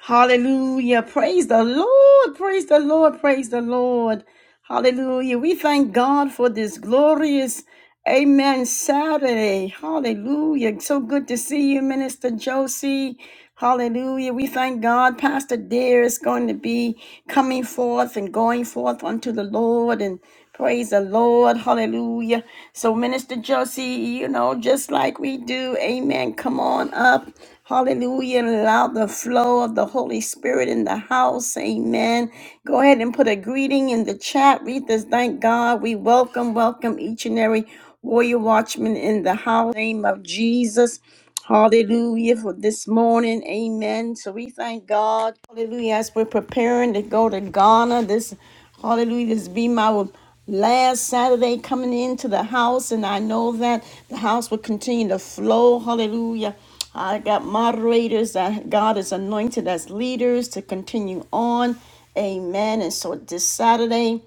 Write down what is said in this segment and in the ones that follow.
Hallelujah. Praise the Lord. Praise the Lord. Praise the Lord. Hallelujah. We thank God for this glorious Amen Saturday. Hallelujah. So good to see you, Minister Josie. Hallelujah. We thank God. Pastor Dare is going to be coming forth and going forth unto the Lord and praise the Lord. Hallelujah. So, Minister Josie, you know, just like we do, amen. Come on up. Hallelujah. And allow the flow of the Holy Spirit in the house. Amen. Go ahead and put a greeting in the chat. Read this. Thank God. We welcome, welcome each and every warrior watchman in the house. In the Name of Jesus. Hallelujah for this morning. Amen. So we thank God. Hallelujah. As we're preparing to go to Ghana this Hallelujah. This be my last Saturday coming into the house, and I know that the house will continue to flow. Hallelujah. I got moderators that God is anointed as leaders to continue on. Amen. And so this Saturday,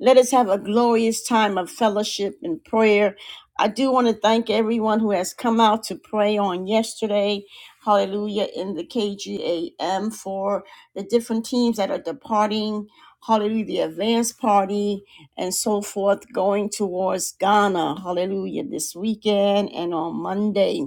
let us have a glorious time of fellowship and prayer. I do want to thank everyone who has come out to pray on yesterday. Hallelujah in the KGAM for the different teams that are departing. Hallelujah, the advance party and so forth going towards Ghana. Hallelujah this weekend and on Monday.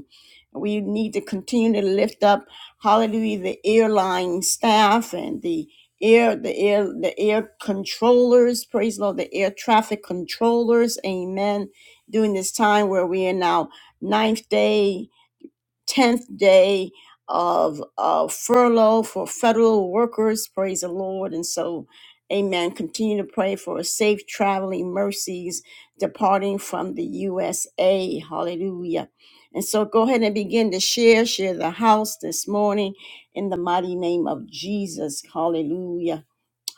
We need to continue to lift up, hallelujah, the airline staff and the air, the air, the air controllers, praise the Lord, the air traffic controllers, amen. During this time where we are now ninth day 10th day of uh, furlough for federal workers. Praise the Lord. And so, amen. Continue to pray for safe traveling mercies departing from the USA. Hallelujah. And so, go ahead and begin to share, share the house this morning in the mighty name of Jesus. Hallelujah.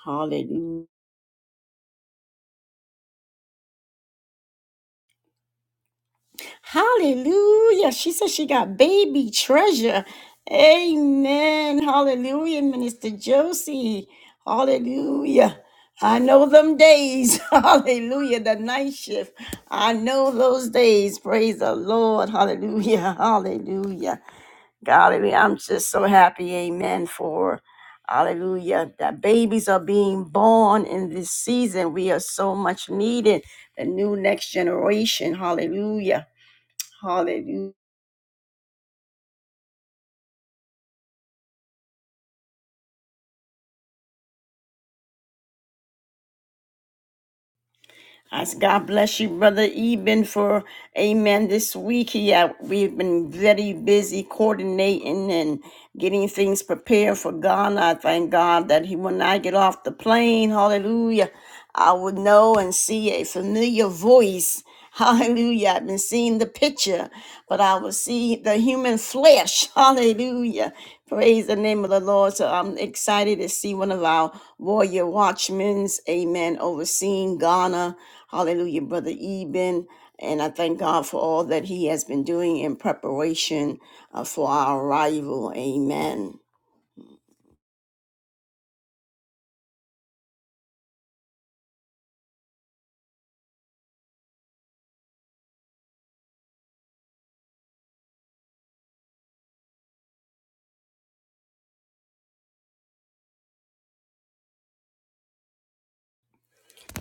Hallelujah. Hallelujah. She said she got baby treasure. Amen. Hallelujah, Minister Josie. Hallelujah. I know them days. Hallelujah. The night shift. I know those days. Praise the Lord. Hallelujah. Hallelujah. Golly, I'm just so happy. Amen. For hallelujah. That babies are being born in this season. We are so much needed. The new next generation. Hallelujah. Hallelujah. As God bless you, Brother Eben, for. Amen. This week, yeah, we've been very busy coordinating and getting things prepared for Ghana. I thank God that he, when I get off the plane, hallelujah, I would know and see a familiar voice. Hallelujah. I've been seeing the picture, but I will see the human flesh. Hallelujah. Praise the name of the Lord. So I'm excited to see one of our warrior watchmen, amen, overseeing Ghana. Hallelujah, Brother Eben. And I thank God for all that he has been doing in preparation uh, for our arrival. Amen.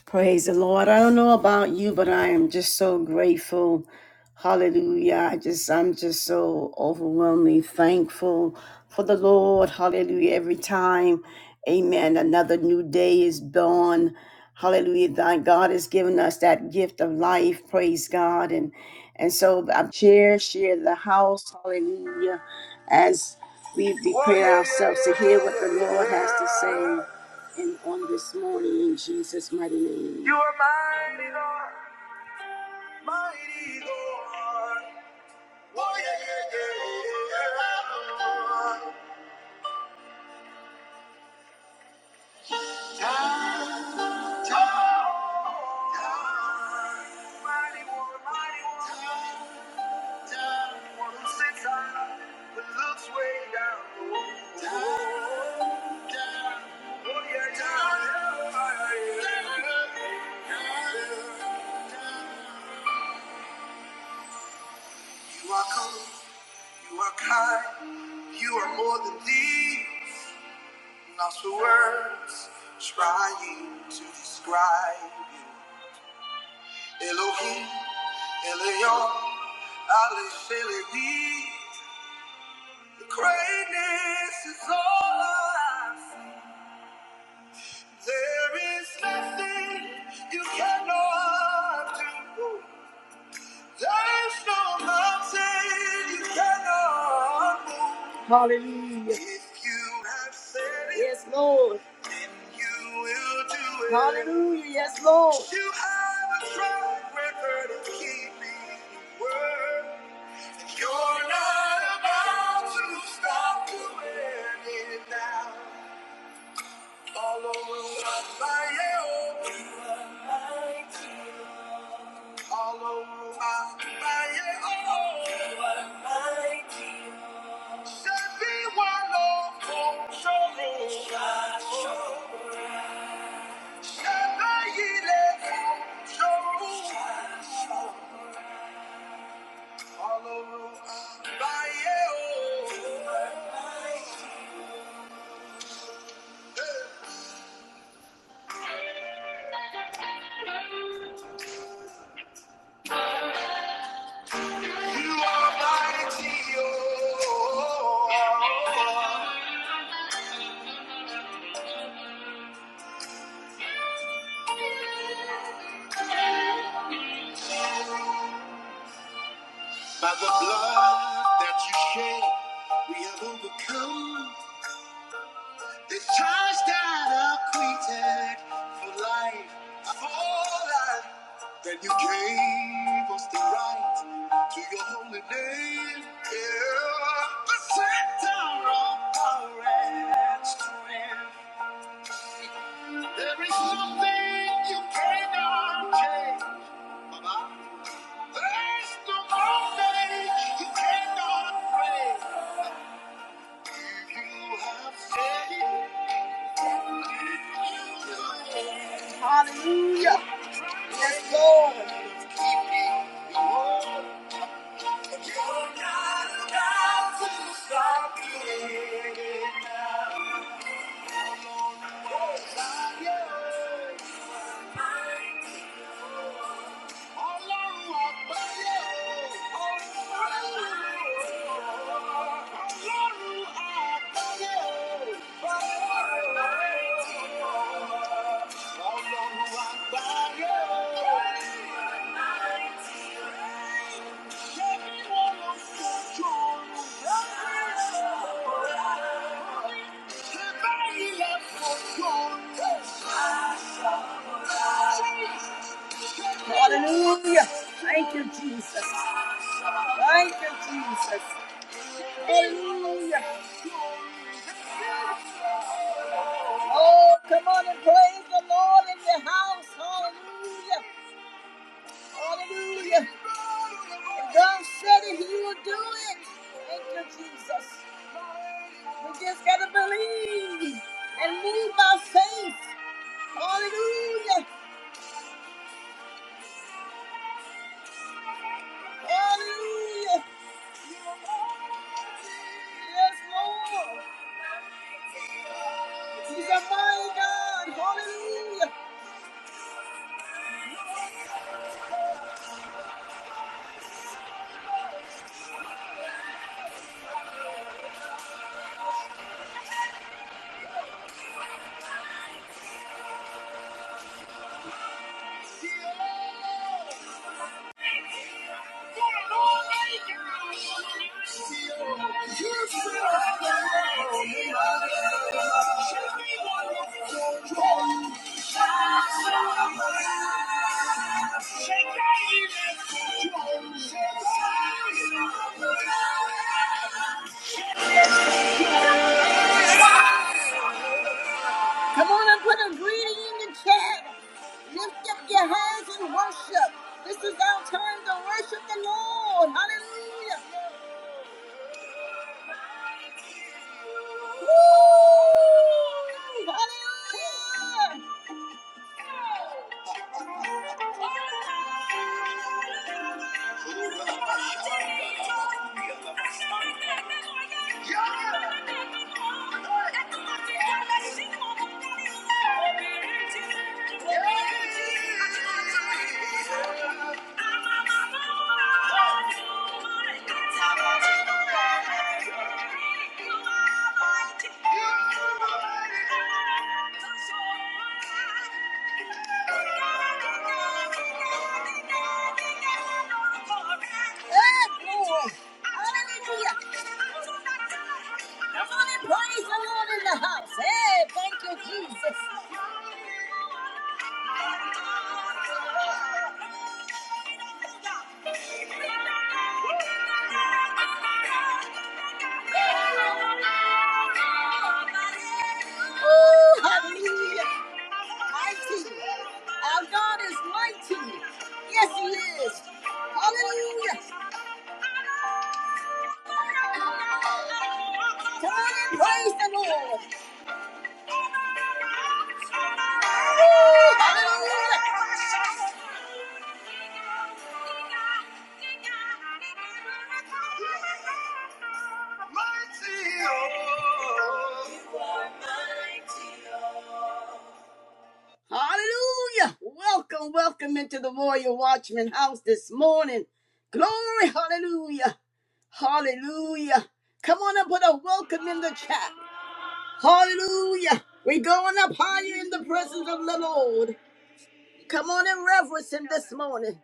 Praise the Lord. I don't know about you, but I am just so grateful. Hallelujah. I just I'm just so overwhelmingly thankful for the Lord. Hallelujah. Every time. Amen. Another new day is born. Hallelujah. Thy God has given us that gift of life. Praise God. And and so I share, share the house. Hallelujah. As we prepare ourselves to hear what the Lord has to say. And on this morning, in Jesus' mighty name. You are mighty, Lord. Mighty, Lord. Oh, yeah, yeah, yeah, yeah. Time, time, time. Mighty one, mighty one. Time, time. One who sits high, but looks way down. Time, time. Oh, yeah, time. Yeah, yeah, yeah, yeah. Time, time. You are cool, you are kind, you are more than these. Lost for words, trying to describe you. Elohim, Elion, Ale Shelevi. The greatness is all I see. There is nothing you cannot do. There's no mountain you cannot move. Hallelujah. If you have said it, yes, Lord. You will do it. Hallelujah. Yes, Lord. You have a track record of keeping word. You're not about to stop doing it now. All over my fire, all over my fire. oh. By the blood that you shed, we have overcome. The charge that acquitted for life, for life. Then you gave us the right to your holy name. Yeah. The center of power and strength. There is nothing you cannot change. Baba. There's no mountain you cannot break. If You have said it. Hallelujah. Yes, Lord. You're not about to stop me now. Oh, Hallelujah. Thank you, Jesus. Thank you, Jesus. Hallelujah. Oh, come on and praise the Lord in the house. Hallelujah. Hallelujah. And God said it, He will do it. Thank you, Jesus. We just got to believe and move by faith. Hallelujah. Hallelujah. Yes, Lord. He's a mighty God. Hallelujah. Come on and put a greeting in the chat. Lift up your hands and worship. This is our time to worship the Lord. Hallelujah. Woo! Hallelujah! Yeah. Oh, Hallelujah. Come on and praise the Lord in the house. Hey, thank you, Jesus. Ooh, hallelujah. Mighty. Our God is mighty. Yes, He is. Hallelujah. Come on and praise the Lord. Woo, hallelujah. oh. oh. Hallelujah. Welcome, welcome into the Royal Watchman house this morning. Glory, hallelujah. Hallelujah. Come on and put a welcome in the chat. Hallelujah. We reverence him this morning.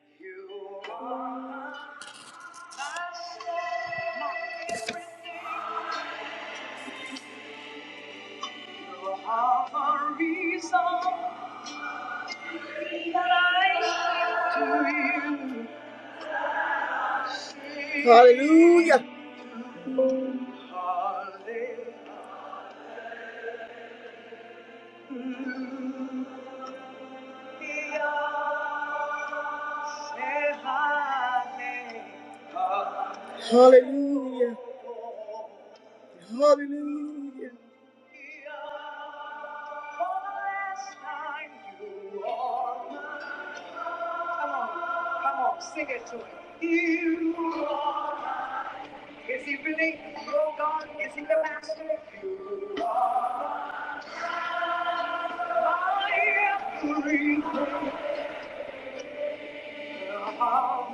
Hallelujah. Sing it to him. You are. Is he really your God? Is he the master? You are free. Come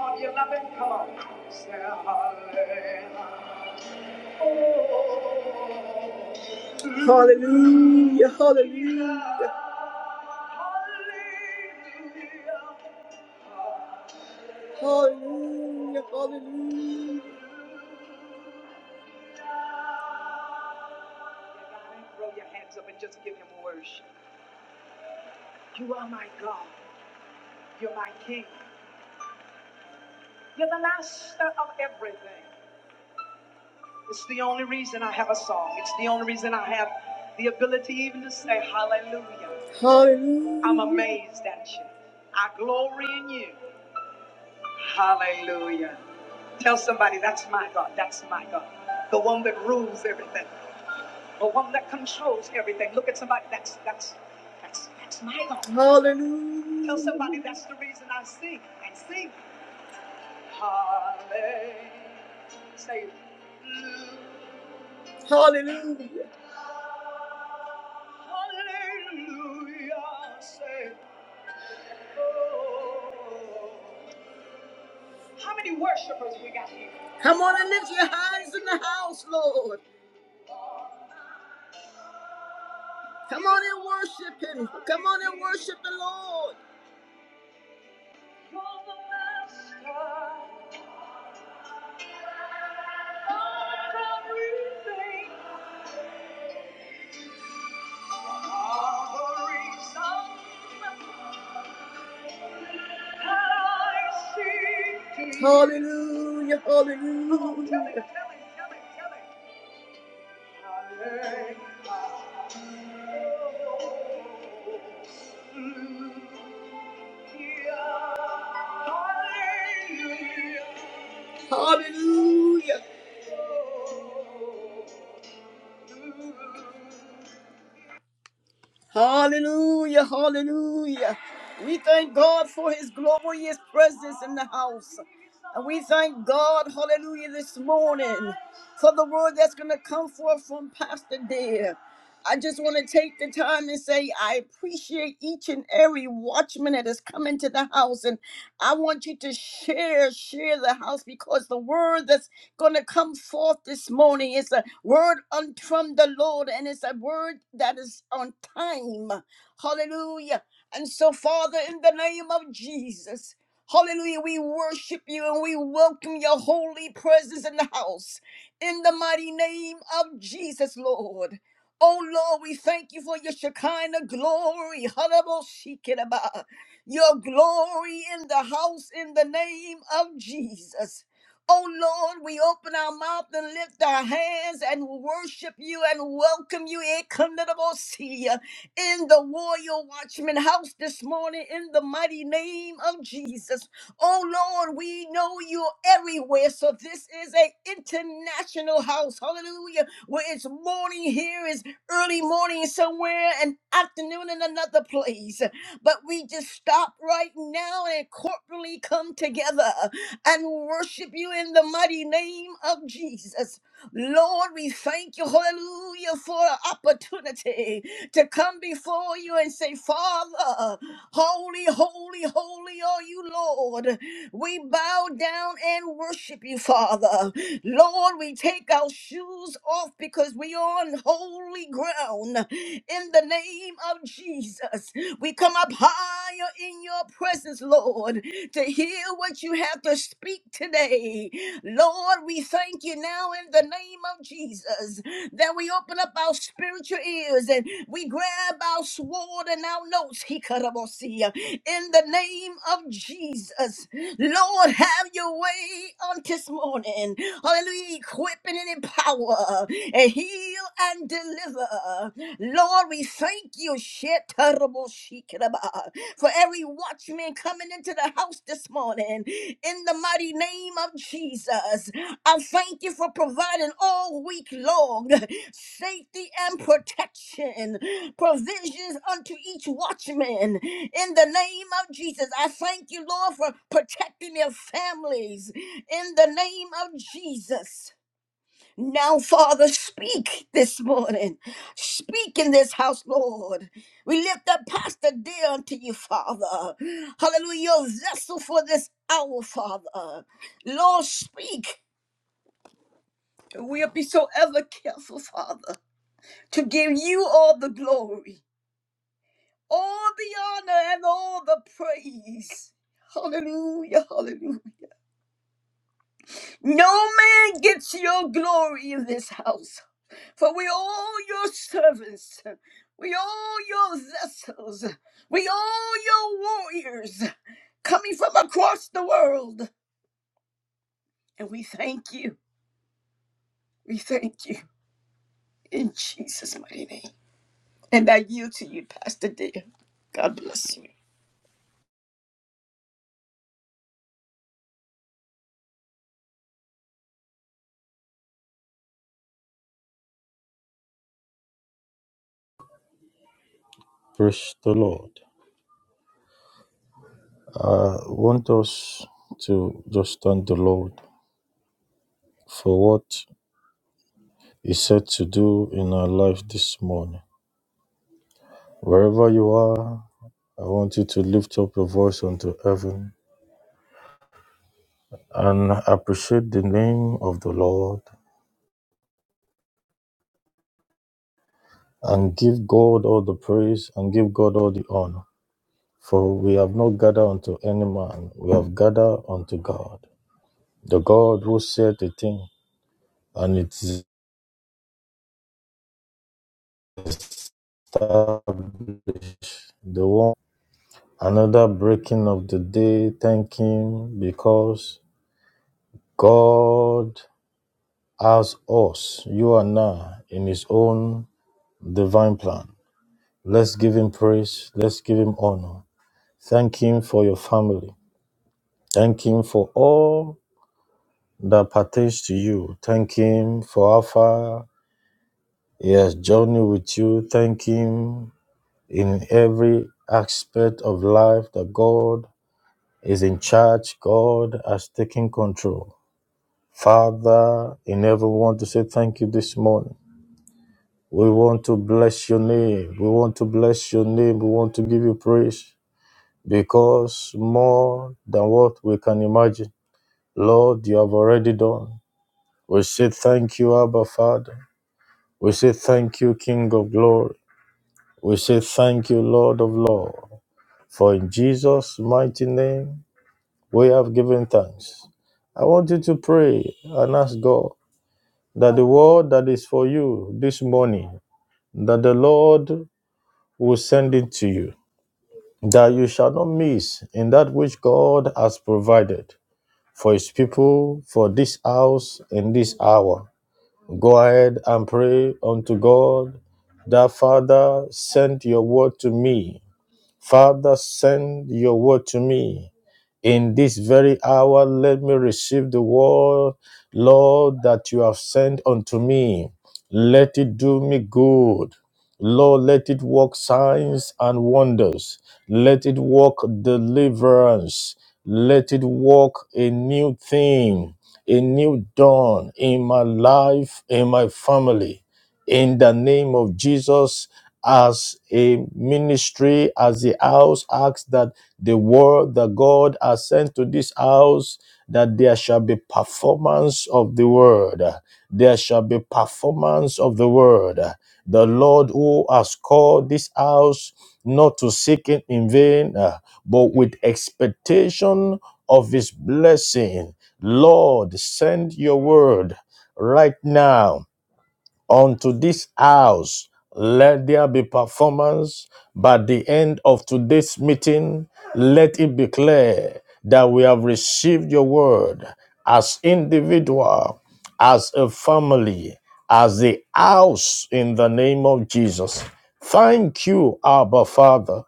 on, you love him. Come on. Say hallelujah. Oh, hallelujah. Throw your hands up and just give him worship. You are my God. You're my King. You're the master of everything. It's the only reason I have a song. It's the only reason I have the ability even to say hallelujah. I'm amazed at you. I glory in you. Hallelujah. Tell somebody that's my God. That's my God. The one that rules everything. The one that controls everything. Look at somebody. That's that's that's that's my God. Tell somebody that's the reason I sing and sing. Hallelujah. Say mm, Hallelujah. Hallelujah. Say oh. How many worshipers we got here? Come on and lift your hands in the house, Lord. Come on and worship Him. Come on and worship the Lord. You're the master of everything. All the reason that I seek thee. Hallelujah, Come tell him, hallelujah. tell him, tell him, tell him. Hallelujah. Hallelujah, hallelujah. We thank God for his glorious presence in the house. And we thank God, hallelujah, this morning for the word that's going to come forth from Pastor Dear. I just want to take the time and say I appreciate each and every watchman that has come into the house. And I want you to share, share the house because the word that's going to come forth this morning is a word un- from the Lord and it's a word that is on time. Hallelujah. And so, Father, in the name of Jesus. Hallelujah. We worship you and we welcome your holy presence in the house. In the mighty name of Jesus, Lord. Oh Lord, we thank you for your Shekinah glory. Halaboshikidaba. Your glory in the house in the name of Jesus. Oh Lord, we open our mouth and lift our hands and worship you and welcome you. Eh, come in the Royal Watchman house this morning in the mighty name of Jesus. Oh Lord, we know you're everywhere. So this is a international house. Hallelujah. Where it's morning here is early morning somewhere and afternoon in another place. But we just stop right now and corporately come together and worship you in the mighty name of Jesus. Lord, we thank you, hallelujah, for the opportunity to come before you and say, Father, holy, holy, holy are you, Lord. We bow down and worship you, Father. Lord, we take our shoes off because we are on holy ground. In the name of Jesus, we come up higher in your presence, Lord, to hear what you have to speak today. Lord, we thank you now in the name of Jesus. That we open up our spiritual ears and we grab our sword and our notes. He in the name of Jesus. Lord, have your way on this morning. Hallelujah. Equip and empower and heal and deliver. Lord, we thank you. Shit, for every watchman coming into the house this morning. In the mighty name of Jesus, I thank you for providing all week long safety and protection, provisions unto each watchman. In the name of Jesus, I thank you, Lord, for protecting their families. In the name of Jesus. Now, Father, speak this morning. Speak in this house, Lord. We lift up Pastor Dear unto you, Father. Hallelujah. Your vessel for this hour, Father. Lord, speak. We'll be so ever careful, Father, to give you all the glory, all the honor, and all the praise. Hallelujah, hallelujah. No man gets your glory in this house. For we all your servants, we all your vessels, we all your warriors coming from across the world. And we thank you. We thank you in Jesus' mighty name. And I yield to you, Pastor Dear. God bless you. Praise the Lord. I want us to just thank the Lord for what He said to do in our life this morning. Wherever you are, I want you to lift up your voice unto heaven and appreciate the name of the Lord and give God all the praise and give God all the honor. For we have not gathered unto any man, we have gathered unto God, the God who said a thing and it is established, the one. Another breaking of the day. Thank Him because God has us, you and I, in His own divine plan. Let's give Him praise. Let's give Him honor. Thank Him for your family. Thank Him for all that pertains to you. Thank Him for how far He has journeyed with you. Thank Him in every aspect of life that God is in charge. God has taken control. Father, in every want to say thank you this morning. We want to bless your name. We want to bless your name. We want to give you praise because more than what we can imagine, Lord, you have already done. We say thank you, Abba Father. We say thank you, King of glory. We say thank you, Lord of Lord. For in Jesus' mighty name, we have given thanks. I want you to pray and ask God that the word that is for you this morning, that the Lord will send it to you, that you shall not miss in that which God has provided for his people, for this house, in this hour. Go ahead and pray unto God that Father, send your word to me Father, send your word to me. In this very hour, let me receive the word, Lord, that you have sent unto me. Let it do me good. Lord, let it work signs and wonders. Let it work deliverance. Let it work a new thing, a new dawn in my life, in my family in the name of Jesus as a ministry, as the house acts that the word that God has sent to this house, that there shall be performance of the word. There shall be performance of the word. The Lord who has called this house not to seek it in vain, uh, but with expectation of his blessing. Lord, send your word right now unto this house. Let there be performance. By the end of today's meeting, let it be clear that we have received your word as individual, as a family, as the house in the name of Jesus. Thank you, Abba Father,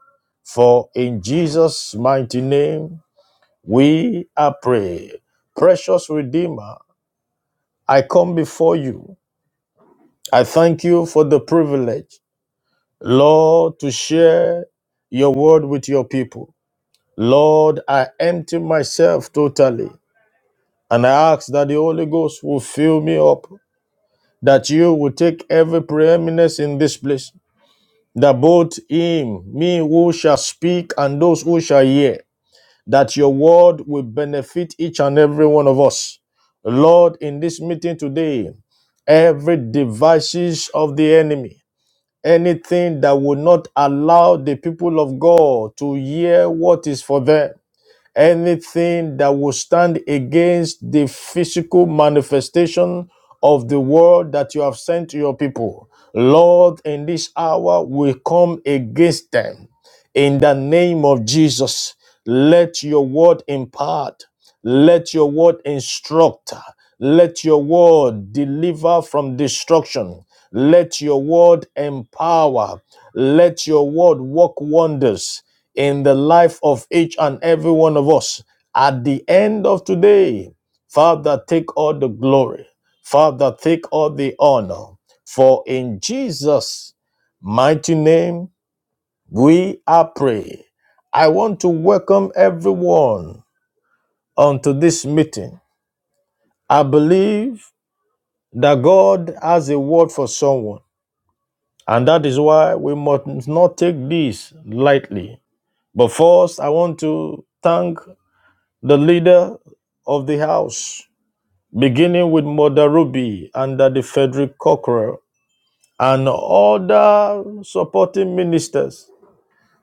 for in Jesus' mighty name we are pray. Precious Redeemer, I come before you I thank you for the privilege, Lord, to share your word with your people. Lord, I empty myself totally and I ask that the Holy Ghost will fill me up, that you will take every preeminence in this place, that both him, me who shall speak, and those who shall hear, that your word will benefit each and every one of us. Lord, in this meeting today, every devices of the enemy anything that will not allow the people of God to hear what is for them anything that will stand against the physical manifestation of the word that you have sent to your people. Lord, in this hour, we come against them. In the name of Jesus, let your word impart, let your word instruct, let your word deliver from destruction, let your word empower, let your word work wonders in the life of each and every one of us. At the end of today, Father, take all the glory. Father, take all the honor. For in Jesus' mighty name, we are praying. I want to welcome everyone onto this meeting. I believe that God has a word for someone, and that is why we must not take this lightly. But first, I want to thank the leader of the house, beginning with Mother Ruby under the Frederick Cockrell and other supporting ministers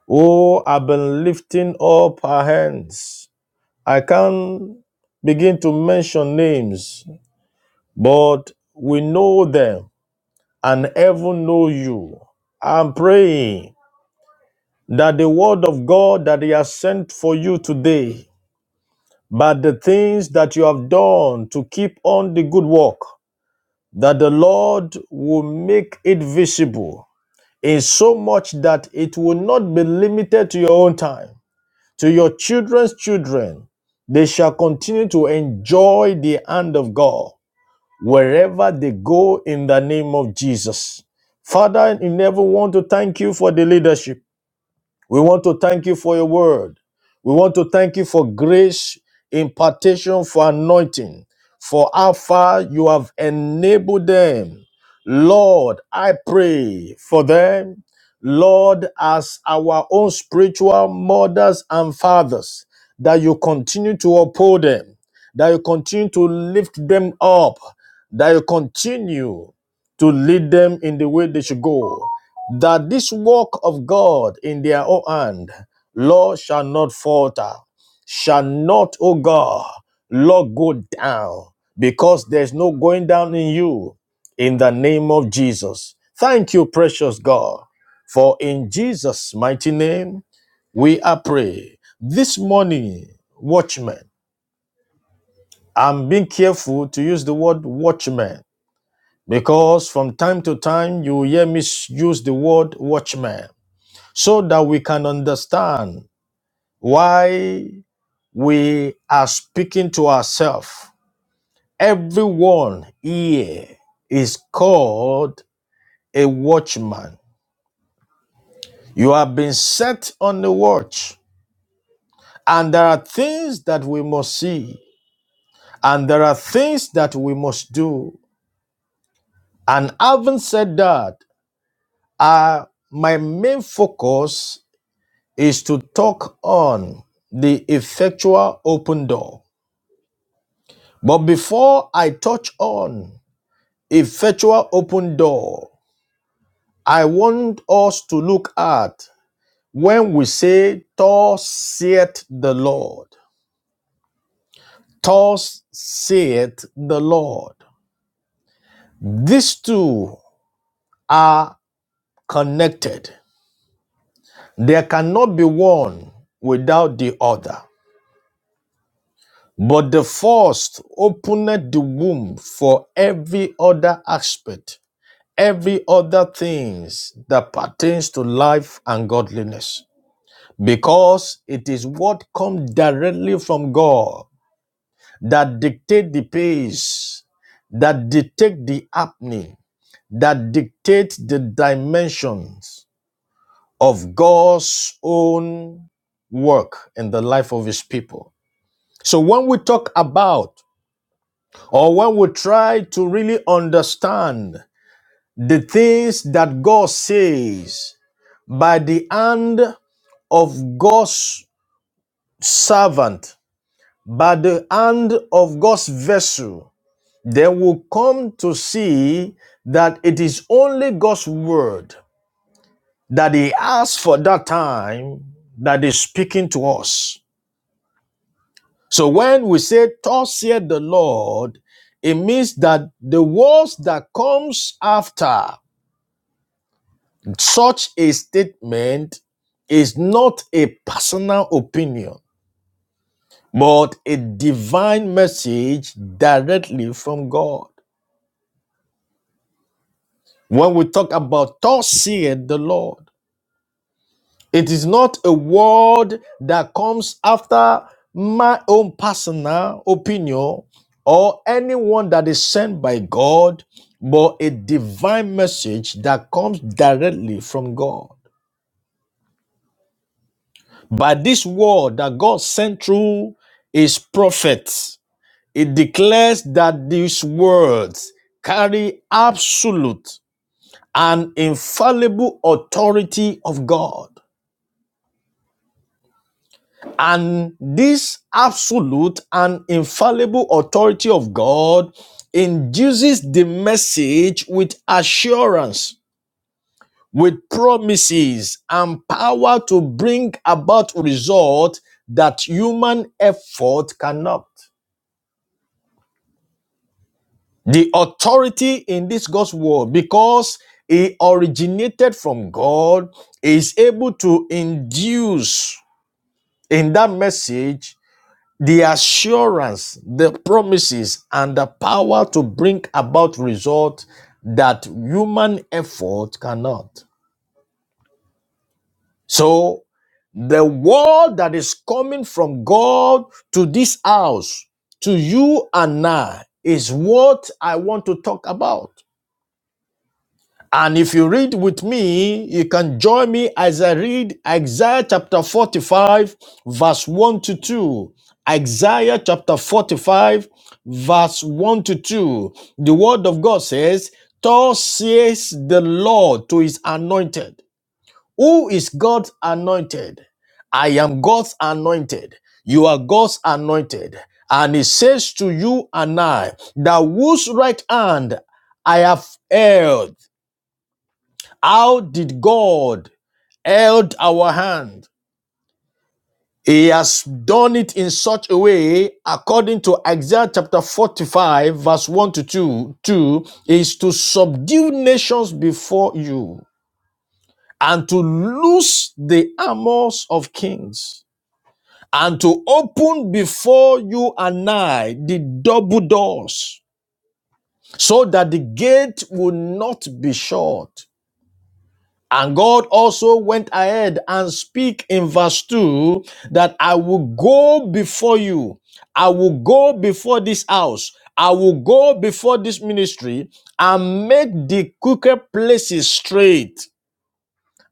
who have been lifting up our hands. I can't begin to mention names, but we know them and heaven know you. I'm praying that the word of God that He has sent for you today, but the things that you have done to keep on the good work that the Lord will make it visible in so much that it will not be limited to your own time, to your children's children. They shall continue to enjoy the hand of God wherever they go in the name of Jesus. Father, in heaven, we want to thank you for the leadership. We want to thank you for your word. We want to thank you for grace, impartation, for anointing, for how far you have enabled them. Lord, I pray for them. Lord, as our own spiritual mothers and fathers, that you continue to uphold them, that you continue to lift them up, that you continue to lead them in the way they should go that this work of God in their own hand, Lord, shall not falter, shall not, O God, Lord, go down, because there's no going down in you, in the name of Jesus. Thank you, precious God, for in Jesus' mighty name we are pray. This morning, watchmen, I'm being careful to use the word watchman because from time to time you will hear me use the word watchman so that we can understand why we are speaking to ourselves. Everyone here is called a watchman. You have been set on the watch, and there are things that we must see, and there are things that we must do. And having said that, uh, my main focus is to talk on the effectual open door But before I touch on effectual open door, I want us to look at when we say, Thus saith the Lord. Thus saith the Lord. These two are connected. There cannot be one without the other. But the first opened the womb for every other aspect every other things that pertains to life and godliness because it is what comes directly from god that dictate the pace that dictate the happening that dictate the dimensions of god's own work in the life of his people so when we talk about or when we try to really understand the things that God says by the hand of God's servant, by the hand of God's vessel, then will come to see that it is only God's word that He asks for that time that is speaking to us. So when we say, Thus saith the Lord, it means that the words that comes after Such a statement is not a personal opinion, but a divine message directly from God. When we talk about thus saith the Lord, it is not a word that comes after my own personal opinion or anyone that is sent by God, but a divine message that comes directly from God. By this word that God sent through his prophets, it declares that these words carry absolute and infallible authority of God. And this absolute and infallible authority of God induces the message with assurance, with promises, and power to bring about results that human effort cannot. the authority in this God's word, because it originated from God, is able to induce in that message the assurance, the promises, and the power to bring about results that human effort cannot. So, the word that is coming from God to this house, to you and I, is what I want to talk about. And if you read with me, you can join me as I read Isaiah chapter 45, verse 1 to 2. Isaiah chapter 45, verse 1 to 2. The word of God says, Thus says the Lord to his anointed. Who is God's anointed? I am God's anointed. You are God's anointed. And he says to you and I that whose right hand I have held how did God held our hand? He has done it in such a way, according to Isaiah chapter 45, verse 1 to 2, 2 is to subdue nations before you and to loose the armors of kings and to open before you and I the double doors so that the gate will not be shut And God also went ahead and speak in verse 2 that I will go before you. I will go before this house. I will go before this ministry and make the crooked places straight.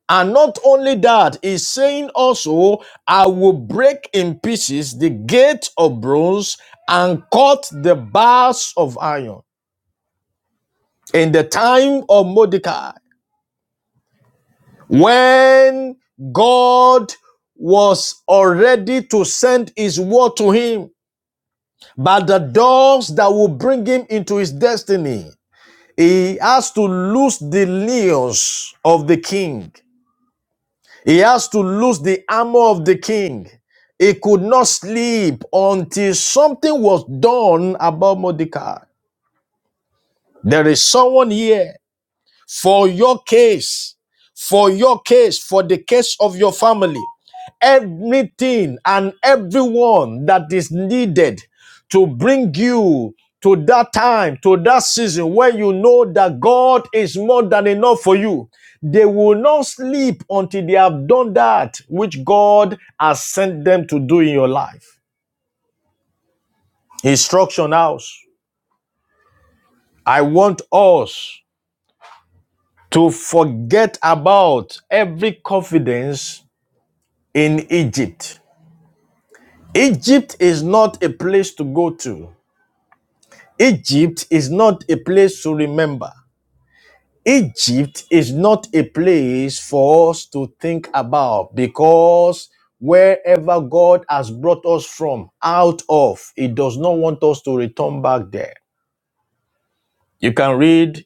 And not only that, he's saying also, I will break in pieces the gate of bronze and cut the bars of iron. In the time of Mordecai, When God was already to send his word to him, but the doors that will bring him into his destiny, he has to lose the leos of the king. He has to lose the armor of the king. He could not sleep until something was done about Mordecai. There is someone here. for your case, for your case, for the case of your family, everything and everyone that is needed to bring you to that time, to that season where you know that God is more than enough for you. They will not sleep until they have done that which God has sent them to do in your life. Instruction house. I want us to forget about every confidence in Egypt. Egypt is not a place to go to. Egypt is not a place to remember. Egypt is not a place for us to think about because wherever God has brought us from, out of, He does not want us to return back there. You can read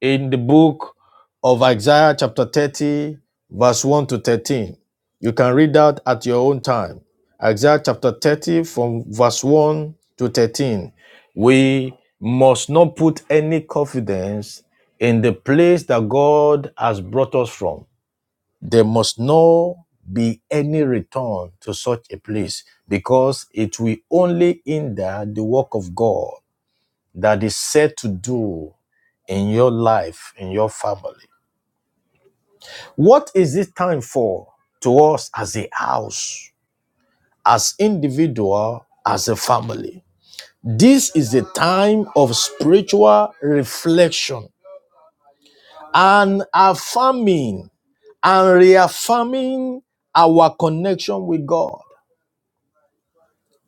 in the book of Isaiah, chapter 30, verse 1 to 13. You can read that at your own time. Isaiah chapter 30, from verse 1 to 13. We must not put any confidence in the place that God has brought us from. There must not be any return to such a place because it will only hinder the work of God that is set to do in your life, in your family. What is it time for to us as a house, as individual, as a family? This is a time of spiritual reflection and affirming and reaffirming our connection with God.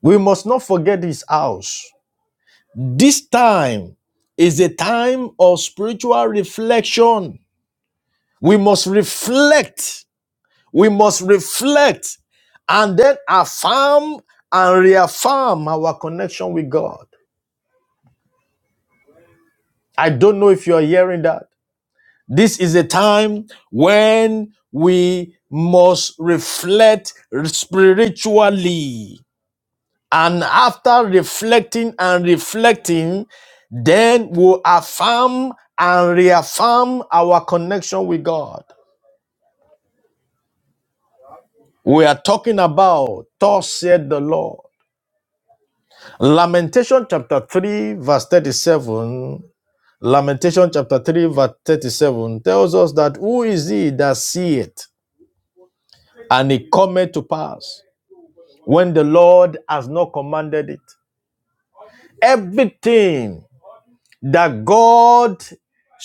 We must not forget His house. This time is a time of spiritual reflection. We must reflect We must reflect and then affirm and reaffirm our connection with God. I don't know if you are hearing that. This is a time when we must reflect spiritually. And after reflecting and reflecting, then we'll affirm and reaffirm our connection with God. We are talking about, thus said the Lord. Lamentation chapter 3, verse 37. Lamentation chapter 3, verse 37 tells us that who is he that seeth and it cometh to pass when the Lord has not commanded it? Everything that God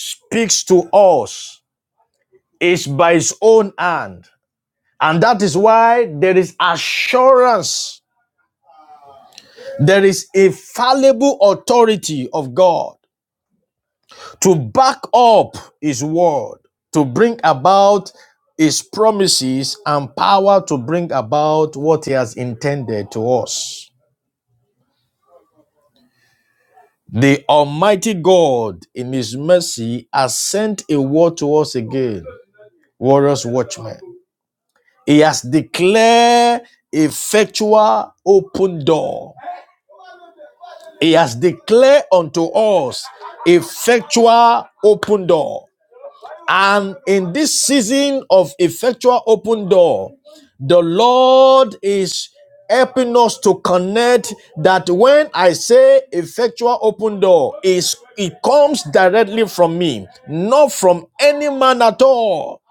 speaks to us is by his own hand. And that is why there is assurance, there is a fallible authority of God. to back up his word, to bring about his promises and power to bring about what he has intended to us. The Almighty God, in his mercy, has sent a word to us again, warriors, watchmen. He has declared effectual open door. He has declared unto us effectual open door. And in this season of effectual open door, the Lord is helping us to connect that when I say effectual open door, is it comes directly from me, not from any man at all.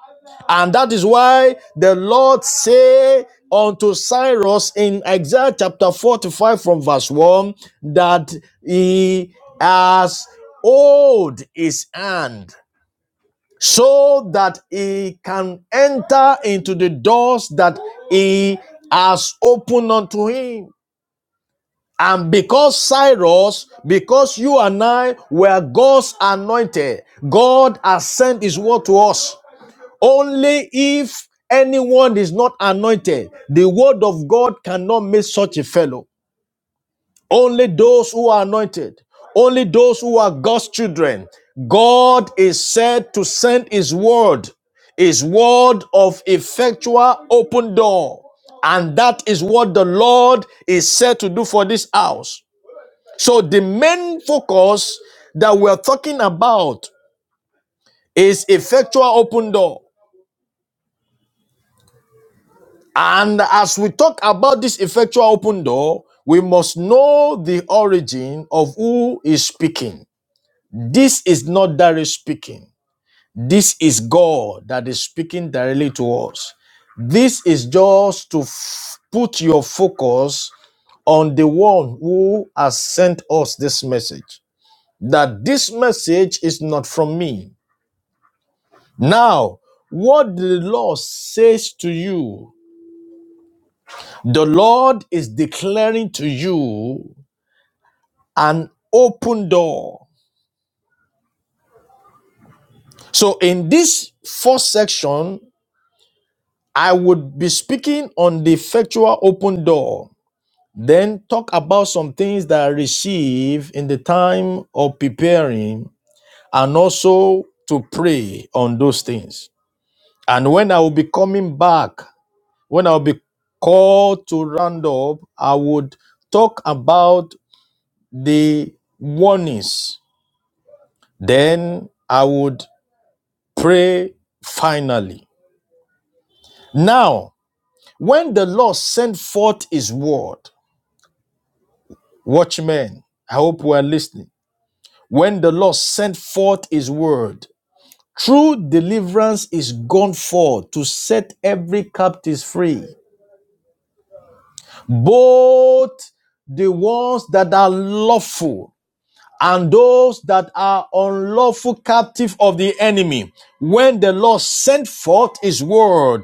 And that is why the Lord say unto Cyrus in Isaiah chapter 45 from verse 1 that he has hold his hand so that he can enter into the doors that he has opened unto him. And because Cyrus, because you and I were God's anointed, God has sent his word to us. Only if anyone is not anointed, the word of God cannot make such a fellow. Only those who are anointed, only those who are God's children. God is said to send his word, his word of effectual open door. And that is what the Lord is said to do for this house. So the main focus that we're talking about is effectual open door. And as we talk about this effectual open door, we must know the origin of who is speaking. This is not Darius speaking. This is God that is speaking directly to us. This is just to f- put your focus on the one who has sent us this message. That this message is not from me. Now, what the Lord says to you, the Lord is declaring to you an open door. So, in this first section, I would be speaking on the effectual open door, then talk about some things that I receive in the time of preparing, and also to pray on those things. And when I will be coming back, when I will be called to round up, I would talk about the warnings. Then I would pray finally. Now, when the Lord sent forth his word, Watchmen, I hope we are listening. When the Lord sent forth his word, true deliverance is gone forth to set every captive free, both the ones that are lawful and those that are unlawful captive of the enemy. When the Lord sent forth his word,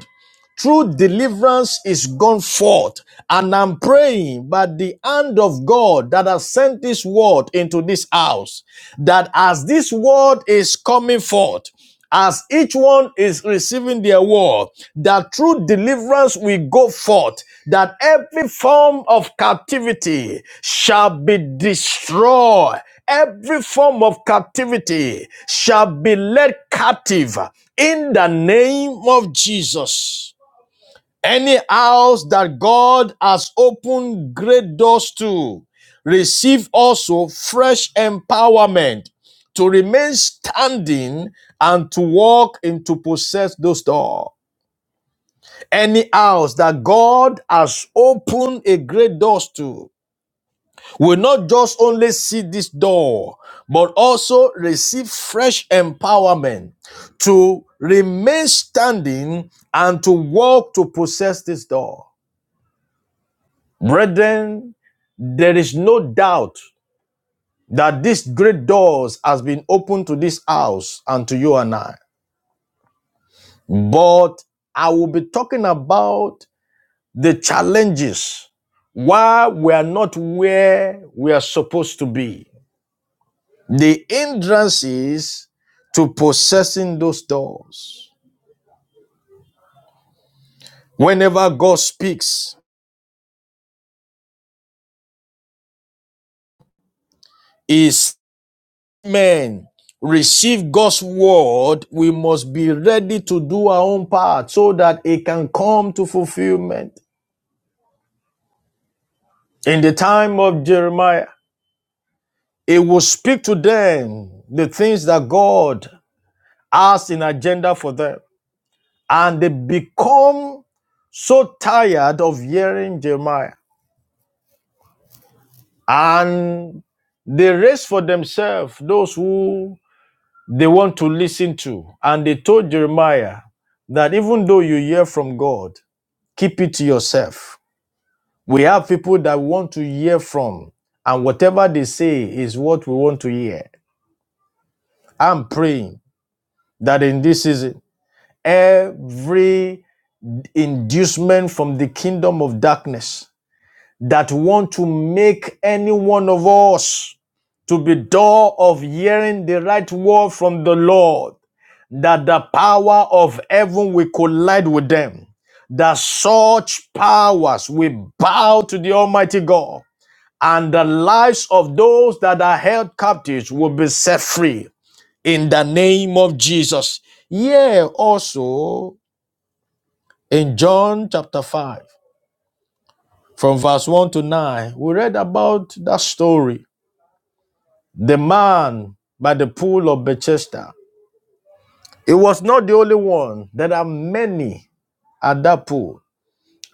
True deliverance is gone forth. And I'm praying by the hand of God that has sent this word into this house, that as this word is coming forth, as each one is receiving their word, that true deliverance will go forth, that every form of captivity shall be destroyed. Every form of captivity shall be led captive in the name of Jesus. Any house that God has opened great doors to, receive also fresh empowerment to remain standing and to walk and to possess those doors. Any house that God has opened a great doors to will not just only see this door, but also receive fresh empowerment to remain standing and to walk to possess this door. Brethren, there is no doubt that this great doors has been opened to this house and to you and I. But I will be talking about the challenges why we are not where we are supposed to be. The hindrances to possessing those doors. Whenever God speaks, He is. men receive God's word, we must be ready to do our own part so that it can come to fulfillment. In the time of Jeremiah, it will speak to them the things that God has in agenda for them. And they become so tired of hearing Jeremiah. And they raise for themselves those who they want to listen to. And they told Jeremiah that even though you hear from God, Keep it to yourself. We have people that we want to hear from, and whatever they say is what we want to hear. I'm praying that in this season, every inducement from the kingdom of darkness that want to make any one of us to be door of hearing the right word from the Lord, that the power of heaven will collide with them, that such powers will bow to the Almighty God. and the lives of those that are held captives will be set free in the name of Jesus. Yeah, also in John chapter 5, from verse 1 to 9, we read about that story. The man by the pool of Bethesda. It was not the only one. There are many at that pool.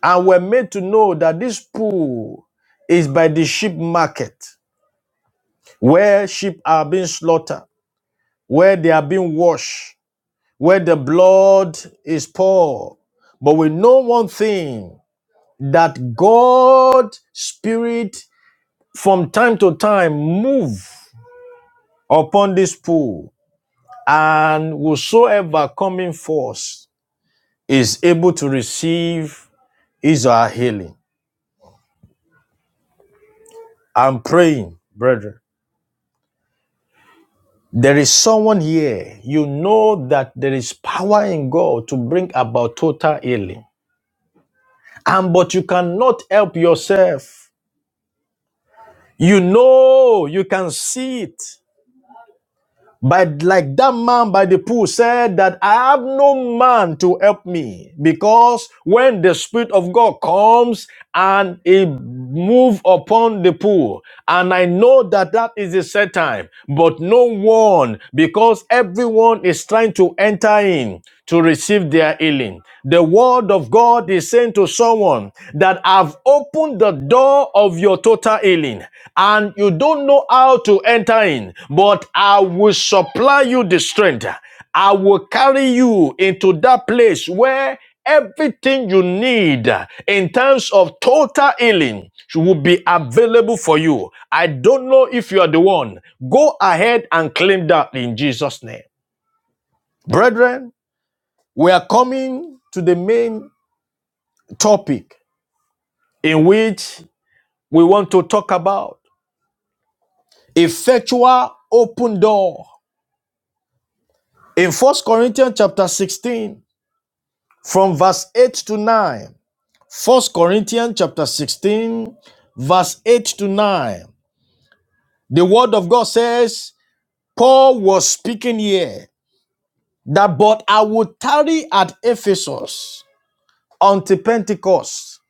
And we're made to know that this pool is by the sheep market, where sheep are being slaughtered, where they are being washed, where the blood is poured. But we know one thing that God spirit from time to time move upon this pool and whosoever coming forth is able to receive his or her healing. I'm praying, brethren. There is someone here, you know that there is power in God to bring about total healing. And but you cannot help yourself. You know, you can see it. But like that man by the pool said that I have no man to help me because when the spirit of God comes and he move upon the pool and I know that that is the set time but no one because everyone is trying to enter in to receive their healing. The word of God is saying to someone that I've opened the door of your total healing and you don't know how to enter in, but I will supply you the strength. I will carry you into that place where everything you need in terms of total healing will be available for you. I don't know if you are the one. Go ahead and claim that in Jesus' name. Brethren, we are coming to the main topic in which we want to talk about effectual open door in First corinthians chapter 16 from verse 8 to 9 1 corinthians chapter 16 verse 8 to 9 the word of god says paul was speaking here that but i would tarry at ephesus until pentecost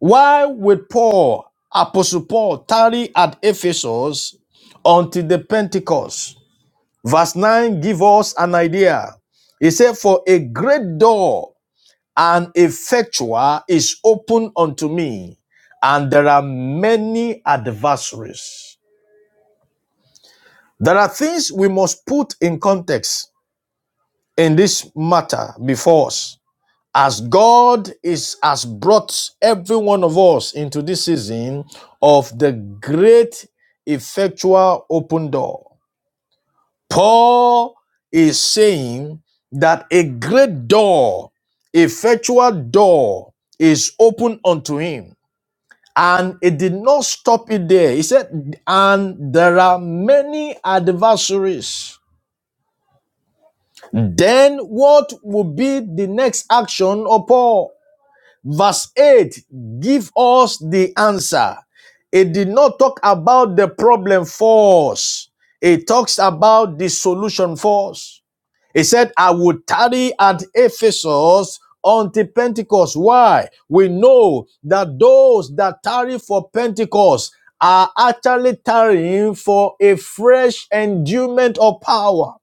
Why would Paul, Apostle Paul, tarry at Ephesus until the Pentecost? Verse 9 give us an idea. He said, For a great door and effectual is open unto me, and there are many adversaries. There are things we must put in context in this matter before us. as God is has brought every one of us into this season of the great effectual open door. Paul is saying that a great door, effectual door is open unto him. And it did not stop it there. He said, and there are many adversaries. Then what will be the next action of Paul? Verse 8 give us the answer. It did not talk about the problem for us, it talks about the solution for us. He said, I would tarry at Ephesus until Pentecost. Why? We know that those that tarry for Pentecost are actually tarrying for a fresh endowment of power.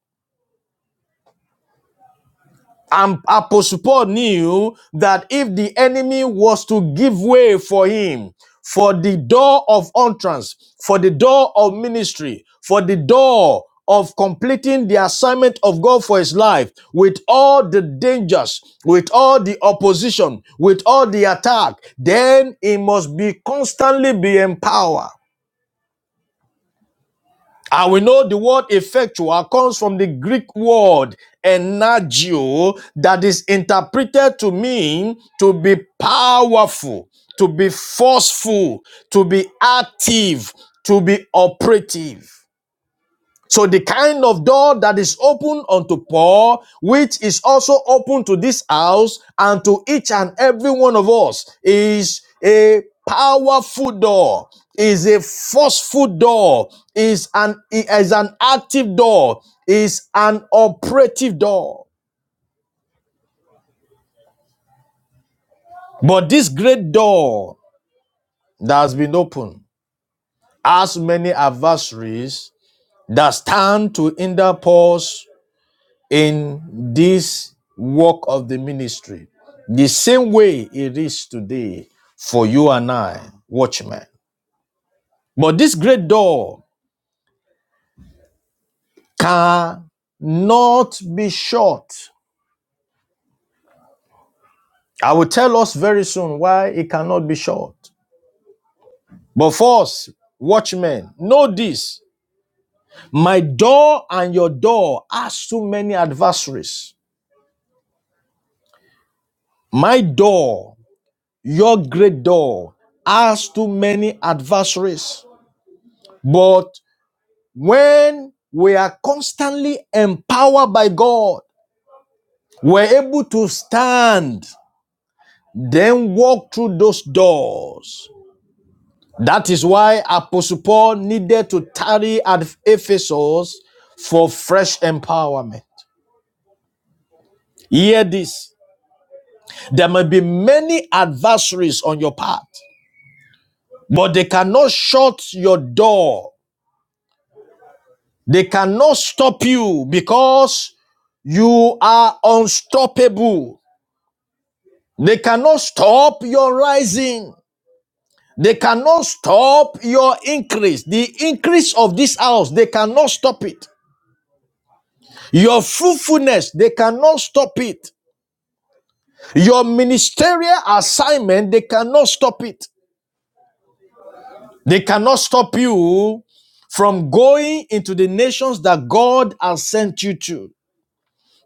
And Apostle Paul knew that if the enemy was to give way for him, for the door of entrance, for the door of ministry, for the door of completing the assignment of God for his life, with all the dangers, with all the opposition, with all the attack, then he must be constantly be empowered. And we know the word effectual comes from the Greek word energio that is interpreted to mean to be powerful, to be forceful, to be active, to be operative. So the kind of door that is open unto Paul, which is also open to this house and to each and every one of us, is a powerful door, is a forceful door, is an is an active door, is an operative door. But this great door that has been opened has many adversaries that stand to hinder Paul's in this work of the ministry the same way it is today for you and I, watchmen. But this great door cannot be shut. I will tell us very soon why it cannot be shut. But first, watchmen, know this. My door and your door has too many adversaries. My door, your great door, has too many adversaries. But When we are constantly empowered by God, we're able to stand, then walk through those doors. That is why Apostle Paul needed to tarry at Ephesus for fresh empowerment. Hear this. There may be many adversaries on your path, but they cannot shut your door. They cannot stop you because you are unstoppable. They cannot stop your rising. They cannot stop your increase. The increase of this house, they cannot stop it. Your fruitfulness, they cannot stop it. Your ministerial assignment, they cannot stop it. They cannot stop you from going into the nations that God has sent you to.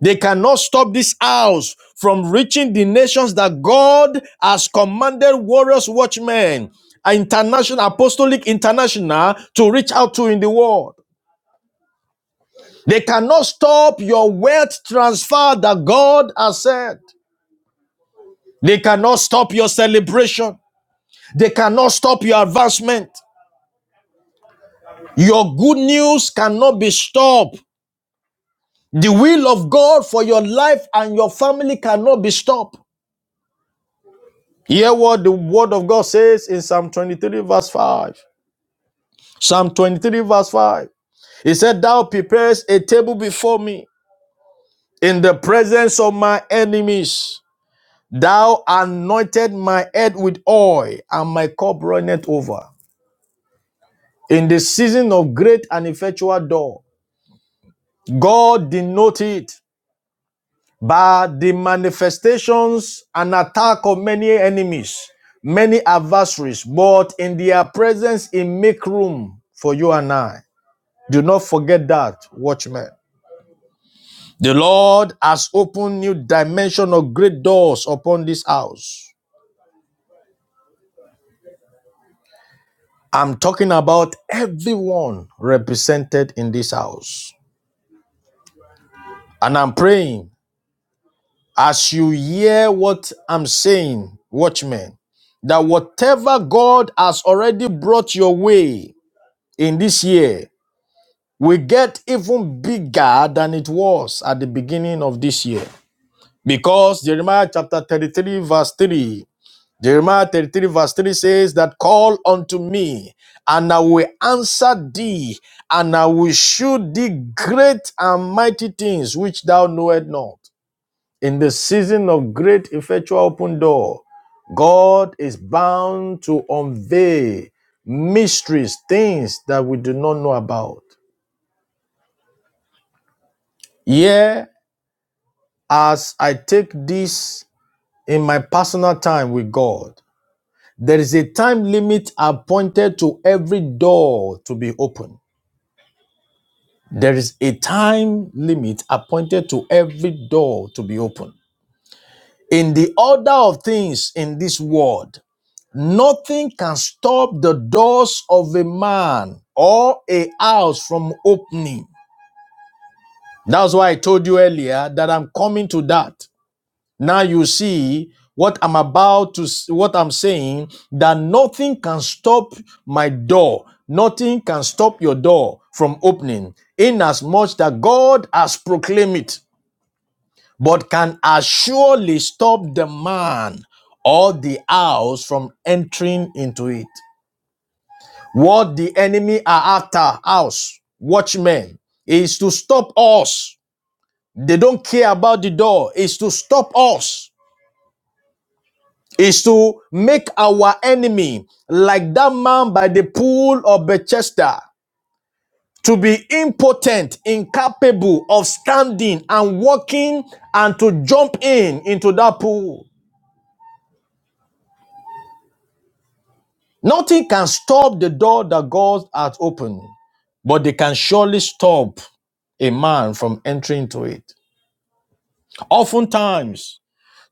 They cannot stop this house from reaching the nations that God has commanded warriors, watchmen, international, apostolic international to reach out to in the world. They cannot stop your wealth transfer that God has said. They cannot stop your celebration. They cannot stop your advancement. Your good news cannot be stopped. The will of God for your life and your family cannot be stopped. Hear what the word of God says in Psalm 23, verse 5. Psalm 23, verse 5. He said, Thou preparest a table before me in the presence of my enemies. Thou anointed my head with oil, and my cup runneth over. In the season of great and effectual door, God denoted. by the manifestations and attack of many enemies, many adversaries, but in their presence it make room for you and I. Do not forget that, watchmen. The Lord has opened new dimension of great doors upon this house. I'm talking about everyone represented in this house. And I'm praying As you hear what I'm saying, watchmen, that whatever God has already brought your way in this year will get even bigger than it was at the beginning of this year. Because Jeremiah chapter 33, verse 3, Jeremiah 33, verse 3 says that call unto me, and I will answer thee, and I will shew thee great and mighty things which thou knowest not. In the season of great effectual open door, God is bound to unveil mysteries, things that we do not know about. Here, as I take this in my personal time with God, there is a time limit appointed to every door to be opened. There is a time limit appointed to every door to be opened In the order of things in this world, Nothing can stop the doors of a man or a house from opening. That's why I told you earlier that I'm coming to that. Now you see what I'm about to, what I'm saying, that nothing can stop my door. Nothing can stop your door from opening, inasmuch that God has proclaimed it, but can assuredly stop the man or the house from entering into it. What the enemy are after us, watchmen, is to stop us. They don't care about the door, is to stop us, is to make our enemy like that man by the pool of Bethesda to be impotent, incapable of standing and walking and to jump in into that pool. Nothing can stop the door that God has opened, but they can surely stop a man from entering to it. Oftentimes,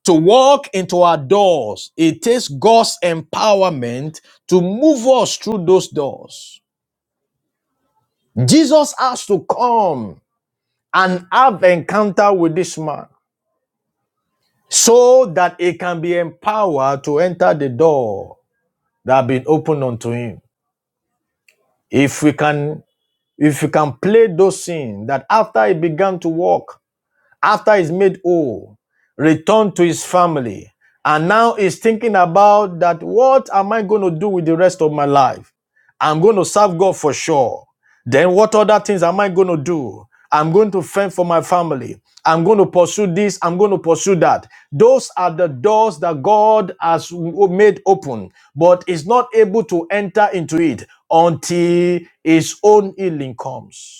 to walk into our doors, it takes God's empowerment to move us through those doors. Jesus has to come and have encounter with this man so that he can be empowered to enter the door that have been opened unto him. If we can if we can play those scenes that after he began to walk after he's made whole, returned to his family, and now he's thinking about that what am I going to do with the rest of my life? I'm going to serve God for sure. Then what other things am I going to do? I'm going to fend for my family. I'm going to pursue this. I'm going to pursue that. Those are the doors that God has made open, but is not able to enter into it until his own healing comes.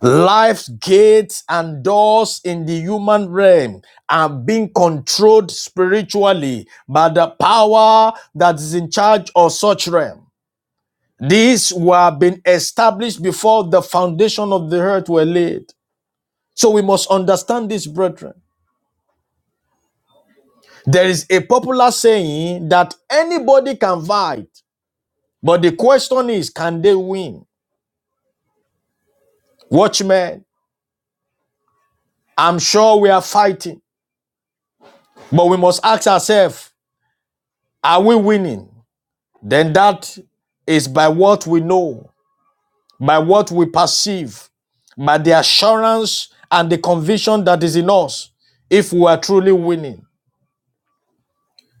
Life's gates and doors in the human realm are being controlled spiritually by the power that is in charge of such realm. These were being established before the foundation of the earth were laid. So we must understand this, brethren. There is a popular saying that anybody can fight, but the question is, can they win? Watchmen, I'm sure we are fighting, but we must ask ourselves, are we winning? then that is by what we know, by what we perceive, by the assurance and the conviction that is in us if we are truly winning.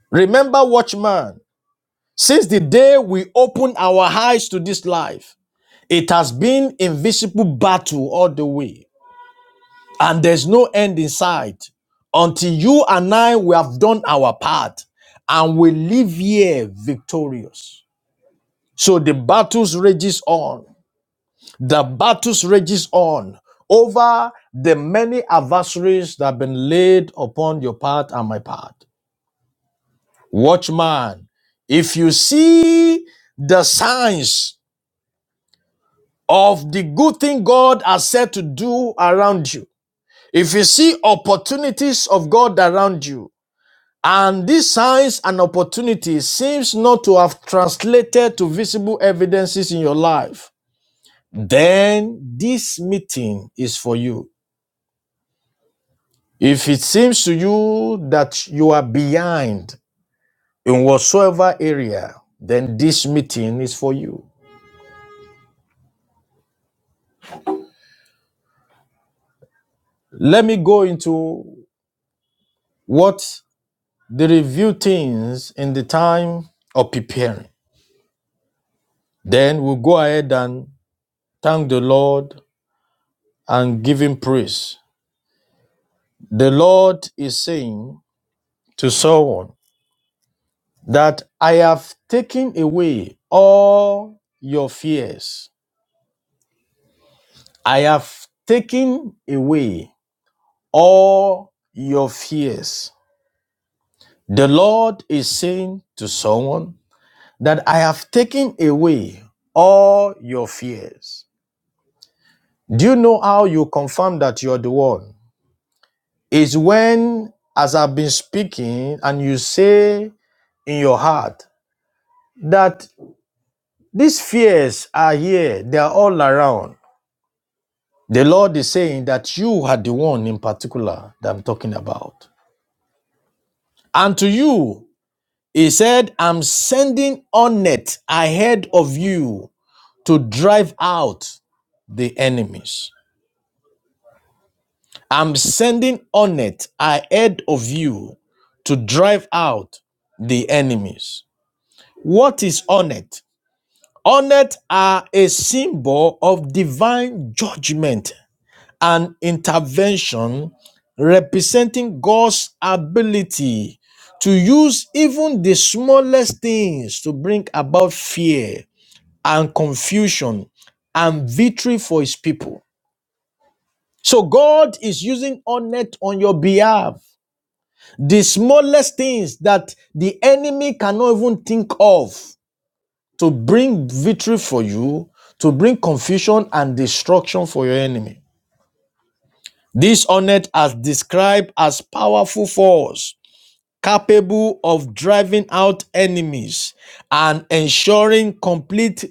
Remember, watchman, since the day we opened our eyes to this life, it has been invisible battle all the way, and there's no end in sight until you and I we have done our part and we live here victorious. So the battles rages on the battles rages on over the many adversaries that have been laid upon your path and my path. Watchman, if you see the signs of the good thing God has said to do around you, if you see opportunities of God around you, and these signs and opportunities seems not to have translated to visible evidences in your life, then this meeting is for you. If it seems to you that you are behind in whatsoever area, then this meeting is for you. Let me go into what the review things in the time of preparing. Then we'll go ahead and thank the Lord and give him praise. The Lord is saying to someone that I have taken away all your fears. I have taken away all your fears. The Lord is saying to someone that I have taken away all your fears. Do you know how you confirm that you are the one? Is when, as I've been speaking, and you say in your heart that these fears are here, they are all around. The Lord is saying that you are the one in particular that I'm talking about. And to you, He said, I'm sending on it ahead of you to drive out the enemies. I'm sending on it ahead of you to drive out the enemies. What is on it? On it are a symbol of divine judgment and intervention representing God's ability to use even the smallest things to bring about fear and confusion and victory for his people. So God is using Onet on your behalf. The smallest things that the enemy cannot even think of to bring victory for you, to bring confusion and destruction for your enemy. This Onet as described as powerful force capable of driving out enemies and ensuring complete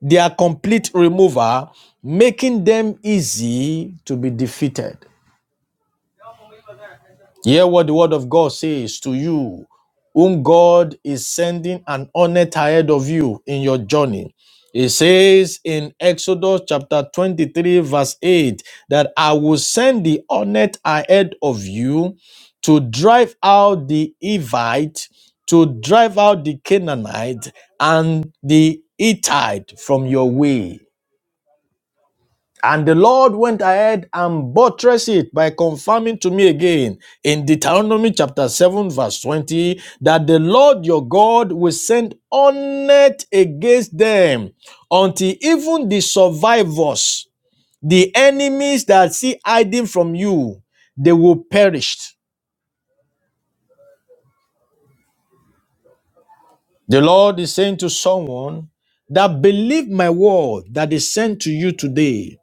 their complete removal, making them easy to be defeated. Hear what the word of God says to you, whom God is sending an honest ahead of you in your journey. It says in Exodus chapter 23, verse 8, that I will send the honest ahead of you to drive out the Evite, to drive out the Canaanite, and the Hittite from your way. And the Lord went ahead and buttressed it by confirming to me again in Deuteronomy chapter 7, verse 20, that the Lord your God will send hornet against them until even the survivors, the enemies that see hiding from you, they will perish. The Lord is saying to someone that believe my word that is sent to you today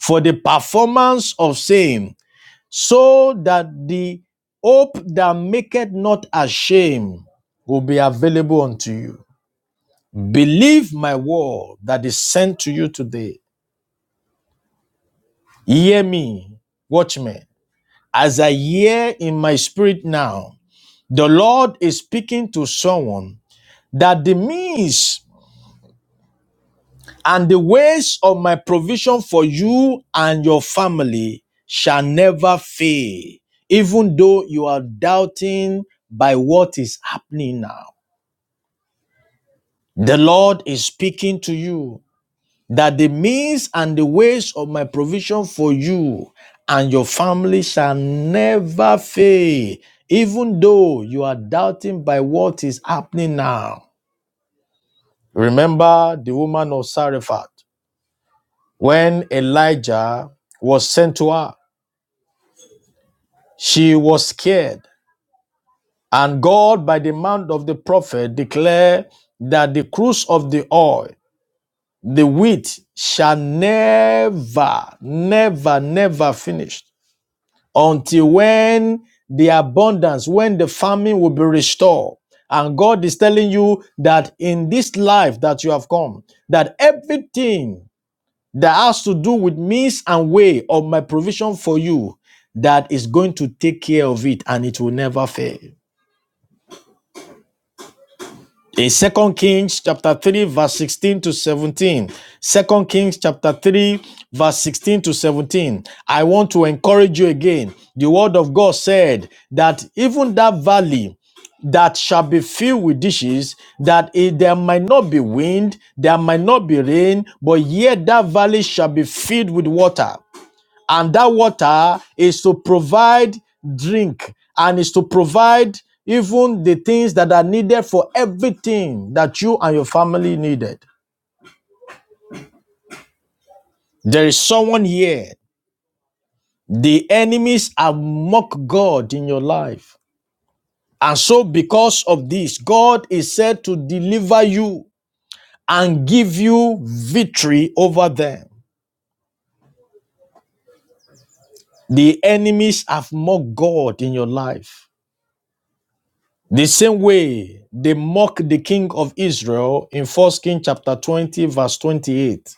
for the performance of same so that the hope that maketh not ashamed will be available unto you. Believe my word that is sent to you today. Hear me, watchmen. As I hear in my spirit now, the Lord is speaking to someone that the means and the ways of my provision for you and your family shall never fail, even though you are doubting by what is happening now. The Lord is speaking to you that the means and the ways of my provision for you and your family shall never fail, even though you are doubting by what is happening now. Remember the woman of Sarephat. When Elijah was sent to her, she was scared. And God, by the mouth of the prophet, declared that the cruise of the oil, the wheat, shall never, never, never finish until when the abundance, when the famine will be restored. And God is telling you that in this life that you have come, that everything that has to do with means and way of my provision for you that is going to take care of it and it will never fail. In 2 Kings chapter 3 verse 16 to 17, 2 Kings chapter 3 verse 16 to 17, I want to encourage you again. The word of God said that even that valley that shall be filled with dishes, that it, there might not be wind, there might not be rain, but yet that valley shall be filled with water. and that water is to provide drink and is to provide even the things that are needed for everything that you and your family needed. There is someone here. The enemies have mocked God in your life. And so, because of this, God is said to deliver you and give you victory over them. The enemies have mocked God in your life. The same way they mock the king of Israel in 1st Kings chapter 20, verse 28.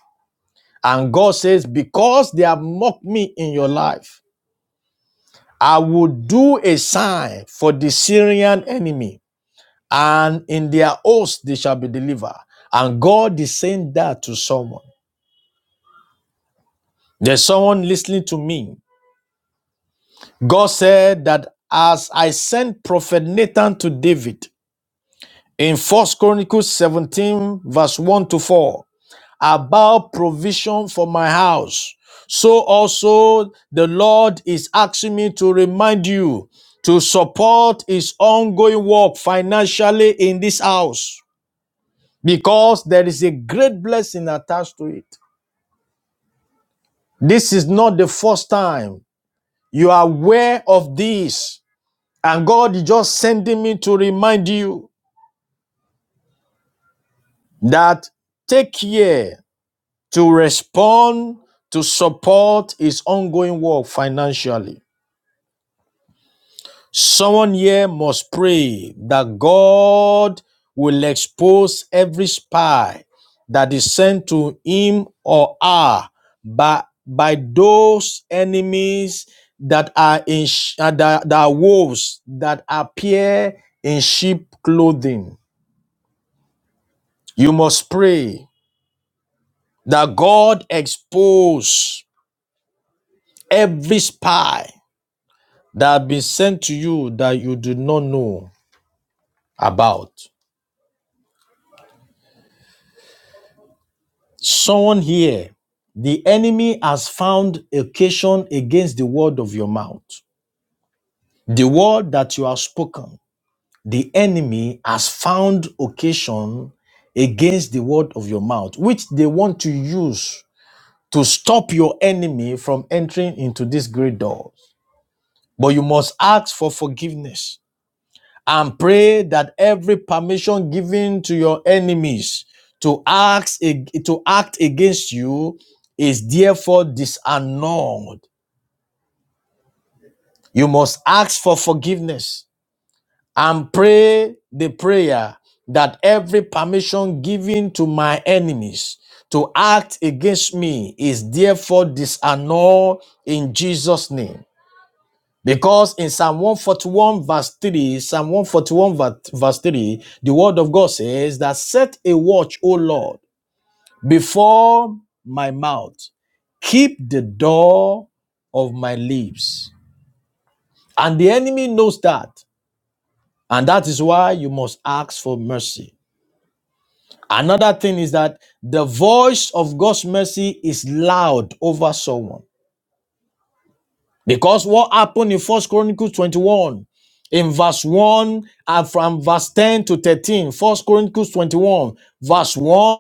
And God says, Because they have mocked me in your life, I will do a sign for the Syrian enemy, and in their host they shall be delivered. And God is saying that to someone. There's someone listening to me. God said that as I sent prophet Nathan to David in 1st Chronicles 17, verse 1 to 4, about provision for my house. So also the Lord is asking me to remind you to support his ongoing work financially in this house because there is a great blessing attached to it. This is not the first time you are aware of this, and God is just sending me to remind you that take care to respond to support his ongoing work financially. Someone here must pray that God will expose every spy that is sent to him or her by, by those enemies that are in sh- uh, that, that are wolves that appear in sheep clothing. You must pray that God expose every spy that has been sent to you that you do not know about. Someone here, the enemy has found occasion against the word of your mouth. The word that you have spoken, the enemy has found occasion against the word of your mouth, which they want to use to stop your enemy from entering into this great door. But you must ask for forgiveness. and pray that every permission given to your enemies to act, to act against you is therefore disannulled. You must ask for forgiveness and pray the prayer that every permission given to my enemies to act against me is therefore disannulled in Jesus' name. Because in Psalm 141, verse 3, Psalm 141, verse 3, the word of God says that set a watch, O Lord, before my mouth, keep the door of my lips. And the enemy knows that. And that is why you must ask for mercy. Another thing is that the voice of God's mercy is loud over someone. Because what happened in First Chronicles 21 in verse 1 and from verse 10 to 13, First Chronicles 21, verse 1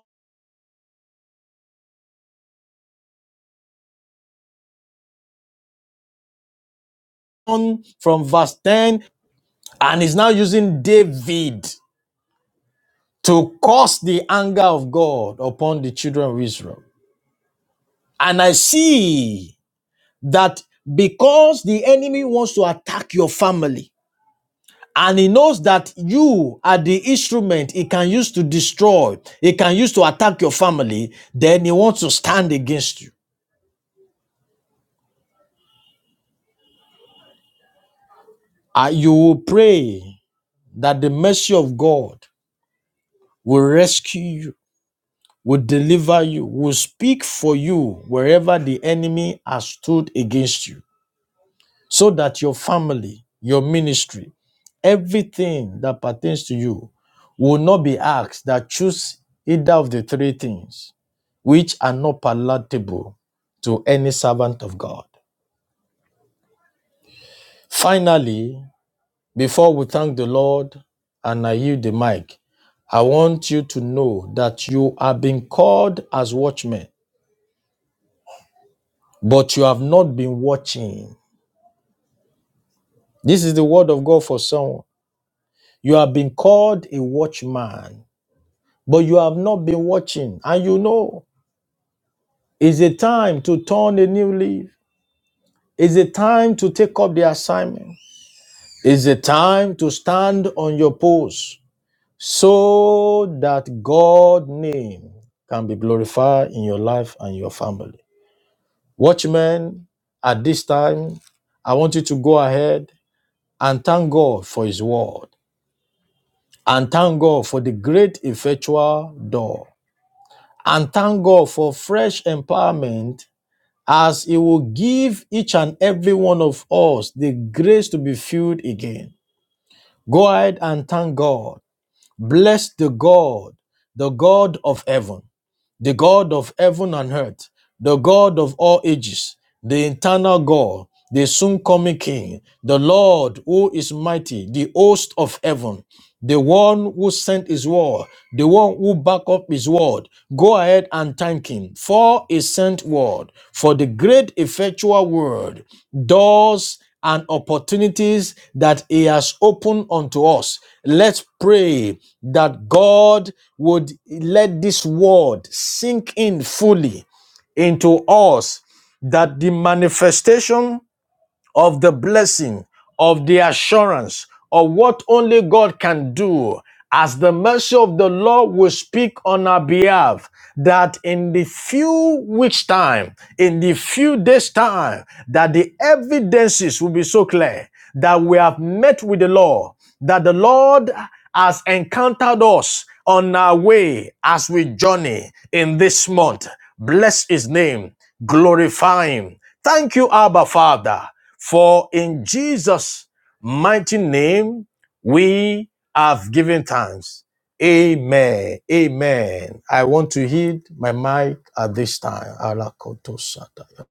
from verse 10, and he's now using David to cause the anger of God upon the children of Israel. And I see that because the enemy wants to attack your family, and he knows that you are the instrument he can use to destroy, he can use to attack your family, then he wants to stand against you. Uh, you will pray that the mercy of God will rescue you, will deliver you, will speak for you wherever the enemy has stood against you, so that your family, your ministry, everything that pertains to you will not be asked that choose either of the three things which are not palatable to any servant of God. Finally, before we thank the Lord and I yield the mic, I want you to know that you are being called as watchmen, but you have not been watching. This is the word of God for someone. You have been called a watchman, but you have not been watching. And you know, it's a time to turn a new leaf. It's a time to take up the assignment. It's a time to stand on your post so that God's name can be glorified in your life and your family. Watchmen, at this time, I want you to go ahead and thank God for His word, and thank God for the great effectual door, and thank God for fresh empowerment as He will give each and every one of us the grace to be filled again. Go ahead and thank God Bless the God, the God of heaven, the God of heaven and earth the God of all ages, the eternal God, the soon coming King, the Lord who is mighty, the host of heaven, the one who sent his word, the one who back up his word. Go ahead and thank him for his sent word, for the great effectual word, doors and opportunities that he has opened unto us. Let's pray that God would let this word sink in fully into us that the manifestation of the blessing, of the assurance, of what only God can do, as the mercy of the Lord will speak on our behalf, that in the few weeks' time, in the few days' time, that the evidences will be so clear that we have met with the Lord, that the Lord has encountered us on our way as we journey in this month. Bless his name, glorify him. Thank you, Abba Father. For in Jesus' mighty name we have given thanks. Amen. Amen. I want to heed my mic at this time. Alakotosataya.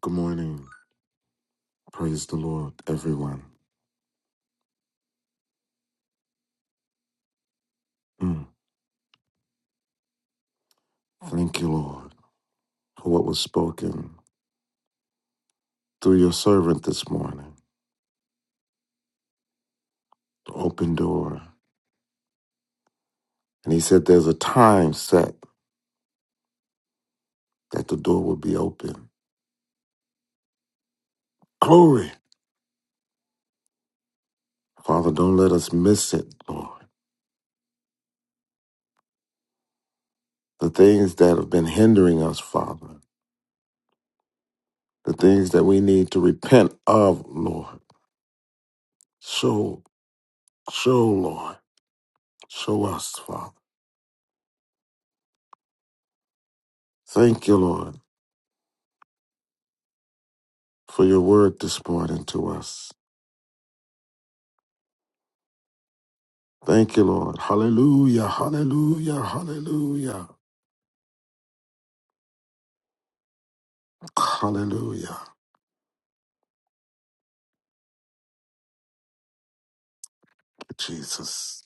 Good morning. Praise the Lord, everyone. Mm. Thank you, Lord, for what was spoken through your servant this morning. The open door. And he said there's a time set that the door will be open. Glory. Father, don't let us miss it, Lord. The things that have been hindering us, Father. The things that we need to repent of, Lord. Show, show, Lord. Show us, Father. Thank you, Lord, for your word this morning to us. Thank you, Lord. Hallelujah. Hallelujah. Hallelujah. Hallelujah. Jesus.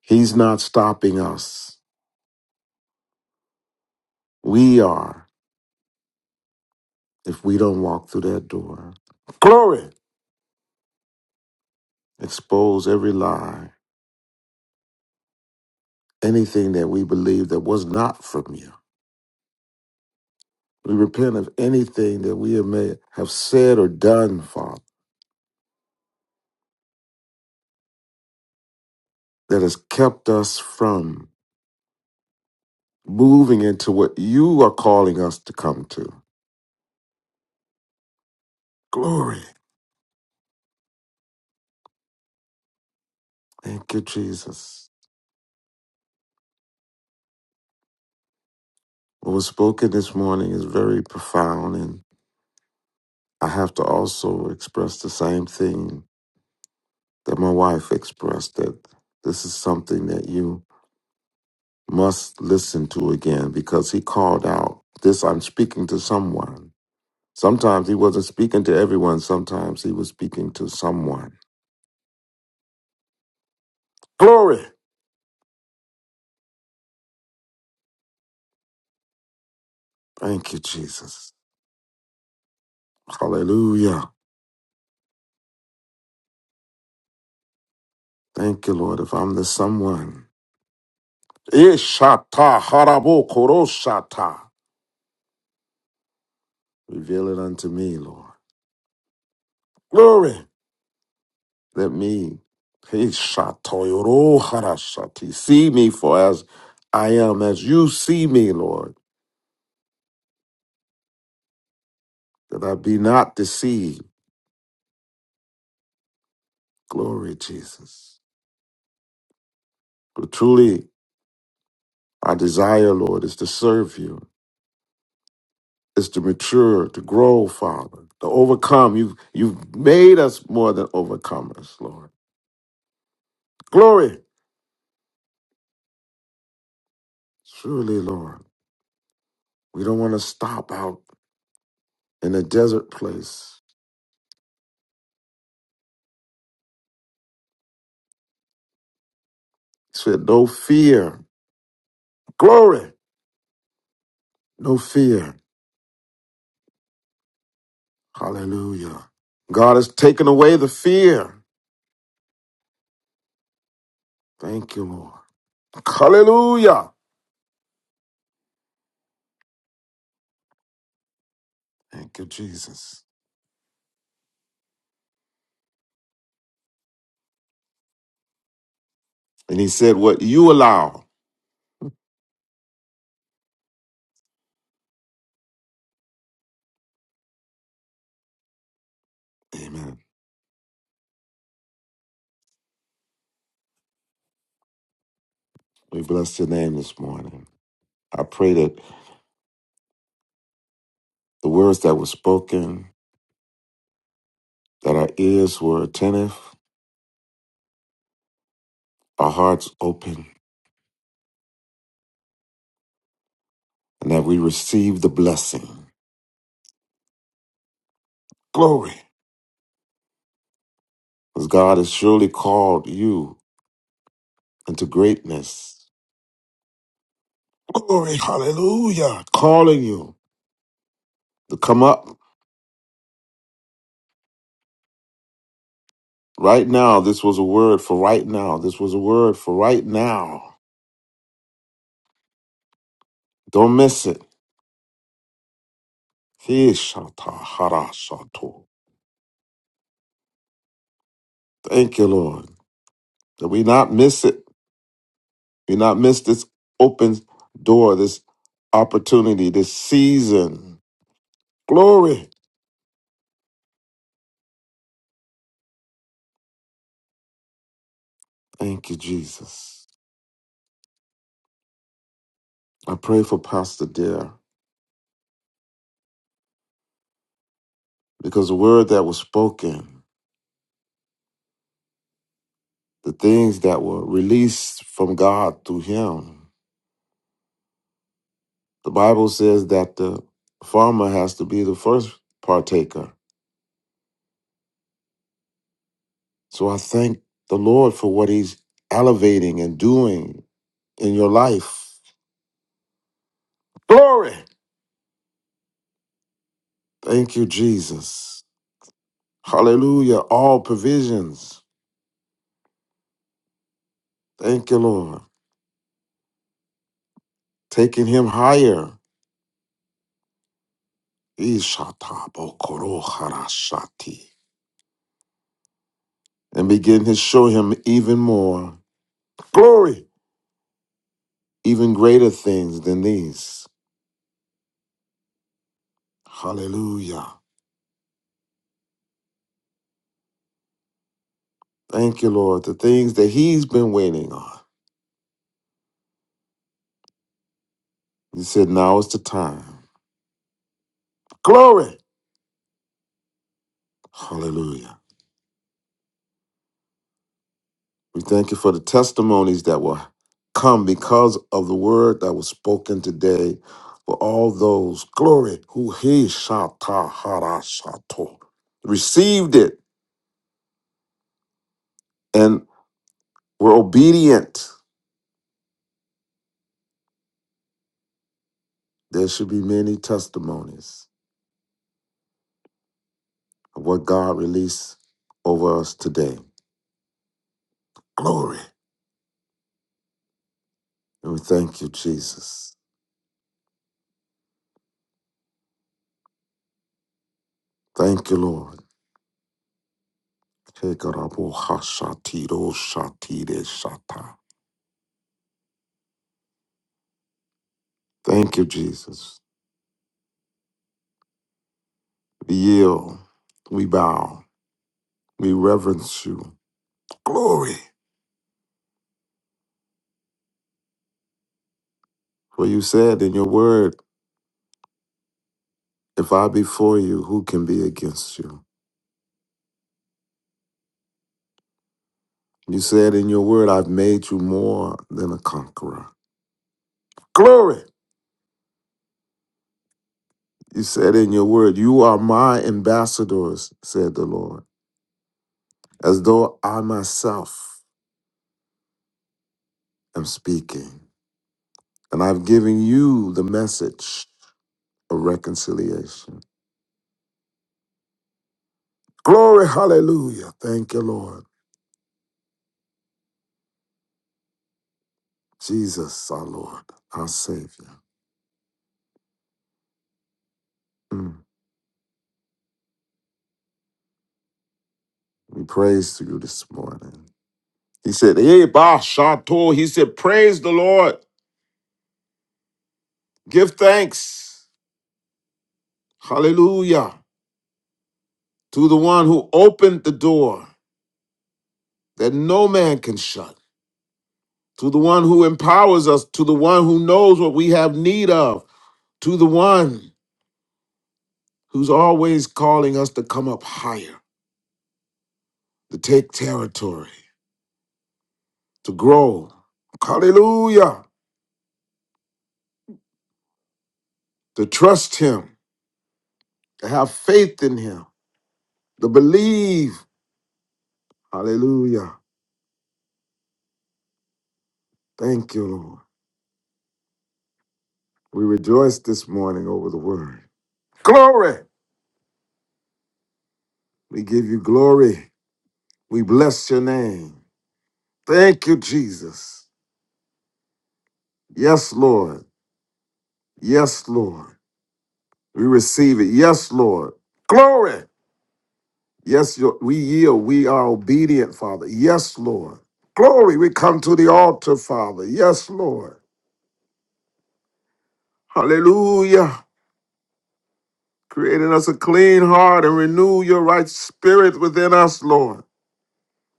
He's not stopping us. We are if we don't walk through that door. Glory. Expose every lie, anything that we believe that was not from you. We repent of anything that we have may have said or done, Father, that has kept us from moving into what you are calling us to come to. Glory. Thank you, Jesus. What was spoken this morning is very profound, and I have to also express the same thing that my wife expressed that this is something that you must listen to again because he called out, This I'm speaking to someone. Sometimes he wasn't speaking to everyone, sometimes he was speaking to someone. Glory! Thank you, Jesus. Hallelujah. Thank you, Lord, if I'm the someone. Ishata harabo koroshata. Reveal it unto me, Lord. Glory. Let me hey, shatoyoro harashati. see me for as I am, as you see me, Lord, that I be not deceived. Glory, Jesus. But truly, our desire, Lord, is to serve you, is to mature, to grow, Father, to overcome. You've, you've made us more than overcomers, Lord. Glory. Truly, Lord, we don't want to stop out in a desert place. Said, no fear. Glory. No fear. Hallelujah. God has taken away the fear. Thank you, Lord. Hallelujah. Thank you, Jesus. And he said, What you allow. Amen. We bless your name this morning. I pray that the words that were spoken, that our ears were attentive, our hearts open, and that we receive the blessing. Glory. Because God has surely called you into greatness. Glory. Hallelujah. Calling you to come up Right now, this was a word for right now. This was a word for right now. Don't miss it. He shata hara shato. Thank you, Lord, that we not miss it. We not miss this open door, this opportunity, this season. Glory. Thank you, Jesus. I pray for Pastor Dare because the word that was spoken, the things that were released from God through him. The Bible says that the farmer has to be the first partaker. So I thank the Lord for what he's elevating and doing in your life. Glory. Thank you, Jesus. Hallelujah. All provisions. Thank you, Lord. Taking him higher. Ishatabokorokharashati. And begin to show him even more glory, even greater things than these. Hallelujah. Thank you, Lord. The things that he's been waiting on. He said now is the time. Glory. Hallelujah. We thank you for the testimonies that will come because of the word that was spoken today for all those glory who he shata harashato received it and were obedient. There should be many testimonies of what God released over us today. Glory. And we thank you, Jesus. Thank you, Lord. Tekarabo-hashatiro-shatire-shata. Thank you, Jesus. We yield, we bow, we reverence you. Glory. For you said in your word, if I be for you, who can be against you? You said in your word, I've made you more than a conqueror. Glory. You said in your word, you are my ambassadors, said the Lord, as though I myself am speaking. And I've given you the message of reconciliation. Glory, hallelujah. Thank you, Lord. Jesus, our Lord, our Savior. Mm. We praise to you this morning. He said, Hey, Ba Shato. He said, Praise the Lord. Give thanks. Hallelujah. To the one who opened the door that no man can shut. To the one who empowers us. To the one who knows what we have need of. To the one who's always calling us to come up higher, to take territory. to grow. Hallelujah. To trust Him, to have faith in Him, to believe. Hallelujah. Thank you, Lord. We rejoice this morning over the word. Glory. We give you glory. We bless your name. Thank you, Jesus. Yes, Lord. Yes, Lord. We receive it. Yes, Lord. Glory. Yes, your- we yield. We are obedient, Father. Yes, Lord. Glory. We come to the altar, Father. Yes, Lord. Hallelujah. Creating us a clean heart and renew your right spirit within us, Lord.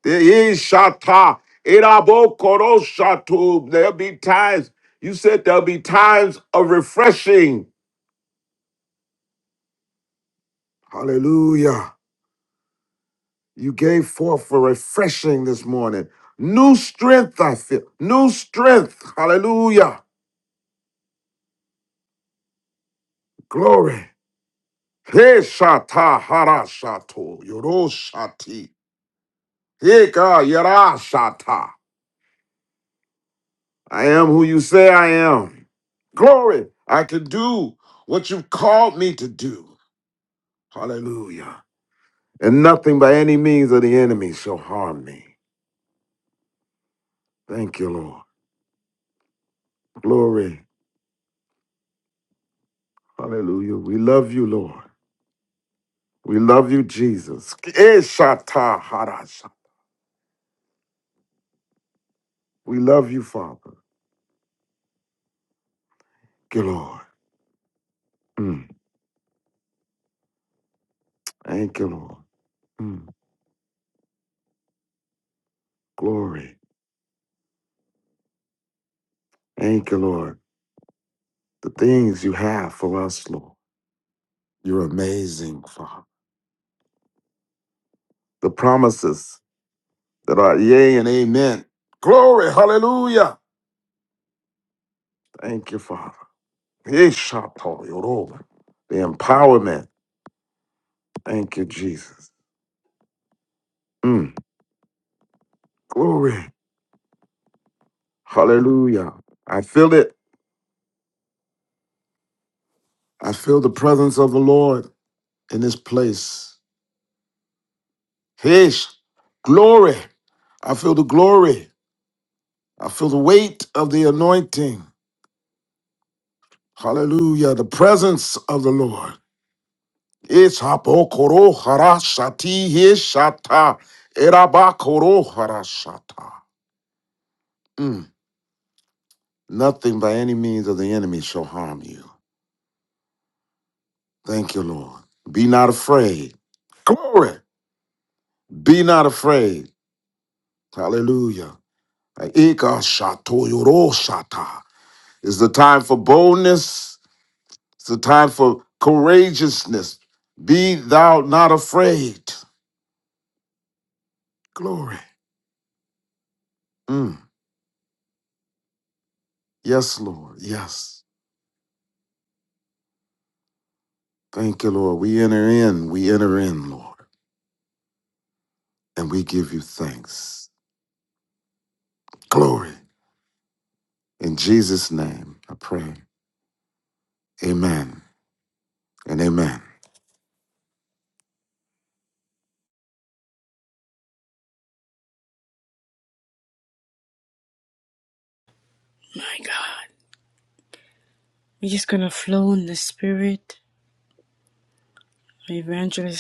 There is shata. Irabokoro shatu. There'll be times, you said there'll be times of refreshing. Hallelujah. You gave forth for refreshing this morning. New strength, I feel. New strength. Hallelujah. Glory. Hey, shata, hara shato, yoro shati. heka yara shata. I am who you say I am. Glory, I can do what you've called me to do. Hallelujah. And nothing by any means of the enemy shall harm me. Thank you, Lord. Glory. Hallelujah. We love you, Lord. We love you, Jesus. Eshata harasha. We love you, Father. Thank you, Lord. Mm. Thank you, Lord. Mm. Glory. Thank you, Lord. The things you have for us, Lord. You're amazing, Father. The promises that are yea and amen. Glory, hallelujah. Thank you, Father. Yeshato, Yoruba. The empowerment. Thank you, Jesus. Mm. Glory, hallelujah. I feel it. I feel the presence of the Lord in this place. His glory. I feel the glory. I feel the weight of the anointing. Hallelujah. The presence of the Lord. Isabokoro harashati hishata. Irabakoro harashata. Mm. Nothing by any means of the enemy shall harm you. Thank you, Lord. Be not afraid. Glory. Be not afraid. Hallelujah. Ika shato yoro shata. It's the time for boldness. It's the time for courageousness. Be thou not afraid. Glory. Mm. Yes, Lord. Yes. Thank you, Lord. We enter in. We enter in, Lord. And we give you thanks. Glory. In Jesus' name, I pray. Amen and amen.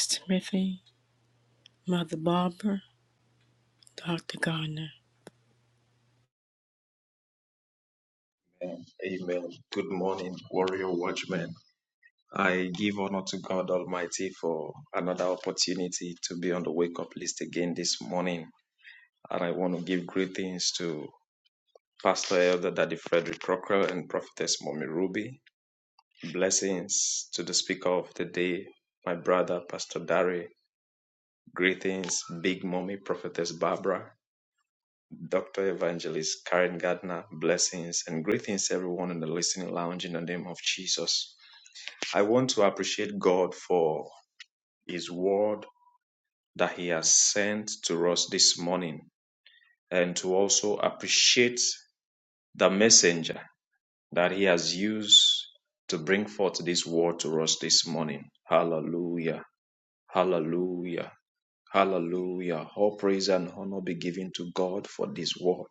Smith Barber, Dr. Garner. Amen. Amen. Good morning, warrior watchmen. I give honor to God Almighty for another opportunity to be on the wake up list again this morning. And I want to give greetings to Pastor Elder Daddy Frederick Crocker and Prophetess Mommy Ruby. Blessings to the speaker of the day, my brother Pastor Dari. Greetings, Big Mommy Prophetess Barbara, Dr. Evangelist Karen Gardner. Blessings and greetings everyone in the listening lounge in the name of Jesus. I want to appreciate God for His word that He has sent to us this morning and to also appreciate the messenger that He has used to bring forth this word to us this morning. Hallelujah. Hallelujah. Hallelujah. All praise and honor be given to God for this word.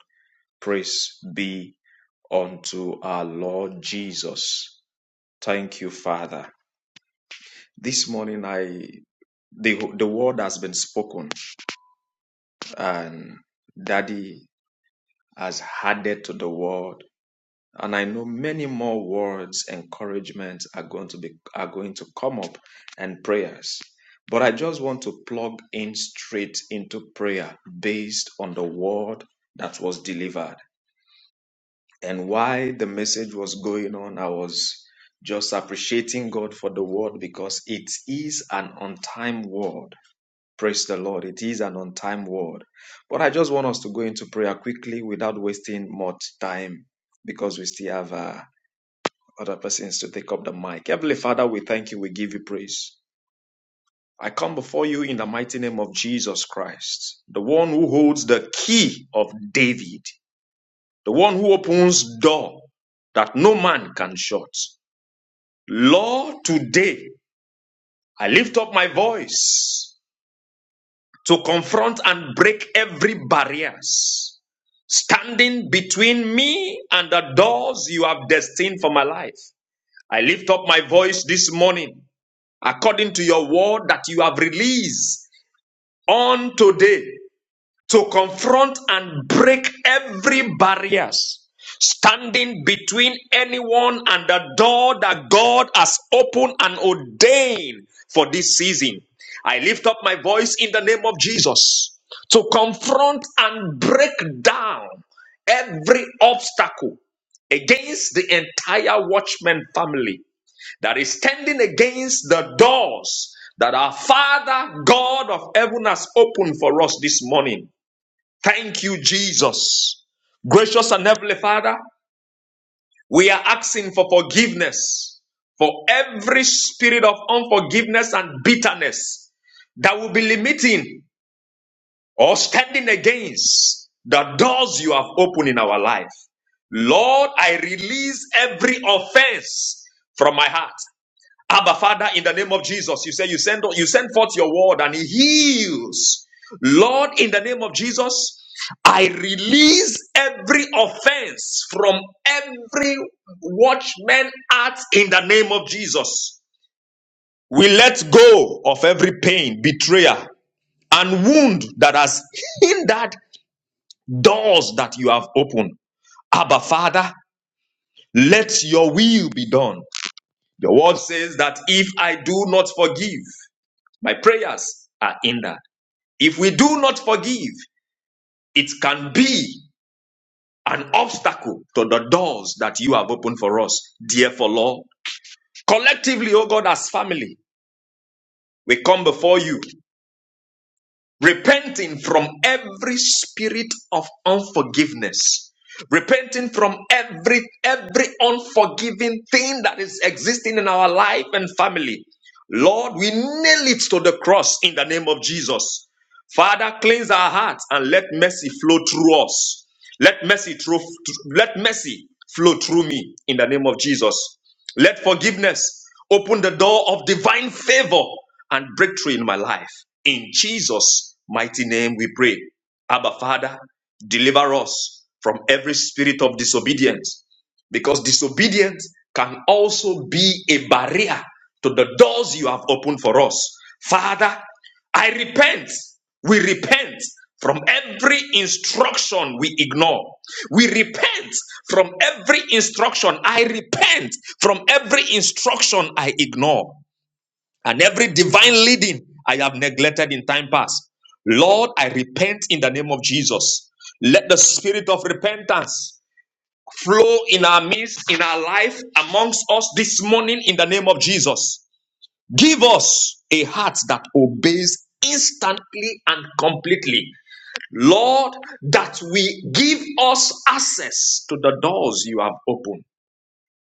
Praise be unto our Lord Jesus. Thank you, Father. This morning I The, the word has been spoken, and Daddy has added to the word. And I know many more words, encouragement are going to be are going to come up, and prayers. But I just want to plug in straight into prayer based on the word that was delivered. And while the message was going on, I was just appreciating God for the word because it is an on time word Praise the Lord. It is an on time word. But I just want us to go into prayer quickly without wasting much time because we still have uh, other persons to take up the mic. Heavenly Father, we thank you. We give you praise. I come before you in the mighty name of Jesus Christ, the one who holds the key of David, the one who opens door that no man can shut. Lord, today I lift up my voice to confront and break every barriers standing between me and the doors you have destined for my life. I lift up my voice this morning according to your word that you have released on today to confront and break every barriers standing between anyone and the door that God has opened and ordained for this season. I lift up my voice in the name of Jesus to confront and break down every obstacle against the entire watchman family that is standing against the doors that our Father God of heaven has opened for us this morning. Thank you, Jesus. Gracious and Heavenly Father, we are asking for forgiveness for every spirit of unforgiveness and bitterness that will be limiting or standing against the doors you have opened in our life. Lord, I release every offense from my heart. Abba Father, in the name of Jesus, you say you send you send forth your word and it heals. Lord, in the name of Jesus, I release every offense from every watchman act in the name of Jesus. We let go of every pain, betrayal, and wound that has hindered doors that you have opened. Abba Father, let your will be done. The word says that if I do not forgive, My prayers are hindered. If we do not forgive, it can be an obstacle to the doors that you have opened for us. Therefore, Lord, collectively, O God, as family, we come before you, repenting from every spirit of unforgiveness. Repenting from every every unforgiving thing that is existing in our life and family. Lord, we nail it to the cross in the name of Jesus. Father, cleanse our hearts and let mercy flow through us. Let mercy through, let mercy flow through me in the name of Jesus. Let forgiveness open the door of divine favor and breakthrough in my life. In Jesus' mighty name we pray. Abba Father, deliver us from every spirit of disobedience because disobedience can also be a barrier to the doors you have opened for us. Father, I repent. We repent from every instruction we ignore. We repent from every instruction. I repent from every instruction I ignore and every divine leading I have neglected in time past. Lord, I repent in the name of Jesus. Let the spirit of repentance flow in our midst, in our life, amongst us this morning in the name of Jesus. Give us a heart that obeys instantly and completely. Lord, that we give us access to the doors you have opened.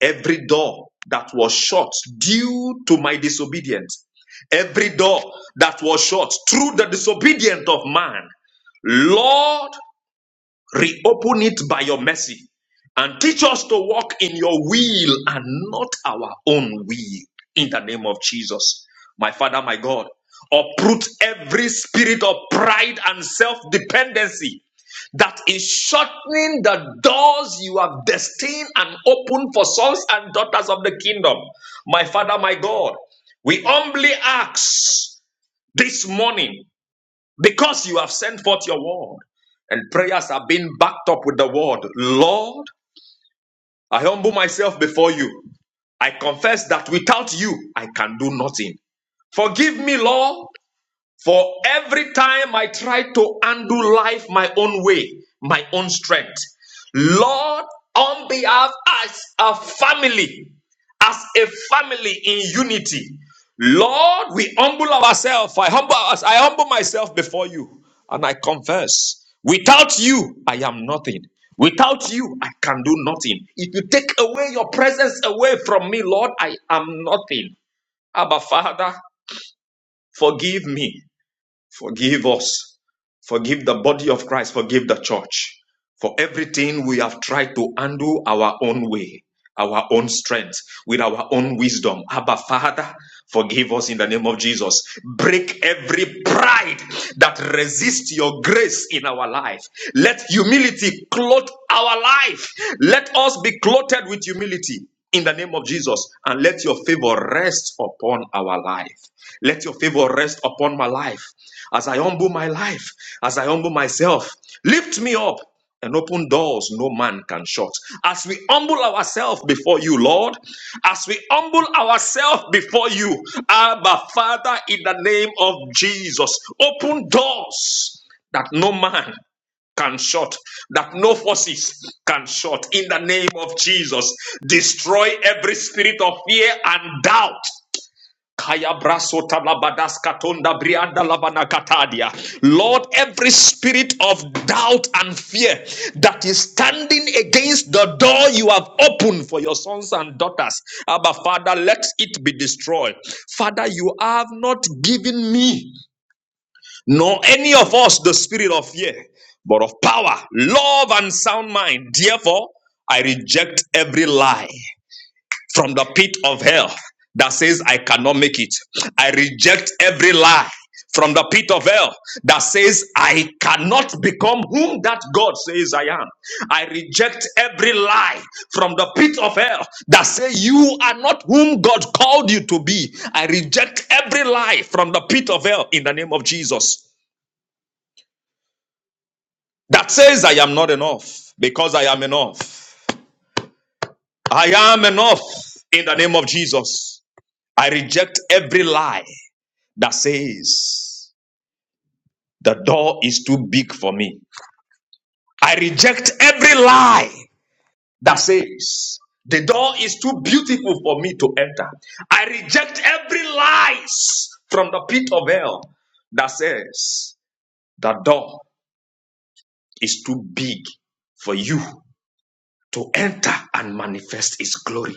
Every door that was shut due to my disobedience, every door that was shut through the disobedience of man, Lord, Reopen it by your mercy and teach us to walk in your will and not our own will. In the name of Jesus, my Father, my God, uproot every spirit of pride and self dependency that is shortening the doors you have destined and opened for sons and daughters of the kingdom. My Father, my God, we humbly ask this morning because you have sent forth your word and prayers are being backed up with the word lord i humble myself before you i confess that without you i can do nothing forgive me lord for every time I try to undo life my own way, my own strength, Lord, on behalf as a family, as a family in unity, Lord, we humble ourselves. I humble us. I humble myself before you, and I confess: without you, I am nothing. Without you, I can do nothing. If you take away your presence away from me, Lord, I am nothing. Abba, Father, forgive me. Forgive us. Forgive the body of Christ. Forgive the church. For everything we have tried to handle our own way, our own strength, with our own wisdom. Abba, Father, forgive us in the name of Jesus. Break every pride that resists your grace in our life. Let humility clothe our life. Let us be clothed with humility in the name of Jesus and let your favor rest upon our life. Let your favor rest upon my life. As I humble my life, as I humble myself, lift me up and open doors no man can shut. As we humble ourselves before you, Lord, as we humble ourselves before you, Abba Father, in the name of Jesus, open doors that no man can shut, that no forces can shut. In the name of Jesus, destroy every spirit of fear and doubt Kaya brasota labadas katonda brianda labana katadia. Lord, every spirit of doubt and fear that is standing against the door you have opened for your sons and daughters, Abba Father, let it be destroyed. Father, you have not given me nor any of us the spirit of fear, but of power, love, and sound mind. Therefore, I reject every lie from the pit of hell that says I cannot make it. I reject every lie from the pit of hell that says I cannot become whom that God says I am. I reject every lie from the pit of hell that say you are not whom God called you to be. I reject every lie from the pit of hell in the name of Jesus that says I am not enough because I am enough. I am enough in the name of Jesus. I reject every lie that says, The door is too big for me. I reject every lie that says, The door is too beautiful for me to enter. I reject every lies from the pit of hell that says, The door is too big for you to enter and manifest its glory.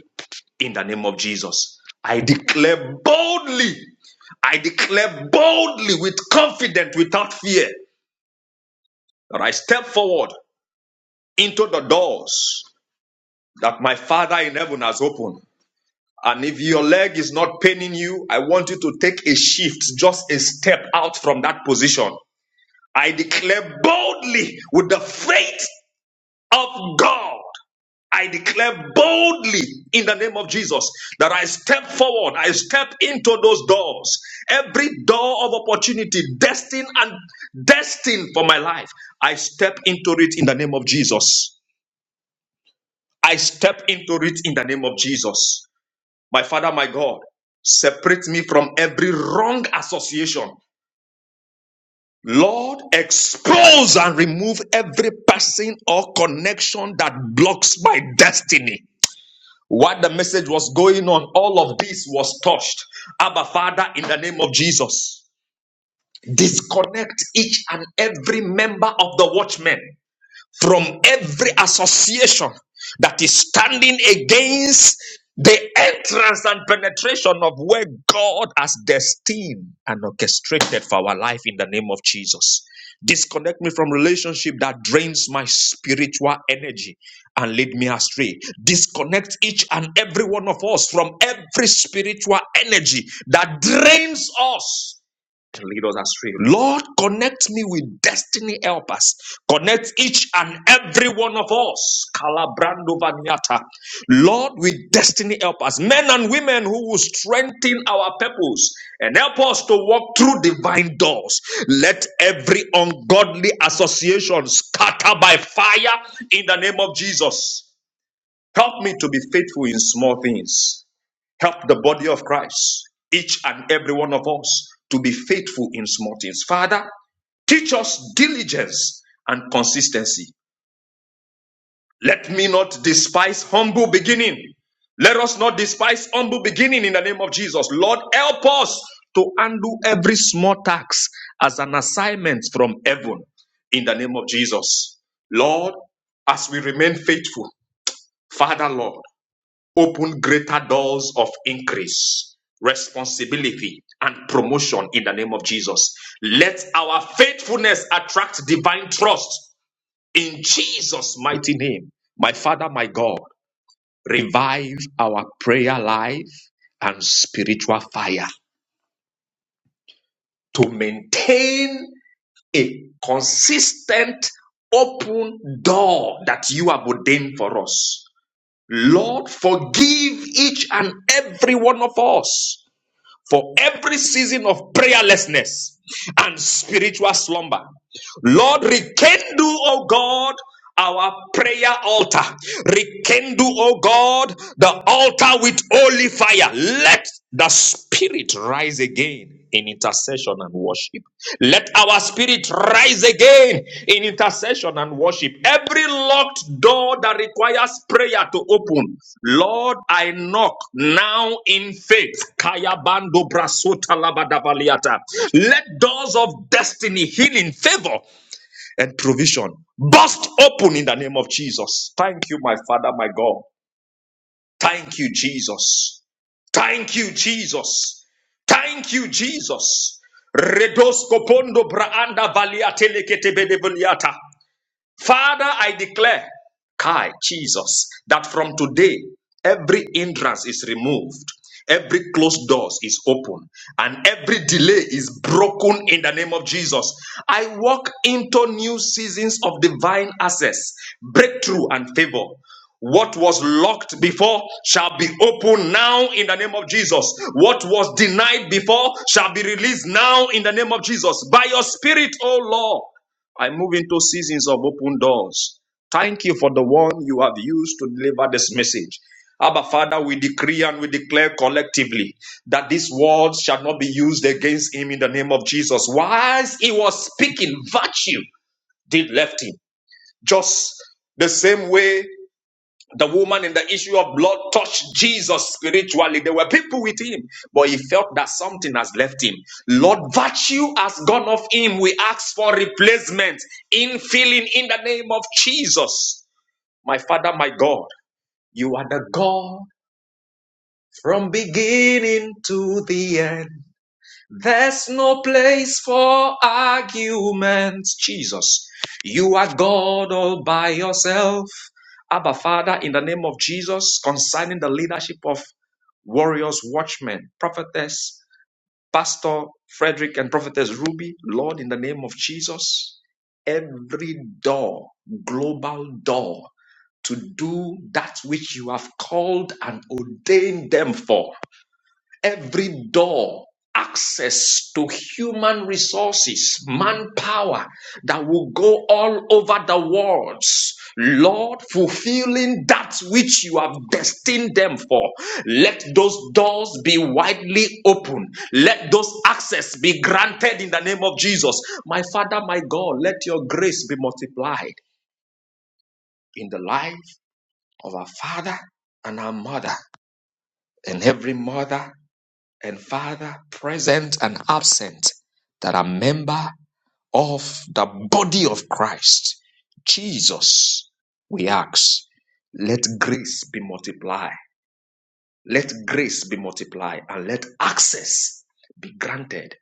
In the name of Jesus, I declare boldly I declare boldly with confidence, without fear, that I step forward into the doors that my Father in heaven has opened. And if your leg is not paining you, I want you to take a shift, just a step out from that position. I declare boldly with the faith of God. I declare boldly in the name of Jesus that I step forward, I step into those doors, every door of opportunity, destined and destined for my life. I step into it in the name of Jesus. I step into it in the name of Jesus. My Father, my God, separate me from every wrong association. Lord, expose and remove every person or connection that blocks my destiny. While the message was going on, all of this was touched. Abba, Father, in the name of Jesus, disconnect each and every member of the watchmen. from every association that is standing against the entrance and penetration of where God has destined and orchestrated for our life in the name of Jesus. Disconnect me from relationship that drains my spiritual energy and lead me astray. Disconnect each and every one of us from every spiritual energy that drains us can lead us astray. Lord, connect me with destiny helpers. Connect each and every one of us. Kalabrando vaniata. Lord, with destiny helpers, men and women who will strengthen our purpose and help us to walk through divine doors. Let every ungodly association scatter by fire in the name of Jesus. Help me to be faithful in small things. Help the body of Christ, each and every one of us, to be faithful in small things. Father, teach us diligence and consistency. Let me not despise humble beginning. Let us not despise humble beginning in the name of Jesus. Lord, help us to undo every small task as an assignment from heaven in the name of Jesus. Lord, as we remain faithful, Father, Lord open greater doors of increase, responsibility, and promotion in the name of Jesus. Let our faithfulness attract divine trust in Jesus' mighty name. My Father, my God, revive our prayer life and spiritual fire to maintain a consistent open door that you have ordained for us. Lord, forgive each and every one of us for every season of prayerlessness and spiritual slumber. Lord, rekindle, O God, our prayer altar. Rekindle, O God, the altar with holy fire. Let the spirit rise again in intercession and worship. Let our spirit rise again in intercession and worship. Every locked door that requires prayer to open, Lord, I knock now in faith. Kaya bando brasota labadabaliata. Let doors of destiny, healing, favor and provision burst open in the name of Jesus. Thank you, my Father, my God. Thank you, Jesus. Thank you, Jesus. Thank you, Jesus. Redos kopondo braanda valia telekete bedevoliata. Father, I declare, Kai, Jesus, that from today, every hindrance is removed, every closed door is open, and every delay is broken in the name of Jesus. I walk into new seasons of divine access, breakthrough, and favor. What was locked before shall be opened now in the name of Jesus. What was denied before shall be released now in the name of Jesus. By your spirit, O Lord. I move into seasons of open doors. Thank you for the one you have used to deliver this message. Abba, Father, we decree and we declare collectively that these words shall not be used against him in the name of Jesus. Whilst he was speaking, virtue did left him. Just the same way the woman in the issue of blood touched Jesus spiritually. There were people with him, but he felt that something has left him. Lord, virtue has gone off him. We ask for replacement in filling in the name of Jesus. My Father, my God, you are the God from beginning to the end. There's no place for arguments, Jesus. You are God all by yourself. Abba, Father, in the name of Jesus, concerning the leadership of warriors, watchmen, prophetess, Pastor Frederick, and prophetess Ruby, Lord, in the name of Jesus, every door, global door, to do that which you have called and ordained them for every door access to human resources, manpower that will go all over the world. Lord, fulfilling that which you have destined them for. Let those doors be widely open. Let those access be granted in the name of Jesus. My Father, my God, let your grace be multiplied in the life of our Father and our Mother and every mother and Father, present and absent, that are member of the body of Christ, Jesus, we ask, let grace be multiplied. Let grace be multiplied and let access be granted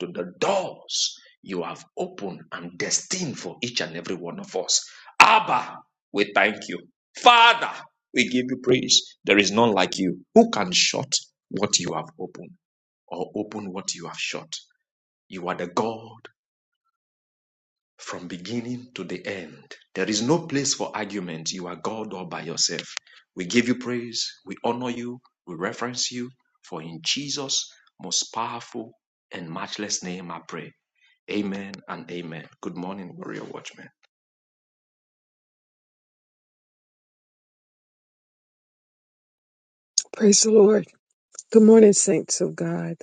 to the doors you have opened and destined for each and every one of us. Abba, we thank you. Father, we give you praise. There is none like you. Who can shut what you have opened? or open what you have shut. You are the God from beginning to the end. There is no place for argument. You are God all by yourself. We give you praise, we honor you, we reverence you, for in Jesus' most powerful and matchless name I pray. Amen and amen. Good morning, warrior watchmen. Praise the Lord. Good morning, saints of God.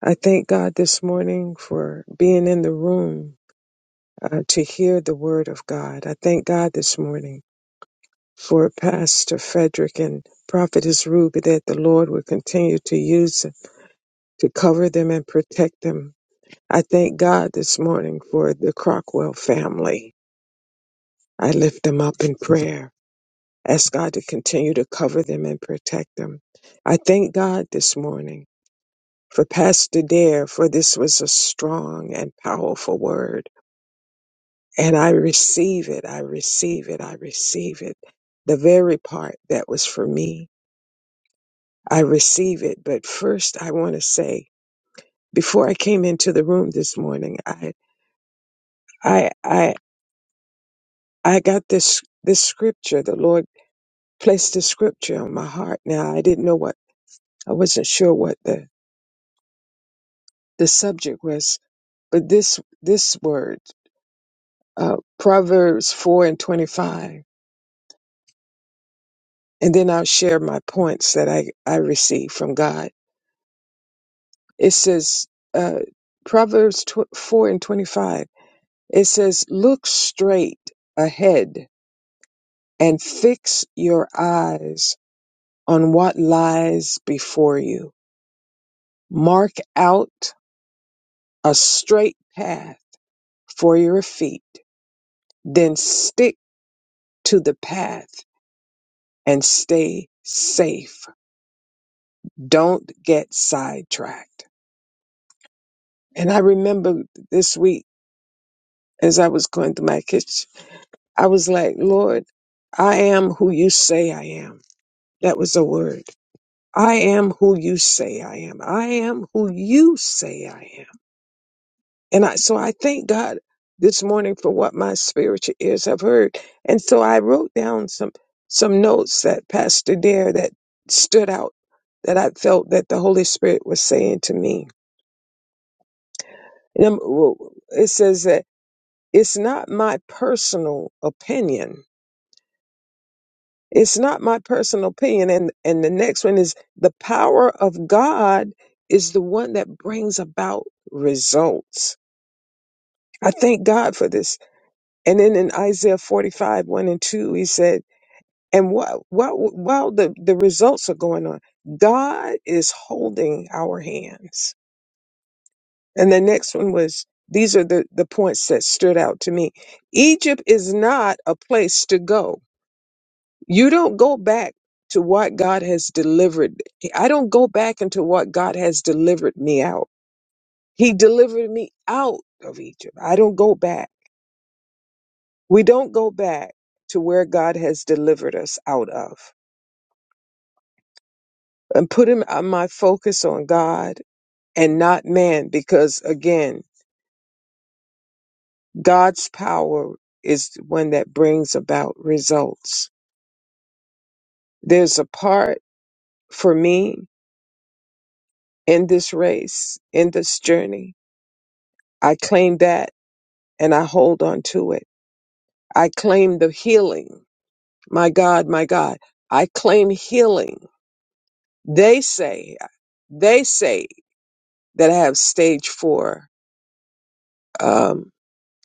I thank God this morning for being in the room uh, to hear the word of God. I thank God this morning for Pastor Frederick and Prophetess Ruby that the Lord will continue to use to cover them and protect them. I thank God this morning for the Crockwell family. I lift them up in prayer. Ask God to continue to cover them and protect them. I thank God this morning for Pastor Dare, for this was a strong and powerful word. And I receive it, I receive it, I receive it. The very part that was for me, I receive it. But first, I want to say, before I came into the room this morning, I, I, I, I got this, this scripture. The Lord placed the scripture on my heart. Now, I didn't know what, I wasn't sure what the, the subject was, but this, this word, uh, Proverbs 4 and 25 and then I'll share my points that I, I receive from God. It says, uh, Proverbs tw- 4 and 25, it says, Look straight ahead and fix your eyes on what lies before you. Mark out a straight path for your feet, then stick to the path and stay safe. Don't get sidetracked. And I remember this week as I was going through my kitchen. I was like, Lord, I am who you say I am. That was the word. I am who you say I am. I am who you say I am. And I, so I thank God this morning for what my spiritual ears have heard. And so I wrote down some, some notes that Pastor Dare that stood out that I felt that the Holy Spirit was saying to me. And I'm- well, it says that it's not my personal opinion It's not my personal opinion. And, and the next one is the power of God is the one that brings about results. I thank God for this. And then in Isaiah 45, 1 and 2, he said, and while, while, while the, the results are going on, God is holding our hands. And the next one was, these are the, the points that stood out to me. Egypt is not a place to go You don't go back to what God has delivered. I don't go back into what God has delivered me out. He delivered me out of Egypt. I don't go back. We don't go back to where God has delivered us out of. And put him uh, my focus on God and not man because again, God's power is the one that brings about results. There's a part for me in this race, in this journey. I claim that and I hold on to it. I claim the healing. My God, my God, I claim healing. They say, they say that I have stage four um,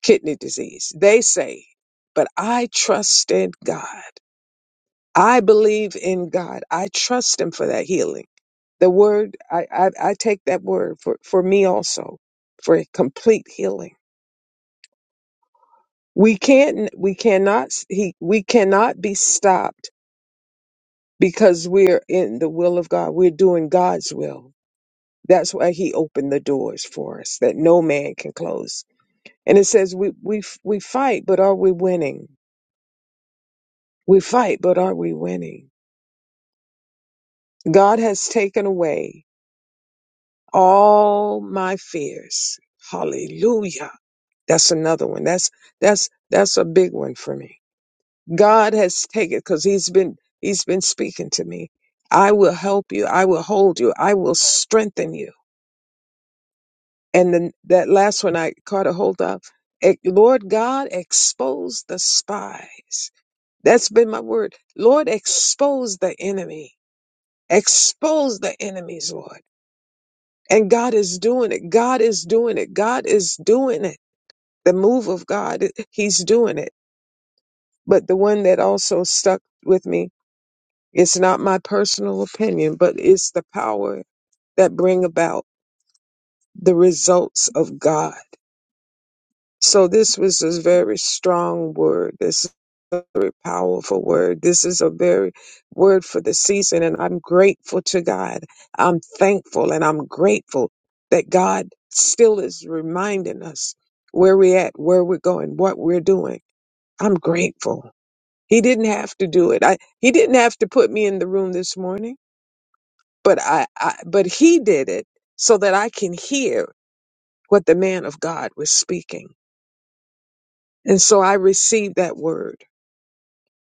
kidney disease. They say, but I trust in God. I believe in God. I trust Him for that healing. The word, I, I, I take that word for, for me also, for complete healing. We can't, we cannot, he, we cannot be stopped because we're in the will of God. We're doing God's will. That's why He opened the doors for us that no man can close. And it says we we we fight, but are we winning? We fight, but are we winning? God has taken away all my fears. Hallelujah. That's another one. That's that's that's a big one for me. God has taken because He's been He's been speaking to me. I will help you. I will hold you. I will strengthen you. And then that last one I caught a hold of. Eh, Lord God, expose the spies. That's been my word. Lord, expose the enemy. Expose the enemies, Lord. And God is doing it. God is doing it. God is doing it. The move of God, He's doing it. But the one that also stuck with me, it's not my personal opinion, but it's the power that bring about the results of God So this was a very strong word. This is a very powerful word. This is a very word for the season. And I'm grateful to God. I'm thankful and I'm grateful that God still is reminding us where we're at, where we're going, what we're doing. I'm grateful. He didn't have to do it. I, he didn't have to put me in the room this morning, but I, I, but he did it so that I can hear what the man of God was speaking. And so I received that word.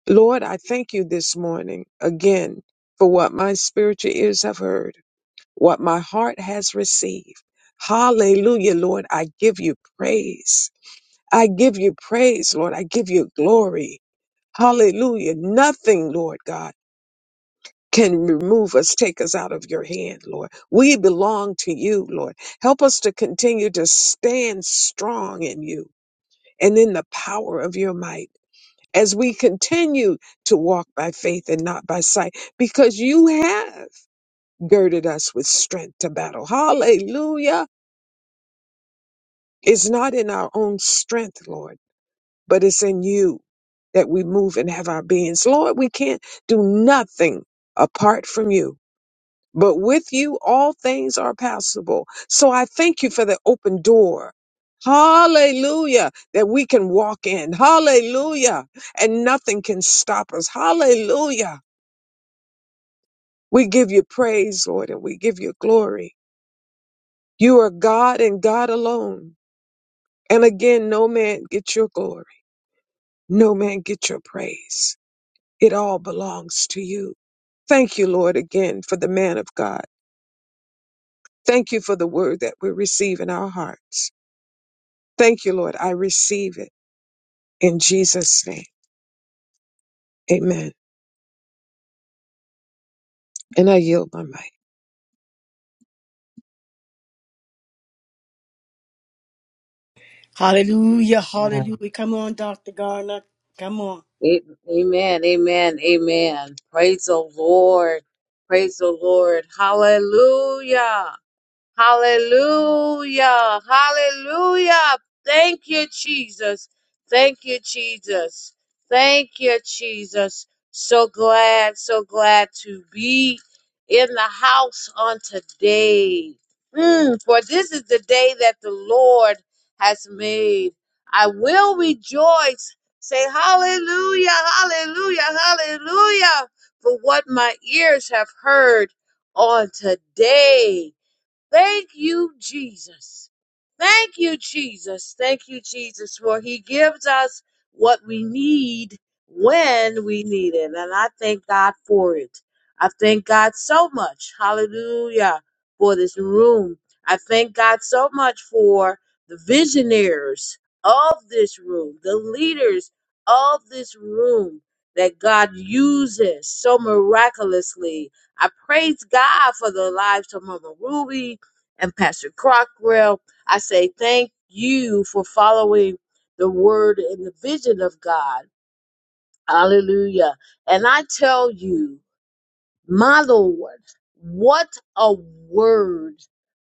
Lord, I thank you this morning again for what my spiritual ears have heard, what my heart has received. Hallelujah, Lord. I give you praise. I give you praise, Lord. I give you glory. Hallelujah. Nothing, Lord God, can remove us, take us out of your hand, Lord. We belong to you, Lord. Help us to continue to stand strong in you and in the power of your might as we continue to walk by faith and not by sight, because you have girded us with strength to battle. Hallelujah. It's not in our own strength, Lord, but it's in you that we move and have our beings. Lord, we can't do nothing apart from you. But with you, all things are possible. So I thank you for the open door. Hallelujah. That we can walk in. Hallelujah. And nothing can stop us. Hallelujah We give you praise, Lord, and we give you glory. You are God and God alone. And again, no man get your glory. No man get your praise. It all belongs to you. Thank you, Lord, again for the man of God. Thank you for the word that we receive in our hearts. Thank you, Lord. I receive it in Jesus' name. Amen. And I yield my mic. Hallelujah, Amen. hallelujah. Come on, Dr. Garner. Come on. Amen. Amen. Amen. Praise the Lord. Praise the Lord. Hallelujah. Hallelujah. Hallelujah. Thank you, Jesus. Thank you, Jesus. Thank you, Jesus. So glad, so glad to be in the house on today. Mm, for this is the day that the Lord has made. I will rejoice. Say hallelujah, hallelujah, hallelujah for what my ears have heard on today. Thank you, Jesus. Thank you, Jesus. Thank you, Jesus, for He gives us what we need when we need it. And I thank God for it. I thank God so much. Hallelujah. For this room. I thank God so much for the visionaries of this room, the leaders of this room that God uses so miraculously. I praise God for the lives of Mama Ruby and Pastor Crockrell. I say thank you for following the word and the vision of God. Hallelujah. And I tell you, my Lord, what a word.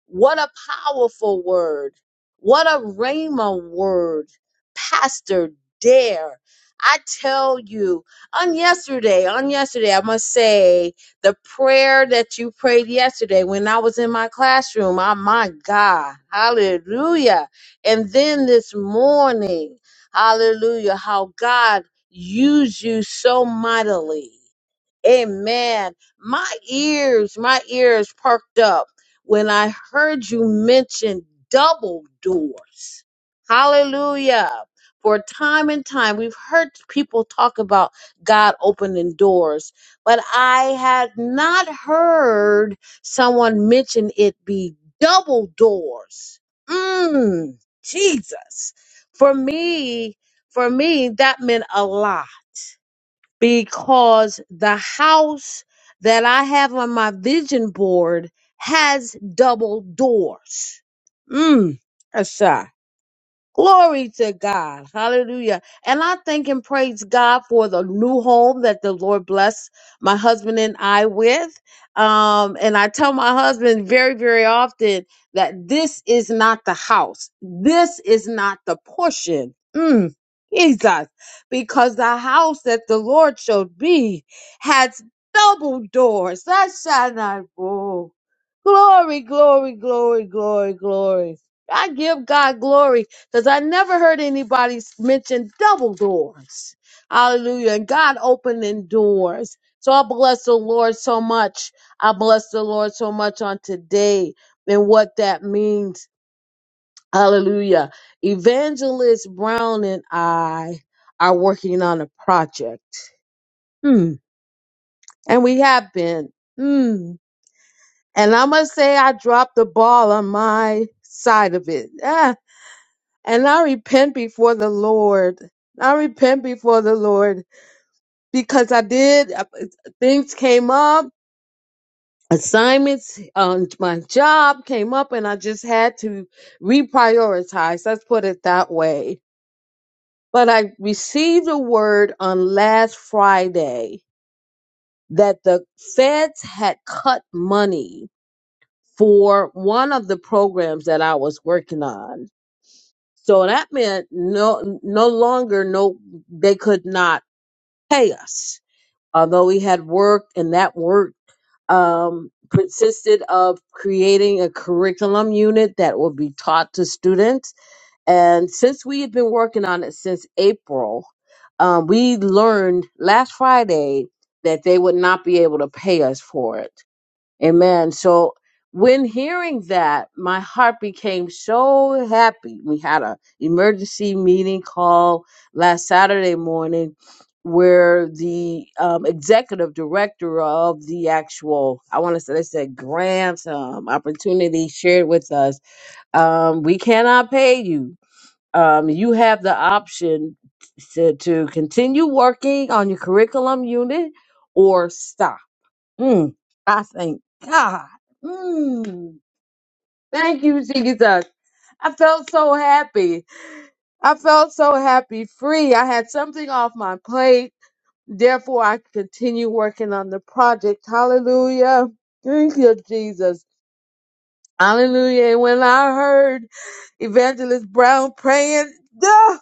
What a powerful word. What a Rhema word. Pastor Dare. I tell you, on yesterday, on yesterday, I must say the prayer that you prayed yesterday when I was in my classroom. Oh my God. Hallelujah. And then this morning, hallelujah, how God used you so mightily. Amen. My ears, my ears perked up when I heard you mention double doors. Hallelujah. For time and time, we've heard people talk about God opening doors, but I had not heard someone mention it be double doors. Mmm, Jesus. For me, for me, that meant a lot because the house that I have on my vision board has double doors. Mm, Glory to God. Hallelujah. And I thank and praise God for the new home that the Lord bless my husband and I with. Um, and I tell my husband very, very often that this is not the house, this is not the portion. Mm, Jesus, because the house that the Lord showed me has double doors. That shall not fall. Glory, glory, glory, glory, glory. I give God glory because I never heard anybody s- mention double doors. Hallelujah. And God opening doors. So I bless the Lord so much. I bless the Lord so much on today and what that means. Hallelujah. Evangelist Brown and I are working on a project. Hmm. And we have been. Hmm. And I must say, I dropped the ball on my side of it. And I repent before the Lord. I repent before the Lord because I did, uh, things came up, assignments on my job came up, and I just had to reprioritize. Let's put it that way. But I received a word on last Friday that the feds had cut money for one of the programs that I was working on. So that meant no, no longer, no, they could not. pay us. Although we had worked and that work um, consisted of creating a curriculum unit that would be taught to students. And since we had been working on it since April, um, we learned last Friday that they would not be able to pay us for it. Amen. So when hearing that, my heart became so happy. We had a emergency meeting call last Saturday morning where the um, executive director of the actual, I want to say, they said grant um, opportunity shared with us, um, we cannot pay you. Um, you have the option to, to continue working on your curriculum unit or stop Mm, I thank God. Mm, thank you, Jesus. I felt so happy. I felt so happy, free. I had something off my plate. Therefore, I continue working on the project. Hallelujah. Thank you, Jesus. Hallelujah. And when I heard Evangelist Brown praying.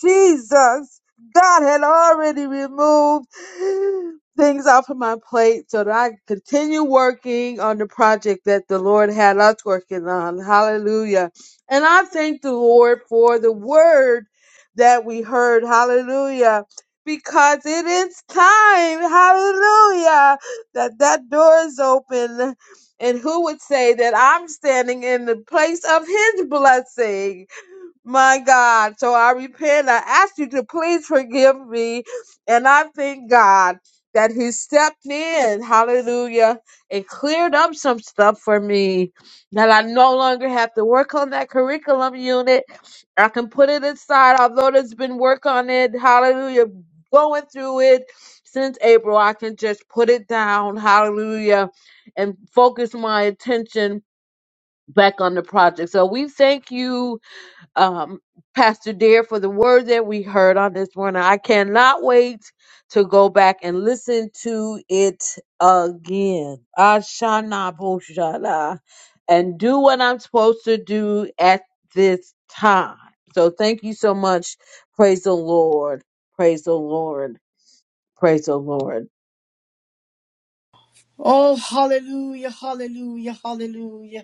Jesus, God had already removed things off of my plate so that I could continue working on the project that the Lord had us working on. Hallelujah. And I thank the Lord for the word that we heard. Hallelujah. Because it is time, hallelujah, that that door is open. And who would say that I'm standing in the place of his blessing? My God. So I repent. I ask you to please forgive me. And I thank God that He stepped in. Hallelujah. And cleared up some stuff for me. That I no longer have to work on that curriculum unit. I can put it aside, although there's been work on it. Hallelujah. Going through it since April. I can just put it down. Hallelujah. And focus my attention back on the project. So we thank you um, Pastor Dare for the word that we heard on this morning. I cannot wait to go back and listen to it again. Ashana Boshana. And do what I'm supposed to do at this time. So thank you so much. Praise the Lord. Praise the Lord. Praise the Lord. Oh, hallelujah, hallelujah, hallelujah.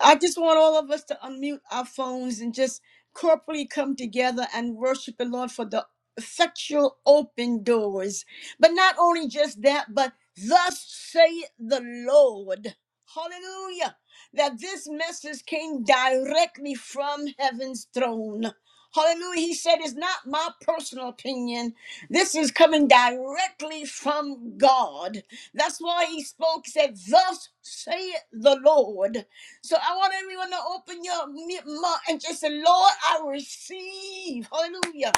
I just want all of us to unmute our phones and just corporately come together and worship the Lord for the effectual open doors. But not only just that, but thus saith the Lord. Hallelujah. That this message came directly from heaven's throne. Hallelujah. He said, It's not my personal opinion. This is coming directly from God. That's why he spoke, said, Thus saith the Lord. So I want everyone to open your mouth and just say, Lord, I receive. Hallelujah.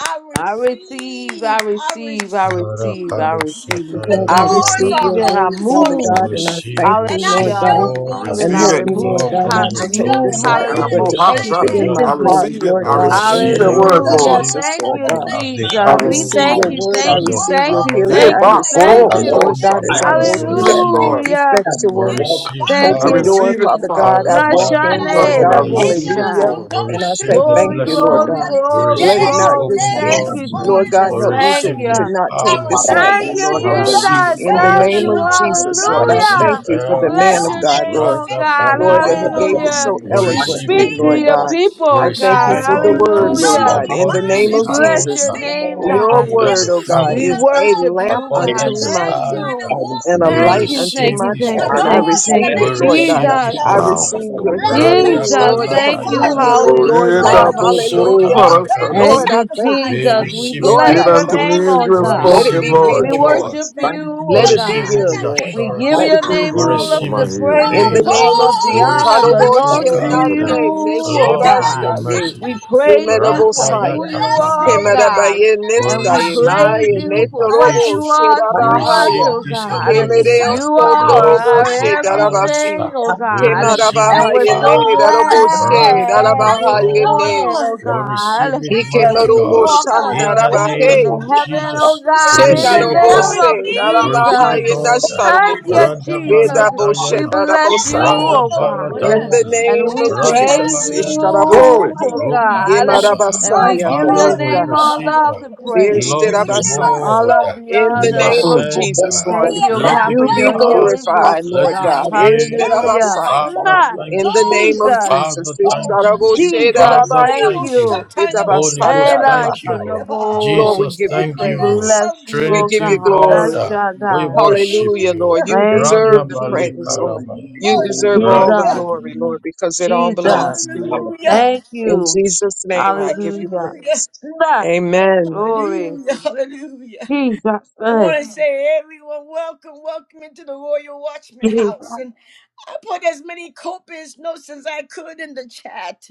I I receive, receive. I I receive, I receive. receive, I receive, The Lord, I I doors receive receive, are your Barakadosatayadabalakada. and I word, open for Father me. We move God, and I receive, thank we And you, I Hallelujah. Lord receive, Thank I you, shall God, Lord. I Lord, walk receive the through, and and I receive help it. me, Lord love remove, God, from ha- not your to I take shall move, throne. this lightly, command and but hallelujah, to keep it in my I Nakanosatayada. demand heart, expeditiously. receive it. Lord I We to God, get in receive the the through receive, name word, of we the Hallelujah. Lord. receive door Jesus, Thank Lord you, in the God. as name the of I I Jesus. We receive house, receive thank Jesus. your it. you, word, thank I as a you, Oh receive thank your Lord, you, we healing, Yeah, family, thank I thank you you, for ba, receive thank koro, it, as an you. Lord, koro, exposing Lord God, every I shaka. as I I individual. go receive hindrance We through receive that it, receive, spirit and Lord. Lord. Hallelujah. We effectual that is walk receive, Thank bound I open you, into Father, door, receive it, us Father Jesus. and God. Father. I've walked resisting Aradali in, us Lord Nashane my and Instructions, I God. Kumbayada. hinder receive it, us Hallelujah. from Naboshai. Lord. We And I Thank going you, say receive through. the thank Glory, you, blessing. Lord Lord, glory, But God. Jesus. We Thank glory, Let it today, receive the not glory. just open today, be, Thank this you, doors. Thank Lord morning, you, God, Jesus. We Lord. this I help me Thank to, receive receive morning, it. to the you. not take I empowerment. this Thank lightly, you, Lord We I receive, God. thus receive receive it, Jesus. In the Father. saith Thank the name you. correction. of Lord Jesus, We Lord, I receive thank Hallelujah. God, you for the I help. the man Bless of your receive open, God, name, it. Lord. oh Radha effectual God. Lord, that he Palikada. gave door it Hallelujah. so In We You in the Jesus' receive name. eloquently, it, speak to Lord name Lord. your God. of people, We I oh thank receive you God. it, for Jesus. the Lord, I word, was Lord Lord, Hallelujah. singing God. we In upon the you, bind name this We the of Jesus. bless spirit house, of Jesus, your uh, name, fear Lord, I your upon God. and word, every we oh God, receive We receive. family, your is a love, worship uh, lamp you, power, I upon and God. a unto every my Thank sound receive. feet life. mind uh, I you. to walk and in a the we name Thank light receive. you, unto through thank receive my you, this thank path. the you, And word. I thank door you, in Radosa thank the receive We you. it, name Bengu Lord of God. Benya receive Jesus, this Tuba I word. Jesus. Baba about Baba receive your Baba Bless healing, Melusa. Pastor Jesus, Lord, Dan, thank Lord, I complete you. Radabalatayada. healing, Father, receive. Lord Forever, for Thank his Hallelujah. God. you, but for obedience Hallelujah. Jesus. is all Radosataya us, better that than Gadaba. Lord, Thank I you, thank you. We sacrifice. Jesus. Thank We you, receive He it, Lord, O bless did I came your unto thank God. Jesus. me name, forth you. as oh with you have We the Let Thank God. it spoken, receive word be you, it of Lord. with real, We Lord. joy. worship Jesus. heaven, Thank you, you, We oh Let the it be receive manna it God. real, Jesus. with that Lord. came We from give Let assurance. Thank on it your you, be Father, name We real, high. all for of receive Lord. my the it Jesus. with healing. Thank In praise you, the Lord, faith. and name all of of the Jesus. We Jesus. honor pour receive it, back O into belongs Thank to you, Thank God, you, you, him. Lord. Hadoboshenane, Jesus. oh Thank Lord, by you, your Shetelemo, God. Neshtebashtaye, We Jesus. mercy. shantelemo, praise sia. you Thank you, for Thank Yemerobosaya. who you, you Bless him are, Jesus. Thank you, Jesus. Ratayatalakadaba. God. Kemarabaye in the We And name we nestaye Thank of you, receive praise maye this you for Jesus. what netorobo Jesus. impartation. you are We Thank to you, us, sherabahaya. receive Oh oh Jesus. this Lord, God. we thank enablement. Kemereo You Thank you, you. Lord, are Yes, sondorobo I as the our Jesus. tell house, shedarabasi. uh, everything, oh Thank you, we God. you. Thank receive And it, we're Kemarabahaye Jesus. you, ne so Father, darobo Lord. Lord. right from glad your Thank this you, sherabahaye throne. ne. uh, morning, oh Lord. We God receive it, Thank that you, mighty we Nikemarobo God. Lord, walk I Father. under In am the I your tell shandarabahe. believer, open you, name of I'm gonna heaven, Lord, oh Jesus, receive we God, in Mm. receive the you. Ena it, Shenarobo I God. name rasa of kiti, We receive, receive it, kini I sherabahaye Jesus. Lord. receive, mbana, Thank I kini nasharoboko. you, receive Randa it bala Jesus. Vedabo mbana, We dayana. Thank for bless you, shedarabosaya. Randa you, me, oh Jesus. bala Lord, God, In the dayana. and name and we of my Randa Jesus, praise family you, in bayadaya. Glory. Ishtarabosete. oh Jesus' name. Rupa God, Musa. and we My Yemarabasaya, give Father, your God, we my name Netaha, all God, receive, of uh, Lord. the Thank praise, Lord, you, the Forgive us, Jesus. all word of uh, Lord the In You the you Jesus. are name honor. must of Mm. go sent. We Jesus, bend uh, You're Lord, thank the being you, Let God, ground. held it for you We be your are back. supposed healing to impart. glorified, find Look the virtue, Lord Let man back. it God. God. heal. uh, Turn the Hallelujah. Ishtarabasaya. back. man Father, that Mwah! we In are thank the you. Lord, name tables. we of Jesus, thank Father, Jesus. you, Thank thank you, you. Lord. Jesus, In Jesus. Father, thank Ishtaraboshedarabaya. thank you. you. Thank you, Holy Ghost, And I Jesus. thank shall know Itabasandarabahaya. you. Lord, we Jesus, give Thank you you, thank the We you. name praise. bless Jesus. of you, We oh give Trinity you God. I God, Jesus. glory. uh, Thank shall you, we die. Jesus. worship Hallelujah, Hallelujah. Lord. you. You Thank We you, give deserve the you Ranabali glory, Jesus. praise, Lord. Lord. We give Karabaya. you You glory. We deserve Ra- all the bless your Jesus. Hallelujah. glory, Lord, name. because it all Thank Jesus. belongs to you, you. Abba Hallelujah. Father. Thank In you. Jesus' name, I give you Hallelujah. Hallelujah. praise. Nah. Amen. Glory. Hallelujah. Hallelujah. Jesus. I eh, want to say, everyone, welcome, welcome into the Royal Watchman Jesus. House. I put as many copious notes as I could in the chat.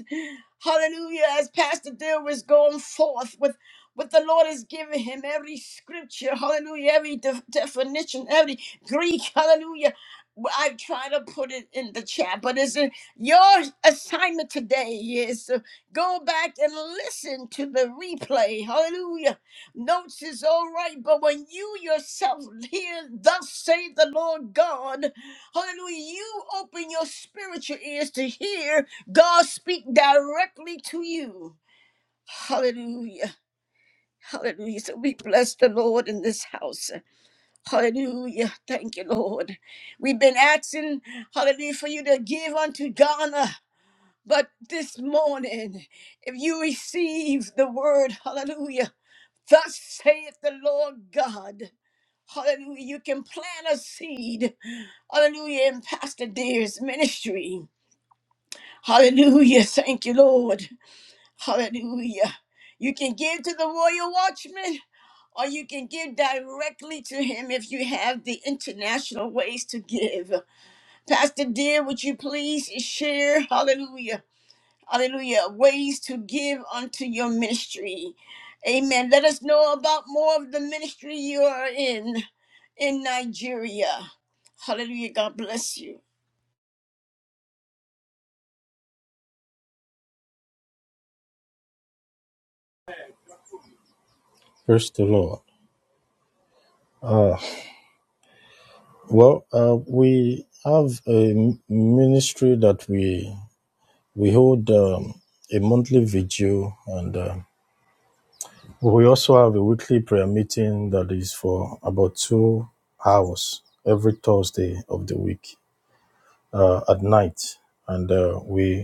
Hallelujah. As Pastor Dill was going forth with what the Lord has given him, every scripture, hallelujah, every de- definition, every Greek, hallelujah. Well, I try to put it in the chat, but it's in your assignment today is to go back and listen to the replay. Hallelujah. Notes is all right, but when you yourself hear, Thus say, the Lord God, Hallelujah. You open your spiritual ears to hear God speak directly to you. Hallelujah. Hallelujah. So we bless the Lord in this house. Hallelujah. Thank you, Lord. We've been asking, hallelujah, for you to give unto Ghana. But this morning, if you receive the word, hallelujah, thus saith the Lord God. Hallelujah. You can plant a seed. Hallelujah. In Pastor Deer's ministry. Hallelujah. Thank you, Lord. Hallelujah. You can give to the royal watchman or you can give directly to him if you have the international ways to give. Pastor dear, would you please share, hallelujah, hallelujah, ways to give unto your ministry? Amen. Let us know about more of the ministry you are in in Nigeria. Hallelujah. God bless you. Praise the Lord. Well, uh, we have a m- ministry that we we hold um, a monthly vigil, and uh, we also have a weekly prayer meeting that is for about two hours every Thursday of the week uh, at night, and uh, we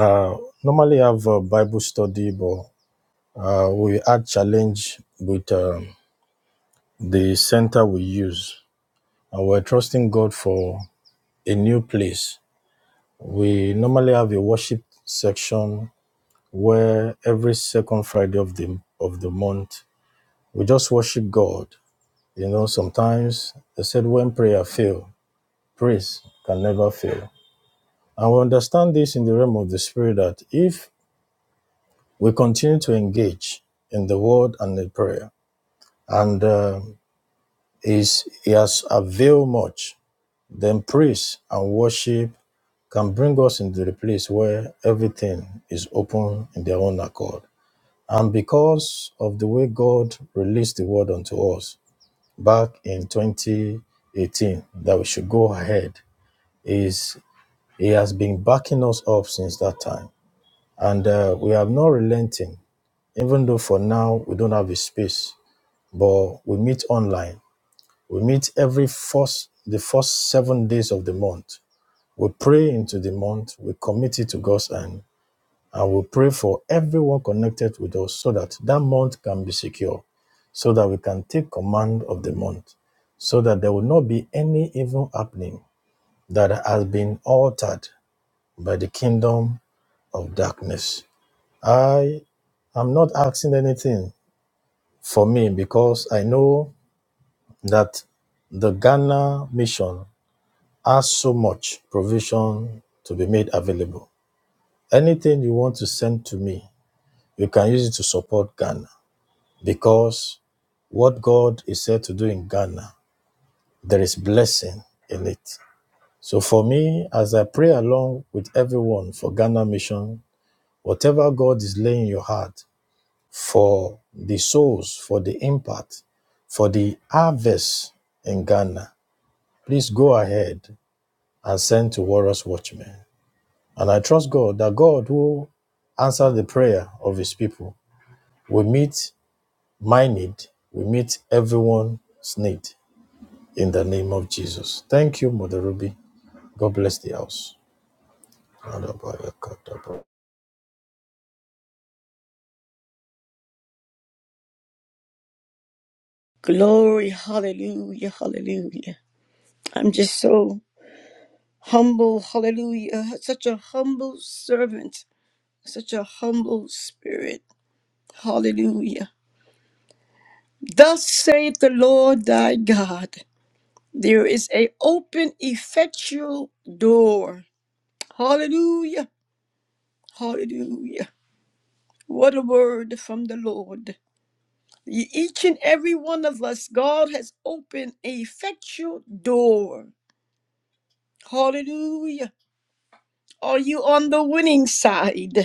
Uh, normally have a Bible study, but uh, we had challenge with um, the center we use, and we're trusting God for a new place. We normally have a worship section where every second Friday of the of the month we just worship God. You know, sometimes they said when prayer fail, praise can never fail. And we understand this in the realm of the spirit that if we continue to engage in the word and the prayer, and uh, is he has availed much. Then praise and worship can bring us into the place where everything is open in their own accord. And because of the way God released the word unto us back in 2018 that we should go ahead, is He has been backing us up since that time, and uh, we have not relenting. Even though for now we don't have a space, but we meet online We meet every first, the first seven days of the month. We pray into the month, we commit it to God's hand, and we pray for everyone connected with us so that that month can be secure, so that we can take command of the month, so that there will not be any evil happening that has been altered by the kingdom of darkness. I am not asking anything for me because I know that the Ghana mission Ask so much provision to be made available. Anything you want to send to me, you can use it to support Ghana because what God is said to do in Ghana, there is blessing in it. So for me, as I pray along with everyone for Ghana Mission, whatever God is laying in your heart for the souls, for the impact, for the harvest in Ghana, please go ahead and send to Warriors Watchmen. And I trust God that God will answer the prayer of his people. We meet my need, we meet everyone's need in the name of Jesus. Thank you, Mother Ruby. God bless the house. Glory. Hallelujah. Hallelujah. I'm just so humble hallelujah such a humble servant such a humble spirit hallelujah thus saith the lord thy god there is a open effectual door hallelujah hallelujah what a word from the lord Ye- each and every one of us god has opened a effectual door hallelujah are you on the winning side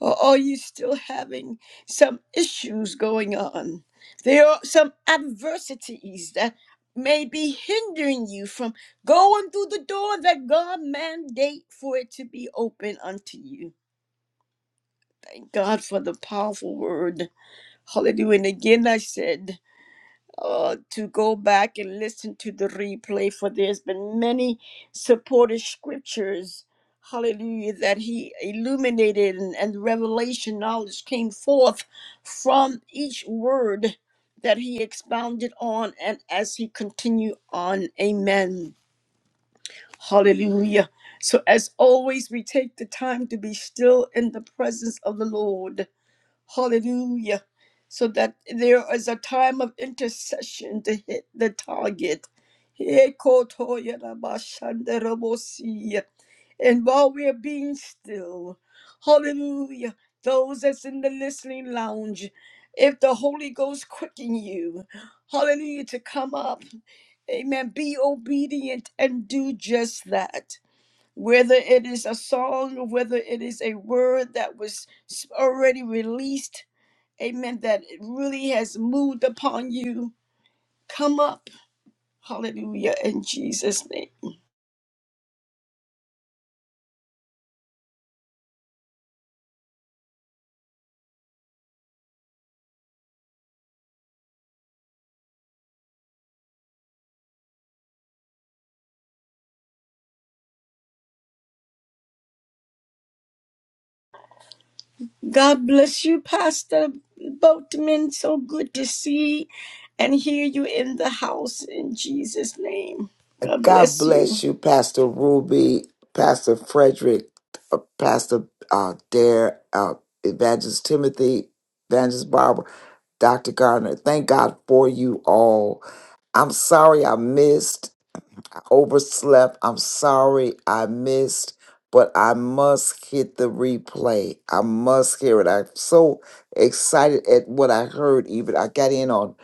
or are you still having some issues going on? There are some adversities that may be hindering you from going through the door that God mandate for it to be open unto you. Thank God for the powerful word. Hallelujah. And again I said uh, to go back and listen to the replay, for there's been many supported scriptures, hallelujah, that he illuminated and, and revelation knowledge came forth from each word that he expounded on and as he continued on. Amen. Hallelujah. So, as always, we take the time to be still in the presence of the Lord Hallelujah. So that there is a time of intercession to hit the target. And while we are being still, hallelujah, those that's in the listening lounge, if the Holy Ghost quicken you, hallelujah, to come up, amen, be obedient and do just that. Whether it is a song, whether it is a word that was already released, amen, that it really has moved upon you, come up. Hallelujah, in Jesus' name. God bless you, Pastor Boatman. So good to see and hear you in the house in Jesus' name. God God bless bless you. you, Pastor Ruby, Pastor Frederick, uh, Pastor uh, Dare, uh, Evangelist Timothy, Evangelist Barbara, Dr. Gardner. Thank God for you all. I'm sorry I missed, I overslept. I'm sorry I missed, but I must hit the replay. I must hear it. I'm so excited at what I heard, even. I got in on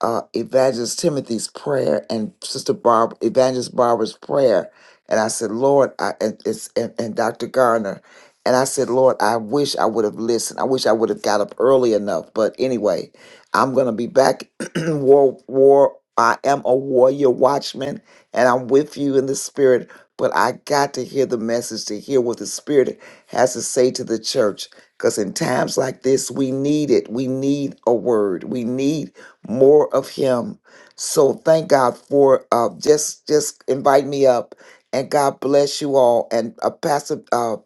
uh, Evangelist Timothy's prayer and Sister Barb, Evangelist Barbara's prayer, and I said, Lord, I, and, it's, and, and Dr. Garner, and I said, Lord, I wish I would have listened. I wish I would have got up early enough. But anyway, I'm gonna be back. war, war. I am a warrior watchman, and I'm with you in the spirit. But I got to hear the message to hear what the spirit has to say to the church. Because in times like this, we need it. We need a word. We need more of him. So thank God for uh, just just invite me up, and God bless you all. And uh, Pastor uh,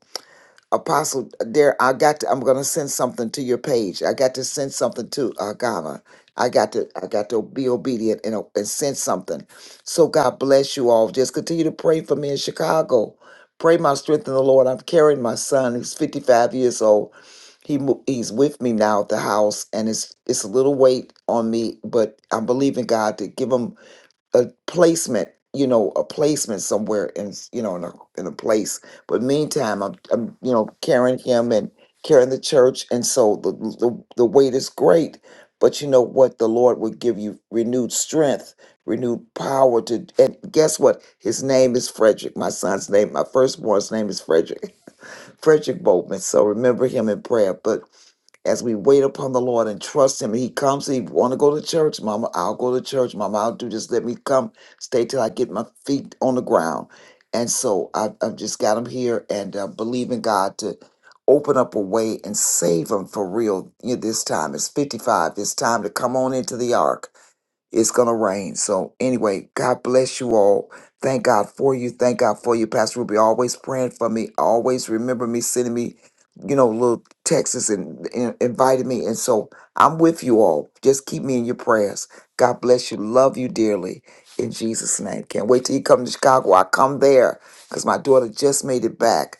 Apostle, there I got to, I'm gonna send something to your page. I got to send something to uh Ghana. I got to I got to be obedient and, and send something. So God bless you all. Just continue to pray for me in Chicago. Pray my strength in the Lord. I'm carrying my son who's 55 years old. He mo- he's with me now at the house, and it's it's a little weight on me, but I'm believing God to give him a placement, you know, a placement somewhere in, s- you know, in a in a place. But meantime, I'm, I'm you know, carrying him and carrying the church, and so the the, the weight is great. But you know what? The Lord will give you renewed strength, renewed power to. And guess what? His name is Frederick. My son's name, my firstborn's name is Frederick. Frederick Boltman. So remember him in prayer. But as we wait upon the Lord and trust Him. He comes, He want to go to church, Mama. I'll go to church, Mama. I'll do this. Let me come, stay till I get my feet on the ground. And so I, I've just got him here and uh, believe in God to open up a way and save him for real you know, this time. It's 55. It's time to come on into the ark it's gonna rain. So anyway, God bless you all. Thank God for you. Thank God for you, Pastor Ruby. Always praying for me. Always remember me, sending me, you know, little texts and, and inviting me. And so I'm with you all. Just keep me in your prayers. God bless you. Love you dearly. In Jesus' name. Can't wait till you come to Chicago. I come there because my daughter just made it back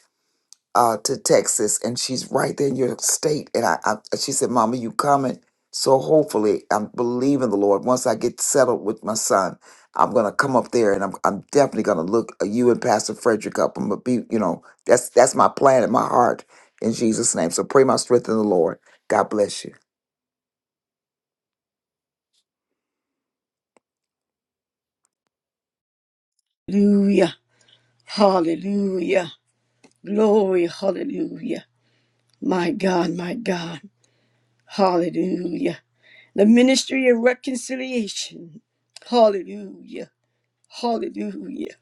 uh, to Texas, and she's right there in your state. And I, I she said, "Mama, you coming?" So hopefully, I'm believing the Lord. Once I get settled with my son, I'm gonna come up there, and I'm I'm definitely gonna look uh, you and Pastor Frederick up. I'm gonna be, you know, that's that's my plan in my heart in Jesus' name. So pray my strength in the Lord. God bless you. Hallelujah, hallelujah, glory, hallelujah. My God, my God, hallelujah. The ministry of reconciliation, hallelujah, hallelujah.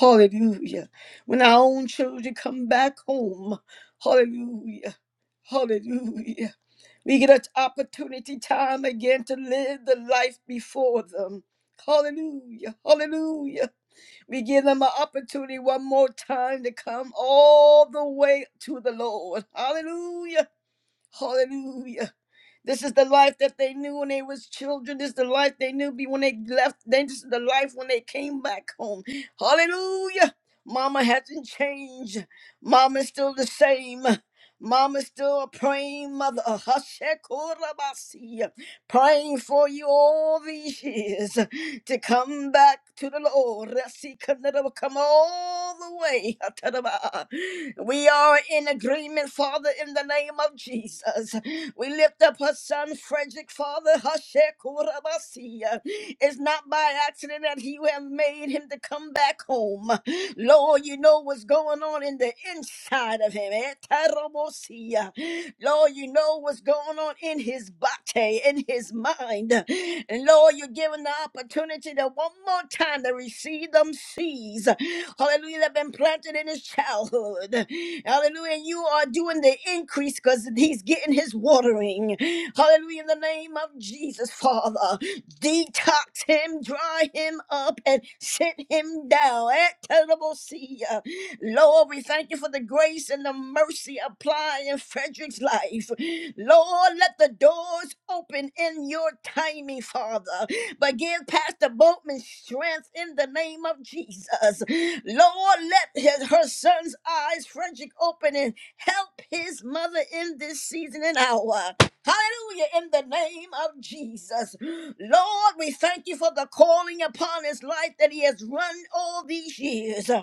Hallelujah. When our own children come back home. Hallelujah. Hallelujah. We get an opportunity time again to live the life before them. Hallelujah. Hallelujah. We give them an opportunity one more time to come all the way to the Lord. Hallelujah. Hallelujah. This is the life that they knew when they was children. This is the life they knew be when they left. Then this is the life when they came back home. Hallelujah. Mama hasn't changed. Mama's still the same. Mama's still a praying mother. Hashekorabasi praying for you all these years to come back to the Lord. Rasikanadaba, Come all the way. Atadaba. We are in agreement, Father, in the name of Jesus. We lift up her son, Frederick, Father. Hashekurabasiya. It's not by accident that you have made him to come back home. Lord, you know what's going on on in the inside of him. Eh, Tarabosia. Lord, you know what's going on in his body, in his mind. And Lord, you're giving the opportunity to one more time to receive them seeds. Hallelujah, that have been planted in his childhood. Hallelujah. And you are doing the increase because he's getting his watering. Hallelujah. In the name of Jesus, Father detox him, dry him up, and sit him down. Eh, terrible Lord, we thank you for the grace and the mercy applied in Frederick's life. Lord, let the doors open in your timing, Father. But give Pastor Boatman strength in the name of Jesus. Lord, let his, her son's eyes, Frederick, open and help his mother in this season and hour. Hallelujah, in the name of Jesus. Lord, we thank you for the calling upon his life that he has run all these years.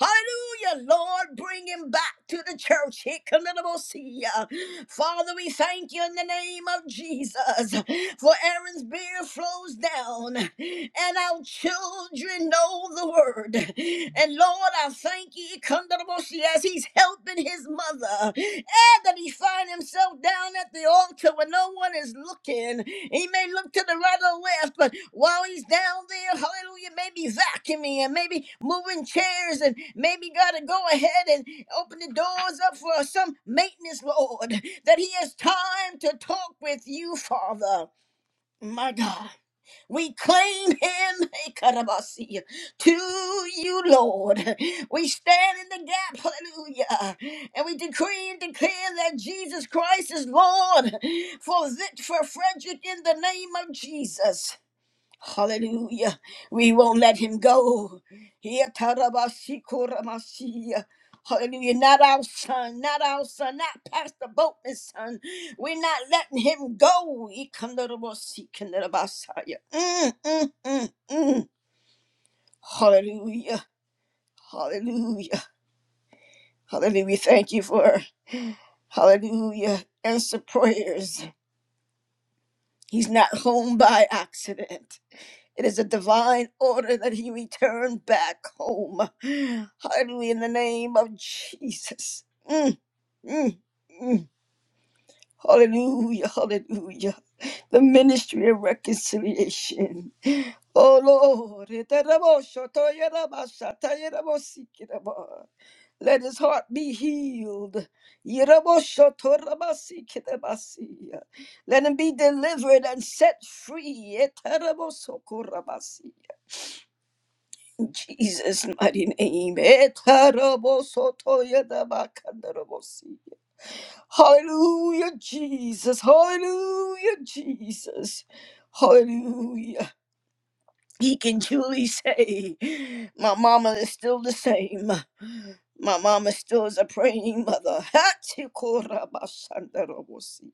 Hallelujah, Lord, bring him back to the church. Hikalidobosia. Father, we thank you in the name of Jesus for Aaron's beard flows down and our children know the word. And Lord, I thank you Hikalidobosia, as he's helping his mother that he find himself down at the altar when no one is looking. He may look to the right or left, but while he's down there, hallelujah, maybe vacuuming and maybe moving chairs and maybe got to go ahead and open the doors up for some maintenance, Lord, that he has time to talk with you, Father. My God. We claim him Ikarabasi, to you, Lord. We stand in the gap, hallelujah. And we decree and declare that Jesus Christ is Lord for, Vic- for Frederick in the name of Jesus. Hallelujah. We won't let him go. Here, tarabasi, Hallelujah. Not our son, not our son, not Pastor Boatman's son. We're not letting him go. Ikandarabasi, Mm, mm, mm. Hallelujah. Hallelujah. Hallelujah. We thank you for, hallelujah, answer prayers. He's not home by accident. It is a divine order that he return back home. Hallelujah, in the name of Jesus. Mm, mm, mm. Hallelujah, hallelujah. The ministry of reconciliation. Oh Lord, let his heart be healed. Let him be delivered and set free. In Jesus' mighty name. Etarabosotoyedabakandarabosi. Hallelujah, Jesus. Hallelujah, Jesus. Hallelujah. He can truly say, My mama is still the same. My mama still is a praying mother. Hatikorabasandarobosi.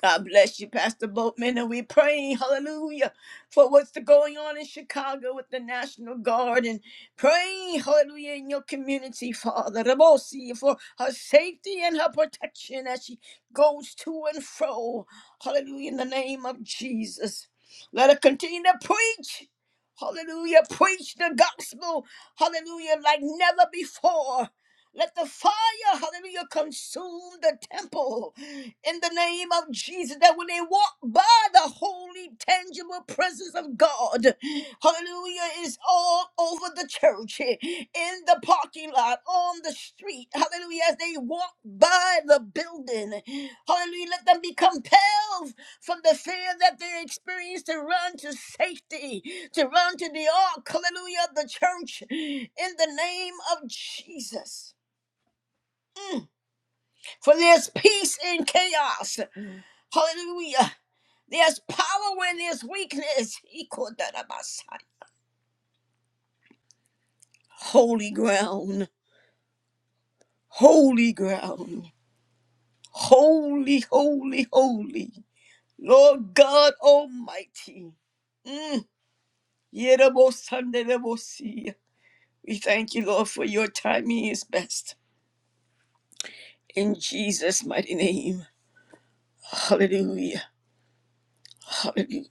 God bless you, Pastor Boatman, and we pray, hallelujah, for what's going on in Chicago with the National Guard and pray, hallelujah, in your community, Father, Rabosi, for her safety and her protection as she goes to and fro, hallelujah, in the name of Jesus. Let her continue to preach, hallelujah, preach the gospel, hallelujah, like never before. Let the fire, hallelujah, consume the temple in the name of Jesus that when they walk by the holy, tangible presence of God, hallelujah, is all over the church, in the parking lot, on the street, hallelujah, as they walk by the building, hallelujah, let them be compelled from the fear that they experience to run to safety, to run to the ark, hallelujah, of the church, in the name of Jesus. For there's peace in chaos. Hallelujah. There's power in his weakness. He called that a Messiah. Holy ground. Holy ground. Holy, holy, holy. Lord God Almighty. Yedabosandedabosi. We thank you, Lord, for your timing is best. In Jesus' mighty name. Hallelujah. Hallelujah.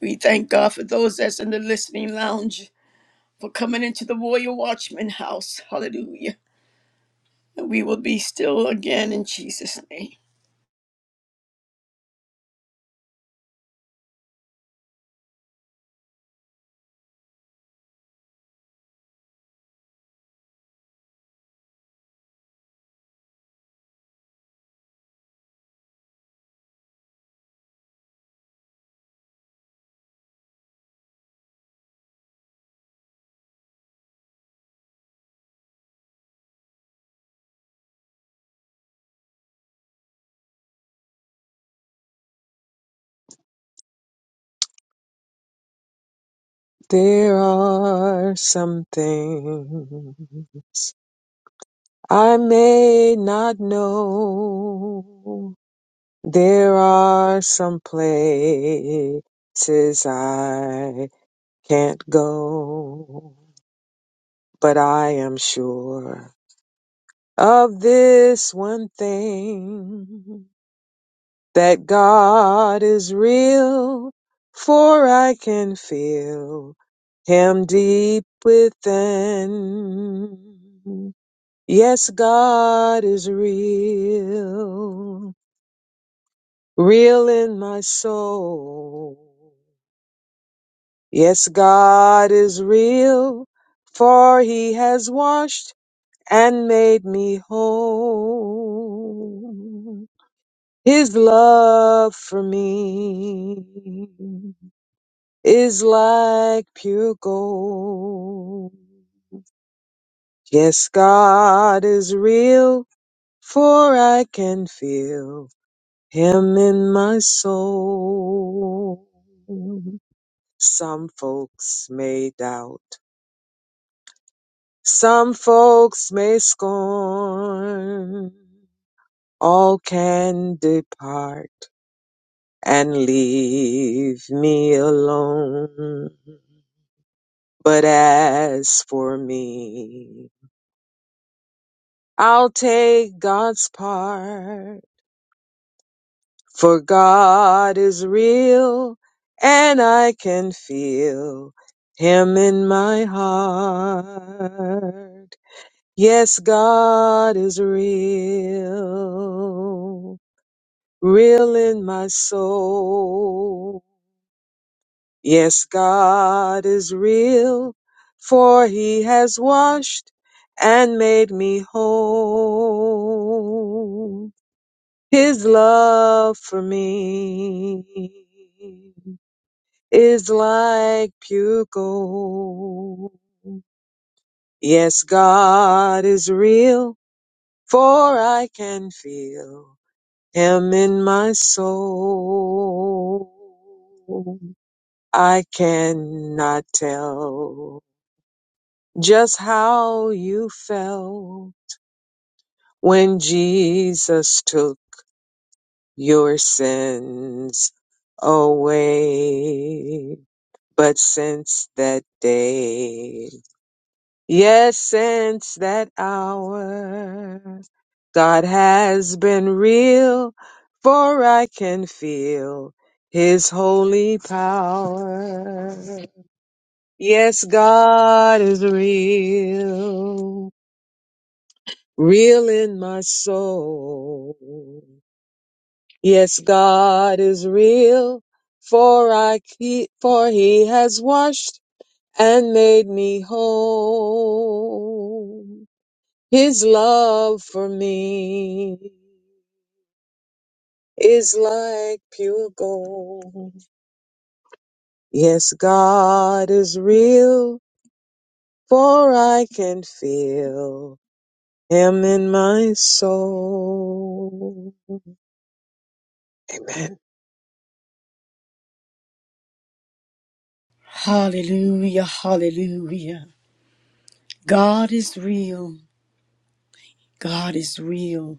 We thank God for those that's in the listening lounge for coming into the Royal Watchman house. Hallelujah. And we will be still again in Jesus' name. There are some things. I may not know there are some places I can't go, but I am sure of this one thing that God is real, for I can feel Him deep within. Yes, God is real. real in my soul. Yes, God is real, for he has washed and made me whole. His love for me is like pure gold. Yes, God is real, for I can feel him in my soul. Some folks may doubt, some folks may scorn. All can depart and leave me alone. But as for me, I'll take God's part. For God is real and I can feel Him in my heart. Yes, God is real, real in my soul. Yes, God is real, for he has washed and made me whole. His love for me is like pure gold. Yes, God is real, for I can feel. Him in my soul. I cannot tell just how you felt when Jesus took your sins away. But since that day, Yes, since that hour, God has been real, for I can feel His holy power. Yes, God is real, real in my soul. Yes, God is real, for I keep, for He has washed and made me whole. His love for me is like pure gold. Yes, God is real, for I can feel Him in my soul. Hallelujah, hallelujah. God is real. God is real.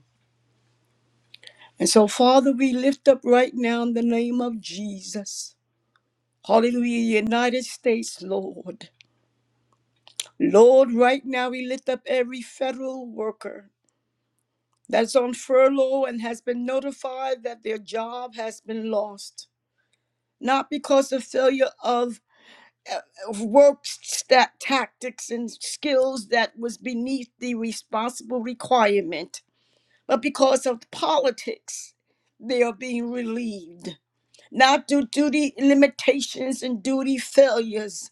And so, Father, we lift up right now in the name of Jesus. Hallelujah, United States, Lord. Lord, right now we lift up every federal worker that's on furlough and has been notified that their job has been lost. Not because of failure of of work stat tactics and skills that was beneath the responsible requirement, but because of politics, they are being relieved. Not through duty limitations and duty failures.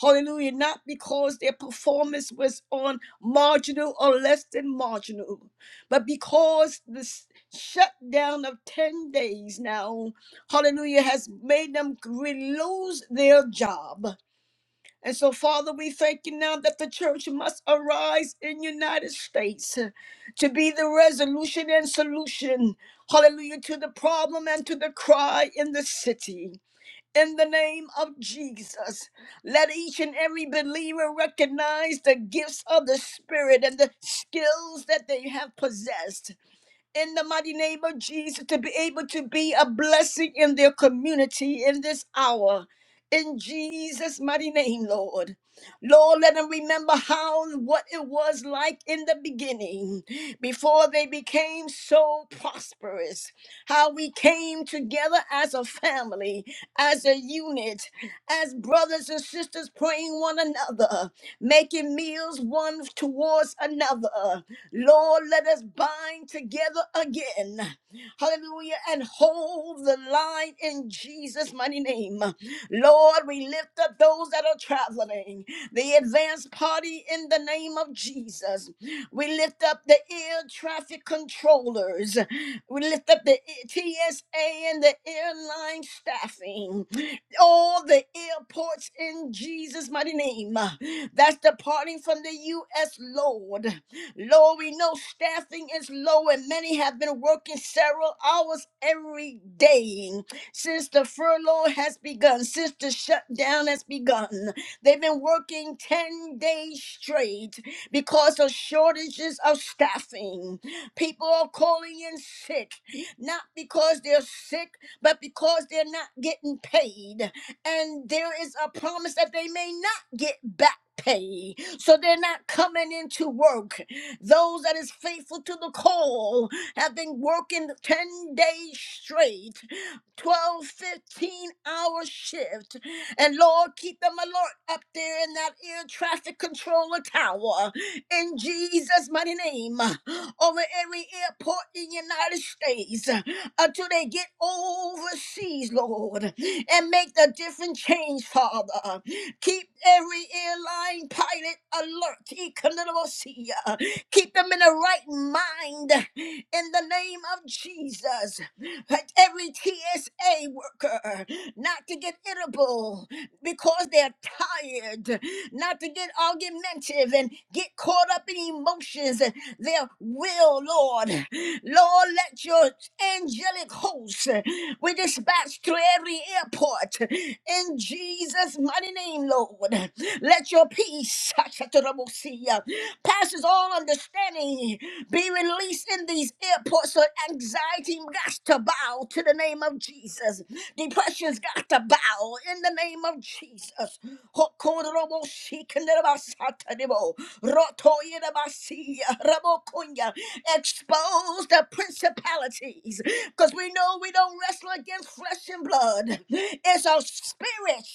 Hallelujah. Not because their performance was on marginal or less than marginal, but because this shutdown of 10 days now, hallelujah, has made them lose their Father. We thank you now that's in United States. Solution and solution. Hallelujah to the problem and to the cry in the city. in the name of Jesus. Let each and every believer recognize the gifts of the Spirit and the skills that they have possessed in the mighty name of Jesus to be able to be a blessing in their community in this hour. In Jesus' mighty name, Lord. Lord, let them remember how what it was like in the beginning before they became so prosperous. How we came together as a family, as a unit, as brothers and sisters praying one another, making meals one towards another. Lord, let us bind together again. Hallelujah. Lord, The advanced party in the name of us. We lift the ears, we lift the TSA and the ear, so they're not coming into work. Those that is faithful to the call have been working 10 days straight, twelve, fifteen hour shift. And Lord, keep them alert up there in that air traffic controller tower in Jesus' mighty name. over every airport in the United States uh, until they get overseas, Lord, and make the different change, Father. Keep every airline pilot alert, economical, keep them in the right mind in the name of Jesus. Let every TSA worker not to get irritable go because they're tired, not to get argumentative and get caught up in emotions and their will, Lord. Lord, let your angelic hosts uh, we dispatch to every airport uh, in Jesus' mighty name, Lord. Let your peace passes all understanding. Be released in these airports. So anxiety got to bow to the name of Jesus. Depression's got to bow in the name of Jesus. Hokorobo shikanabasatadebo, rotoyedabasiya, rabokunya. Expose the principalities because we know we don't wrestle against flesh and blood. It's our spirit.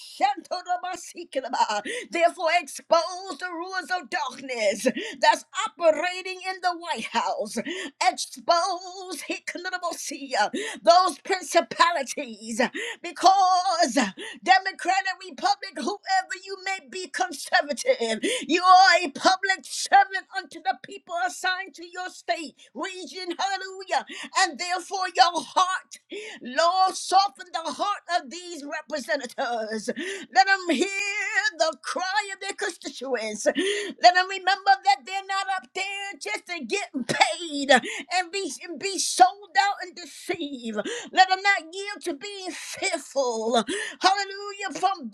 Therefore, expose the rulers of darkness that's operating in the White House. Expose Hikanabosia, those principalities, because Democrat and Republic, whoever you may be, conservative, you are a public servant unto the people assigned to your state. We are not yielding fill from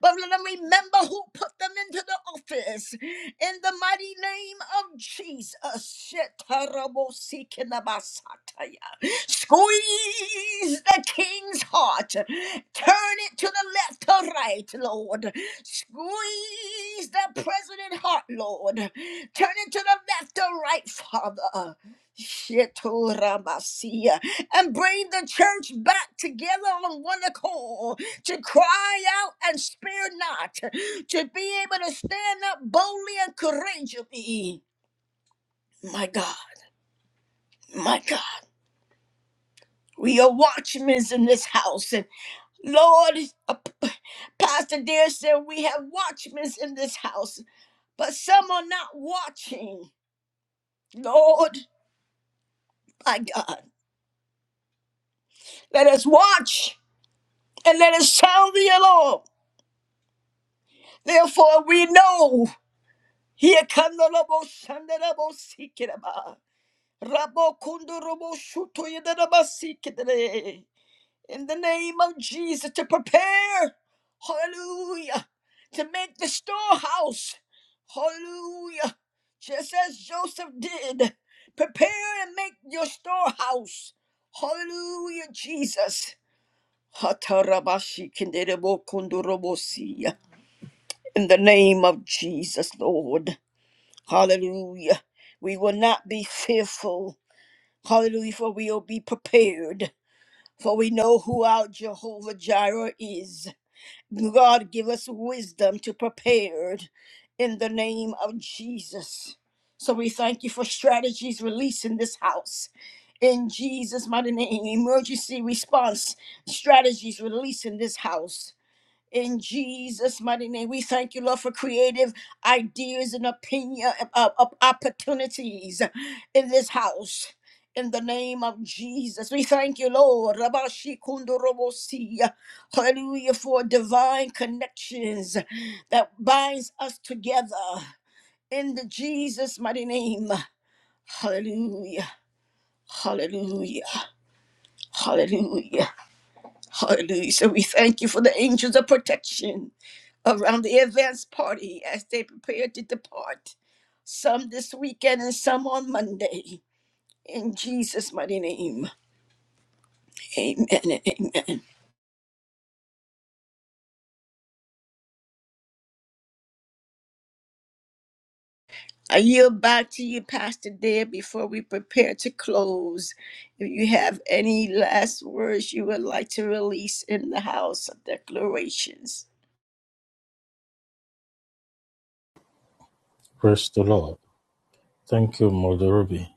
But let them remember who put them into the office. In the mighty name of Jesus. Shetarabosikindabasataya. Squeeze the king's heart. Turn it to the left or right, Lord. Squeeze the president's heart, Lord. Turn it to the left or right, Father. Shetoramasia. And bring the church back together on one accord. Cry and spare not be ring. My God, my God. We are watchmen in this house. And Lord, uh, Pastor Dear said we have watchmen in this house. But some are watching. Lord my God, let us watch and let us sound the alarm. Therefore we know. Here come the Lobo Sandarabo Sikiraba. Rabo Kundurabo Shuto Yadaraba Sikire. in the name of Jesus to prepare, hallelujah, to make the storehouse, hallelujah, just as Joseph did. Prepare and make your storehouse, hallelujah, Jesus. Hatarabashi-kinderebo-kundorobosi. In the name of Jesus, Lord, hallelujah. We will not be fearful, hallelujah, for we will be prepared, for we know who our Jehovah Jireh is. God, give us wisdom to prepare in the name of Jesus. So we thank you for strategies released in this house. In Jesus' mighty name, emergency response strategies released in this house. In Jesus' mighty name, we thank you, Lord, for creative ideas and opinion uh, uh, opportunities in this house. In the name of Jesus, we thank you, Lord. Rabashikundorobosi. Hallelujah for divine connections that binds us together. In the Jesus mighty name. Hallelujah. Hallelujah. Hallelujah. Hallelujah. So we thank you for the angels of protection around the advance party as they prepare to depart, some this weekend and some on Monday. In Jesus' mighty name, amen and amen. I yield back to you, Pastor Dare, before we prepare to close. If you have any last words you would like to release in the house of declarations. Praise the Lord. Thank you, Mother Ruby.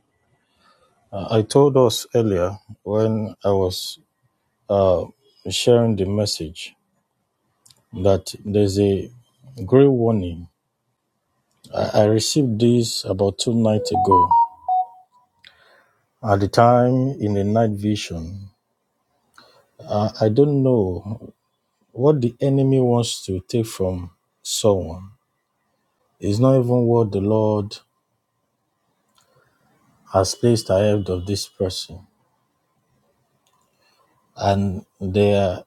Uh, I told us earlier when I was teach the head of this person, and they are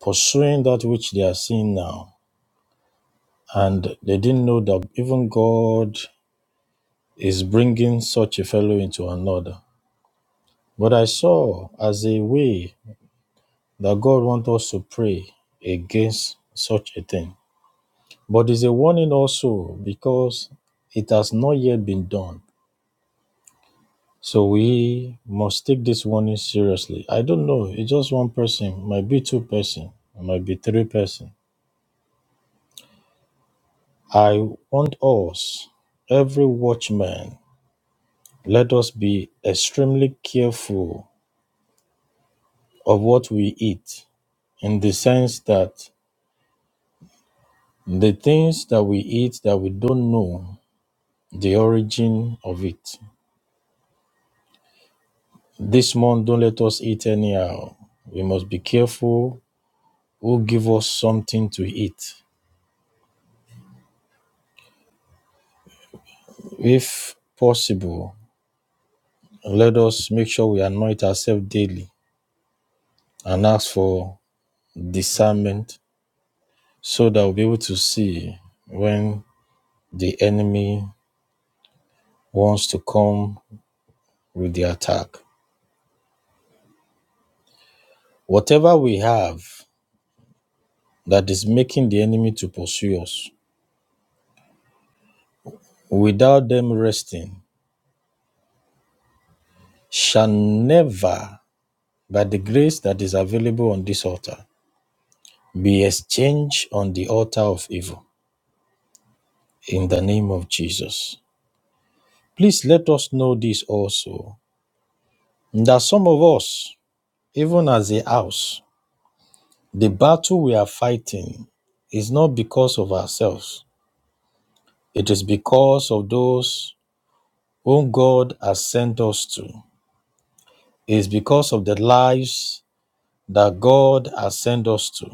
pursuing that which they are seeing now, and they didn't know that even God is bringing such a fellow into another. But I saw as a way that God wants us to pray against such a thing. But it's a warning also because it has not yet been done. So we must take this warning seriously. I don't know, it's just one person, might be two person, it might be three person. I want us, every watchman, let us be extremely careful of what we eat in the sense that The things that we eat that we don't know the origin of it. This month, don't let us eat anyhow. We must be careful who give us something to eat. If possible, let us make sure we anoint ourselves daily and ask for discernment so that we'll be able to see when the enemy wants to come with the attack. Whatever we have that is making the enemy to pursue us, without them resting shall never, by the grace that is available on this altar, be exchanged on the altar of evil. In the name of Jesus. Please let us know this also that some of us, even as a house, the battle we are fighting is not because of ourselves, it is because of those whom God has sent us to. It is because of the lives that God has sent us to.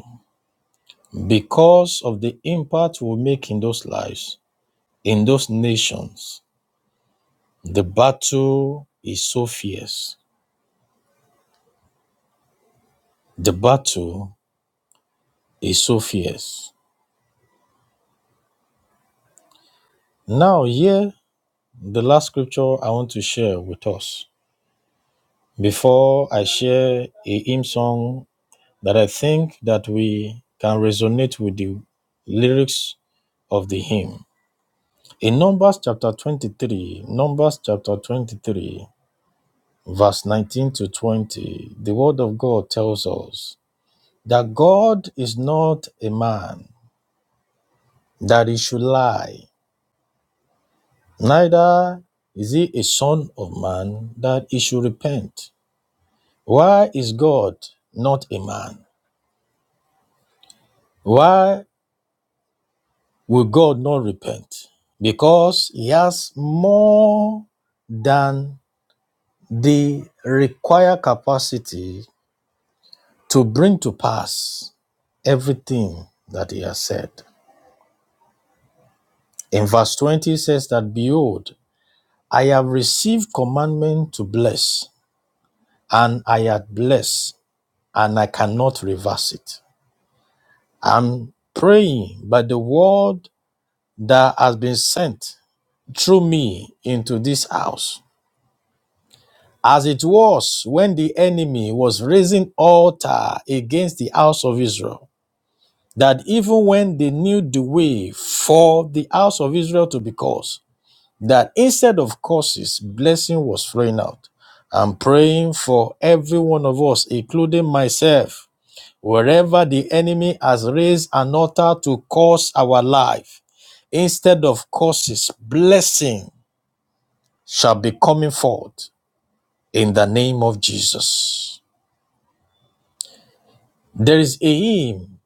Because of the impact we make in those lives, in those nations, the battle is so fierce. The battle is so fierce. Now, here, the last scripture I want to share with us. Before I share a hymn song that I think that we can resonate with the lyrics of the hymn. In Numbers chapter 23, Numbers chapter 23, verse 19 to 20, the word of God tells us that God is not a man that he should lie, neither is he a son of man that he should repent. Why is God not a man? Why will God not repent? Because he has more than the required capacity to bring to pass everything that he has said. In verse 20 it says that behold, I have received commandment to bless, and I have blessed, and I cannot reverse it. I'm praying by the word that has been sent through me into this house. As it was when the enemy was raising altar against the house of Israel, that even when they knew the way for the house of Israel to be cursed, that instead of curses, blessing was flowing out. I'm praying for every one of us, including myself, wherever the enemy has raised an altar to curse our life, instead of curses, blessing shall be coming forth in the name of Jesus. There is a hymn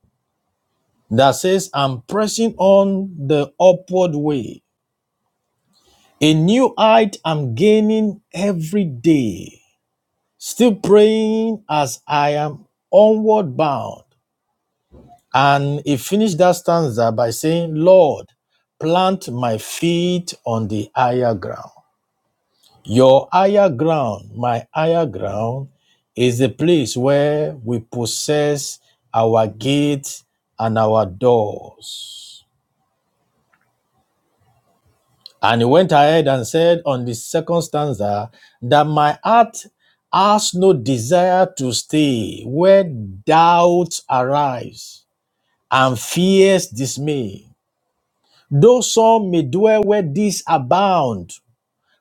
that says, I'm pressing on the upward way. A new height I'm gaining every day. Still praying as I am onward bound. And he finished that stanza by saying, Lord, plant my feet on the higher ground. Your higher ground, my higher ground, is the place where we possess our gates and our doors. And he went ahead and said on the second stanza that my heart has no desire to stay where doubts arise and fears dismay. Though some may dwell where these abound,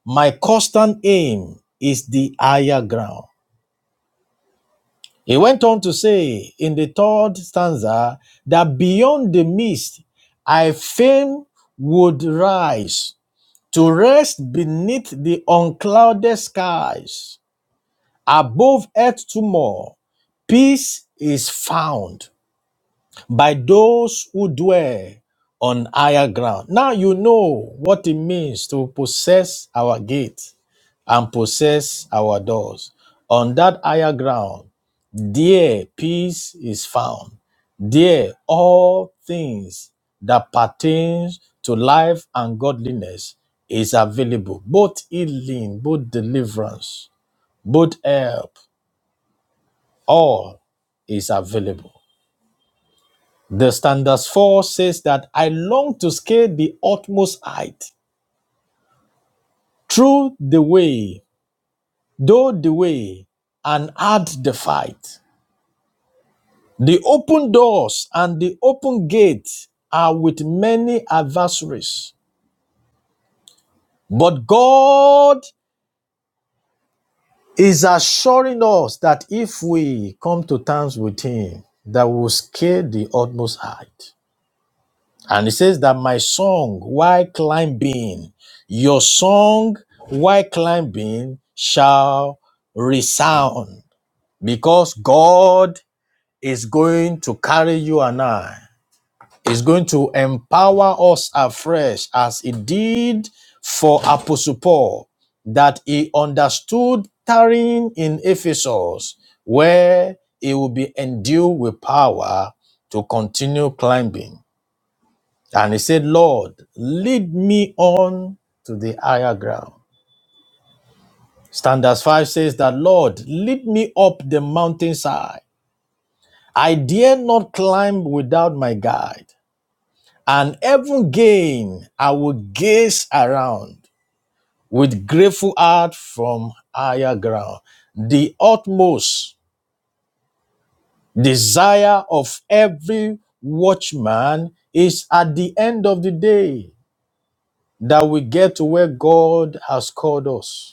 my constant aim is the higher ground. He went on to say in the third stanza that beyond the mist, I fain would rise to rest beneath the unclouded skies. Above earth tomorrow, peace is found. by those who dwell on higher ground. Now you know what it means to possess our gate and possess our doors. On that higher ground, there peace is found. There all things that pertains to life and godliness is available, both healing, both deliverance, both help, all is available. The standards 4 says that I long to scale the utmost height, through the way, though the way, and add the fight. The open doors and the open gates are with many adversaries. But God is assuring us that if we come to terms with Him, that we will scale the utmost height. And it says that my song, while climbing, your song, while climbing, shall resound because God is going to carry you and I. Is going to empower us afresh as he did for Apostle Paul, that he understood tarrying in Ephesus, where he will be endued with power to continue climbing. And he said, Lord, lead me on to the higher ground. Standards 5 says that, Lord, lead me up the mountainside. I dare not climb without my guide. And even gain, I will gaze around with grateful heart from higher ground. The utmost desire of every watchman is at the end of the day that we get to where God has called us.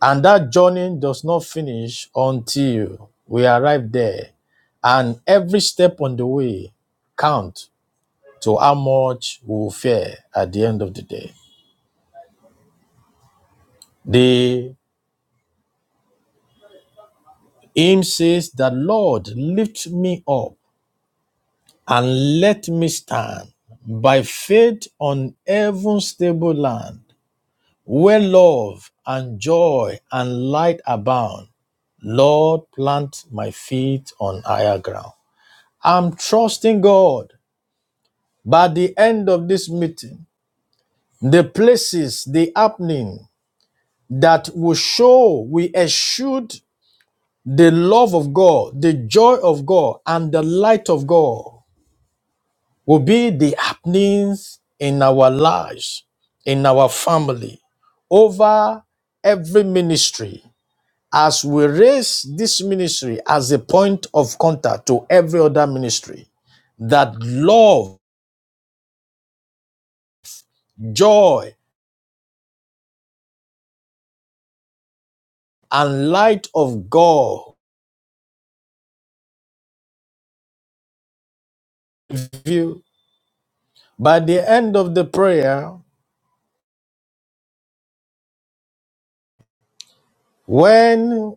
And that journey does not finish until we arrive there. And every step on the way counts to how much we will fare at the end of the day. The hymn says that Lord lift me up and let me stand by faith on heaven's stable land where love and joy and light abound. Lord, plant my feet on higher ground. I'm trusting God by the end of this meeting, the places, the happening that will show we eschewed the love of God, the joy of God, and the light of God will be the happenings in our lives, in our family, over every ministry. As we raise this ministry as a point of contact to every other ministry, that love, joy, and light of God view. By the end of the prayer, when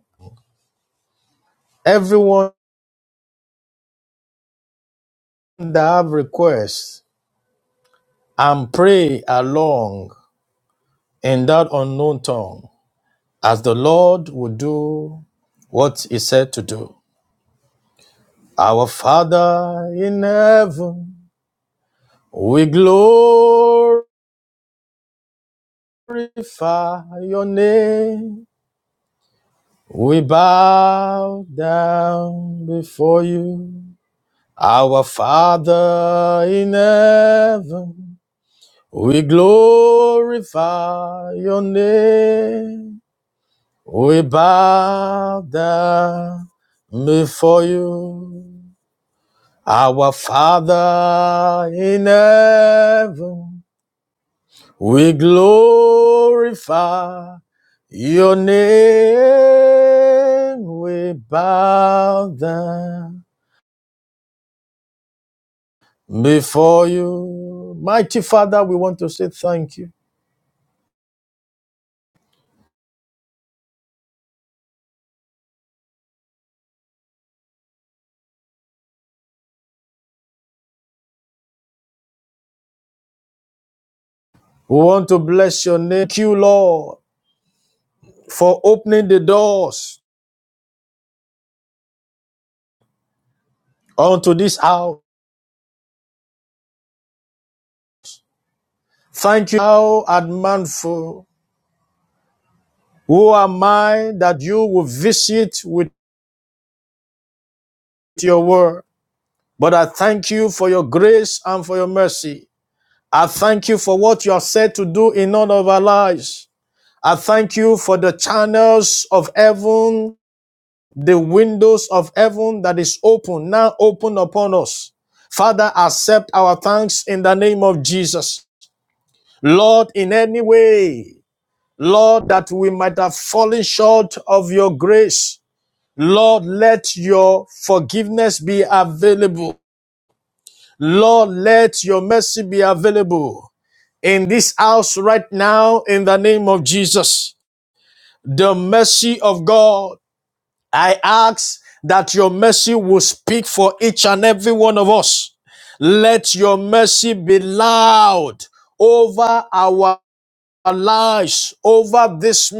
everyone that have requests and pray along in that unknown tongue, as the Lord would do what He said to do. Our Father in heaven, we glorify your name. We bow down before you. Our Father in heaven, we glorify your name. We bow down before you. Our Father in heaven, we glorify your name. We bow down before you. Mighty Father, we want to say thank you. We want to bless your name. Thank you, Lord, for opening the doors unto this house. Thank you, how manful. Who am I that you will visit with your word? But I thank you for your grace and for your mercy. I thank you for what you are said to do in all of our lives. I thank you for the channels of heaven the windows of heaven that is open now open upon us. Father, accept our thanks in the name of Jesus. Lord, in any way, Lord, that we might have fallen short of your grace, Lord, let your forgiveness be available. Lord, let your mercy be available in this house right now in the name of Jesus. The mercy of God I ask that your mercy will speak for each and every one of us. Let your mercy be loud over our lives, over this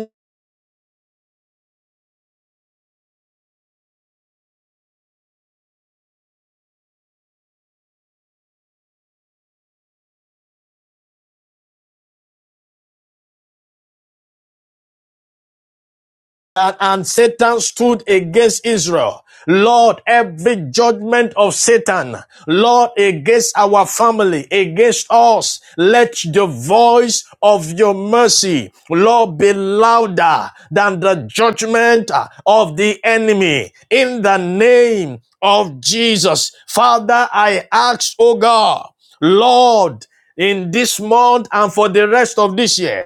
and, and Satan stood against Israel. Lord, every judgment of Satan, Lord, against our family, against us, let the voice of your mercy, Lord, be louder than the judgment uh, of the enemy. In the name of Jesus, Father, I ask, oh God, Lord, in this month and for the rest of this year.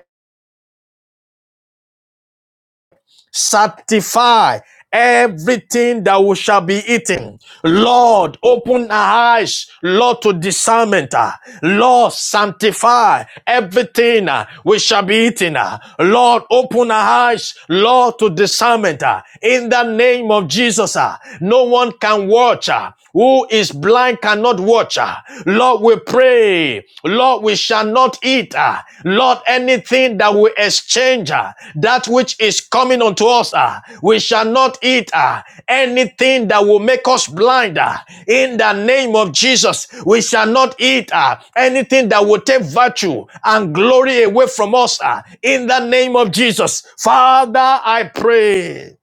Sanctify everything that we shall be eating. Lord, open our eyes, Lord, to discernment. ah. Lord, sanctify everything ah, we shall be eating. ah. Lord, open our eyes, Lord, to discernment. ah. In the name of Jesus, ah. no one can watch. ah. Who is blind cannot watch. ah. Lord, we pray, Lord, we shall not eat, ah, Lord, anything that we exchange, ah, that which is coming unto us, ah, we shall not eat ah, anything that will make us blind. ah, in the name of Jesus, we shall not eat ah, anything that will take virtue and glory away from us. ah, in the name of Jesus, Father, I pray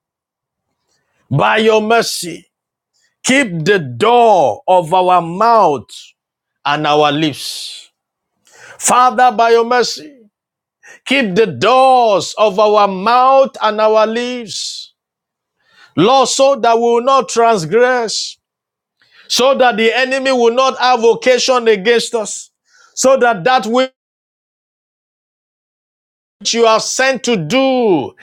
by your mercy, keep the door of our mouth and our lips Father, by your mercy, keep the doors of our mouth and our lips, Lord, so that we will not transgress, so that the enemy will not have occasion against us, so that that which you are sent to do,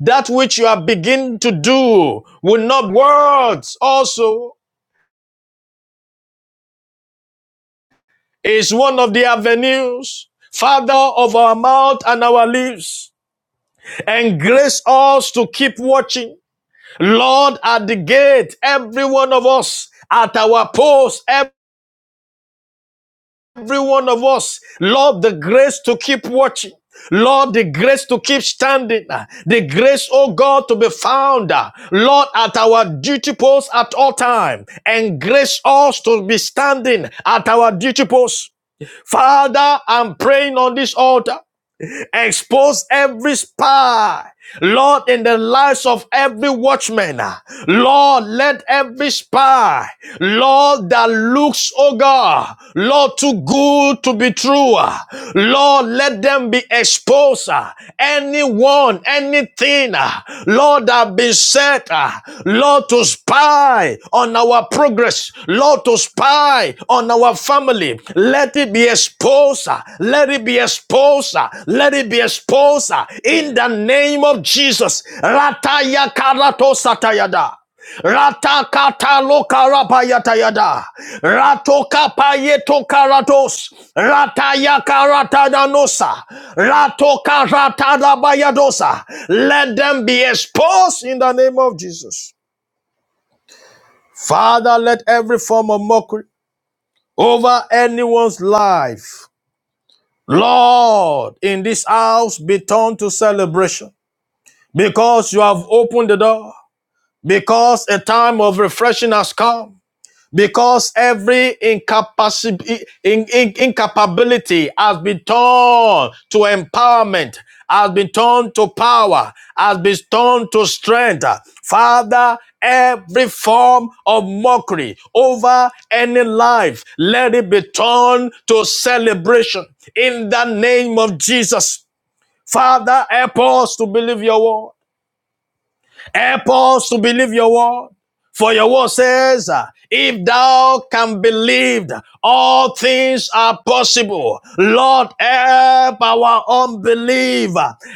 that which you are beginning to do, will not words also is one of the avenues, Father, of our mouth and our lips, and grace us to keep watching Lord, at the gate, every one of us, at our post, every one of us, Lord, the grace to keep watching. Lord, the grace to keep standing, uh, the grace, oh God, to be found, uh, Lord, at our duty post at all time, and grace us to be standing at our duty post. Father, I'm praying on this altar. Expose every spy. Lord, in the lives of every watchman, ah, Lord, let every spy, Lord, that looks, oh God, Lord, too good to be true, ah, Lord, let them be exposed. ah, Anyone, anything, ah, Lord, that be said, Lord, to spy on our progress, Lord, to spy on our our family. Let it be exposed. Let it be exposed. Let it be exposed in the name of Jesus. Rataya karato satayada. Rata kata lokarapayatayada. Rato kapayeto karatos. Rataya karatadanosa. Rato karatadabayadosa. Let them be exposed in the name of Jesus. Father, let every form of mockery over anyone's life Lord, in this house be turned to celebration because you have opened the door, because a time of refreshing has come because every incapaci- in- in- incapability has been turned to empowerment, has been turned to power, has been turned to strength. Father, every form of mockery over any life, let it be turned to celebration in the name of Jesus. Father, help us to believe your word. Help us to believe your word. For your word says, uh, if thou can believe, all things are possible. Lord, help our unbelief.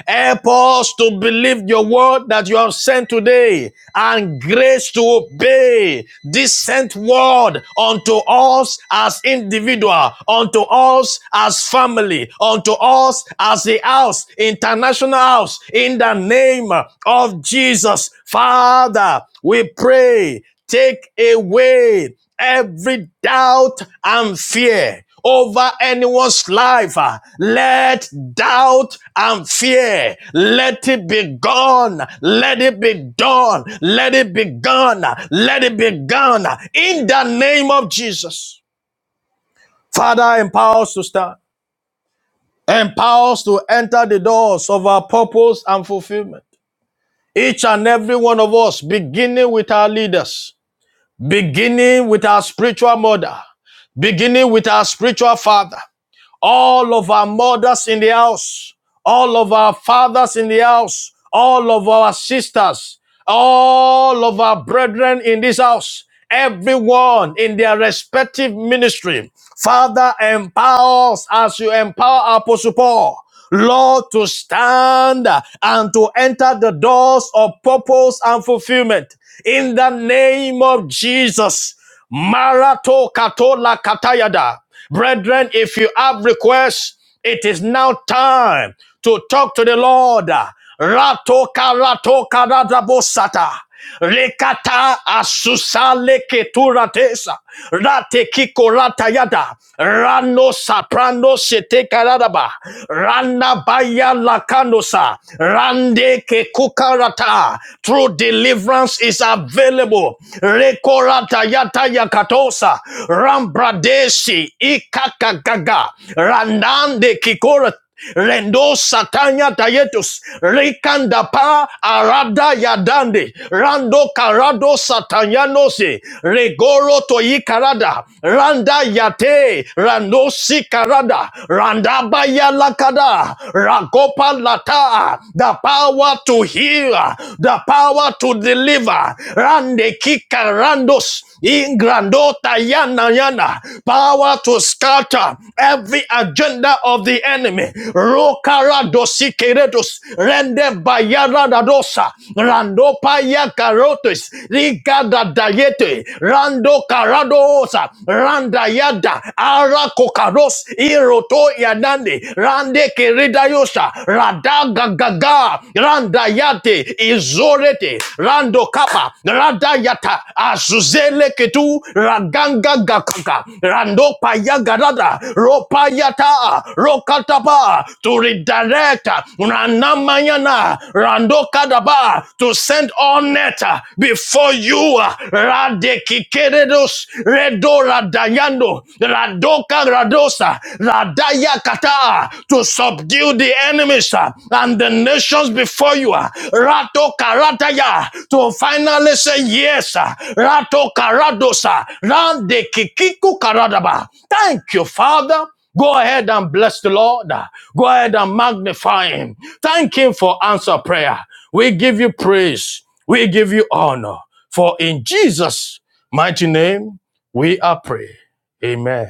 Help us to believe your word that you have sent today and grace to obey this sent word unto us as individual, unto us as family, unto us as the house, international house, in the name of Jesus. Father, we pray, take away every doubt and fear over anyone's life. Uh, Let doubt and fear, let it be gone. Let it be done. Let it be gone. Let it be gone. In the name of Jesus. Father, empower us to stand. Empower us to enter the doors of our purpose and fulfillment. Each and every one of us, beginning with our leaders. beginning with our spiritual mother, beginning with our spiritual father, all of our mothers in the house, all of our fathers in the house, all of our sisters, all of our brethren in this house, everyone in their respective ministry. Father, empower us as you empower Apostle Paul. Lord, to stand and to enter the doors of purpose and fulfillment in the name of Jesus. Marato katola katayada. Brethren, if you have requests, it is now time to talk to the Lord. Rato karato karadabosata. Rekata asusa leketuratesa. Rate kiko ratayada. Rano saprano sete karadaba. Rana baya lakanosa. Rande ke kukarata. through the deliverance is available. Rekorata yata yakatosa, Rambradeshi ikakagaga, Randande kikora Rendo satanya tayetus rikanda pa arada yadande rando karado satanyanose regoro toyi karada randa yate rando si karada randa baya lakada ragopa lata power, the power to heal, the power to deliver. Rande kika randos ingrandota yana yana. Power to scatter every agenda of the enemy. Rokara dosikeredos rende bayara dadosa rando paya karotes rigada dayete rando karadosa randa yada ara kokaros iro soto yanande rande keredayosha Radaga gaga, randayate izorete rando kapa radayata azuzele ketu raganga gakaka rando payagarada ropayata rokataba to redirect ranamayana rando kadaba to send all net before you Rade Kikeredos redo. Rado Radayando, Radoka Radosa, Radaya Kata, to subdue the enemies uh, and the nations before you. uh, Rato Karataya, to finally say yes. uh, Rato Karadosa, Rande Kikiku Karadaba. Thank you, Father. Go ahead and bless the Lord. Go ahead and magnify Him. Thank Him for answer prayer. We give you praise. We give you honor. For in Jesus' mighty name, we are pray. Amen.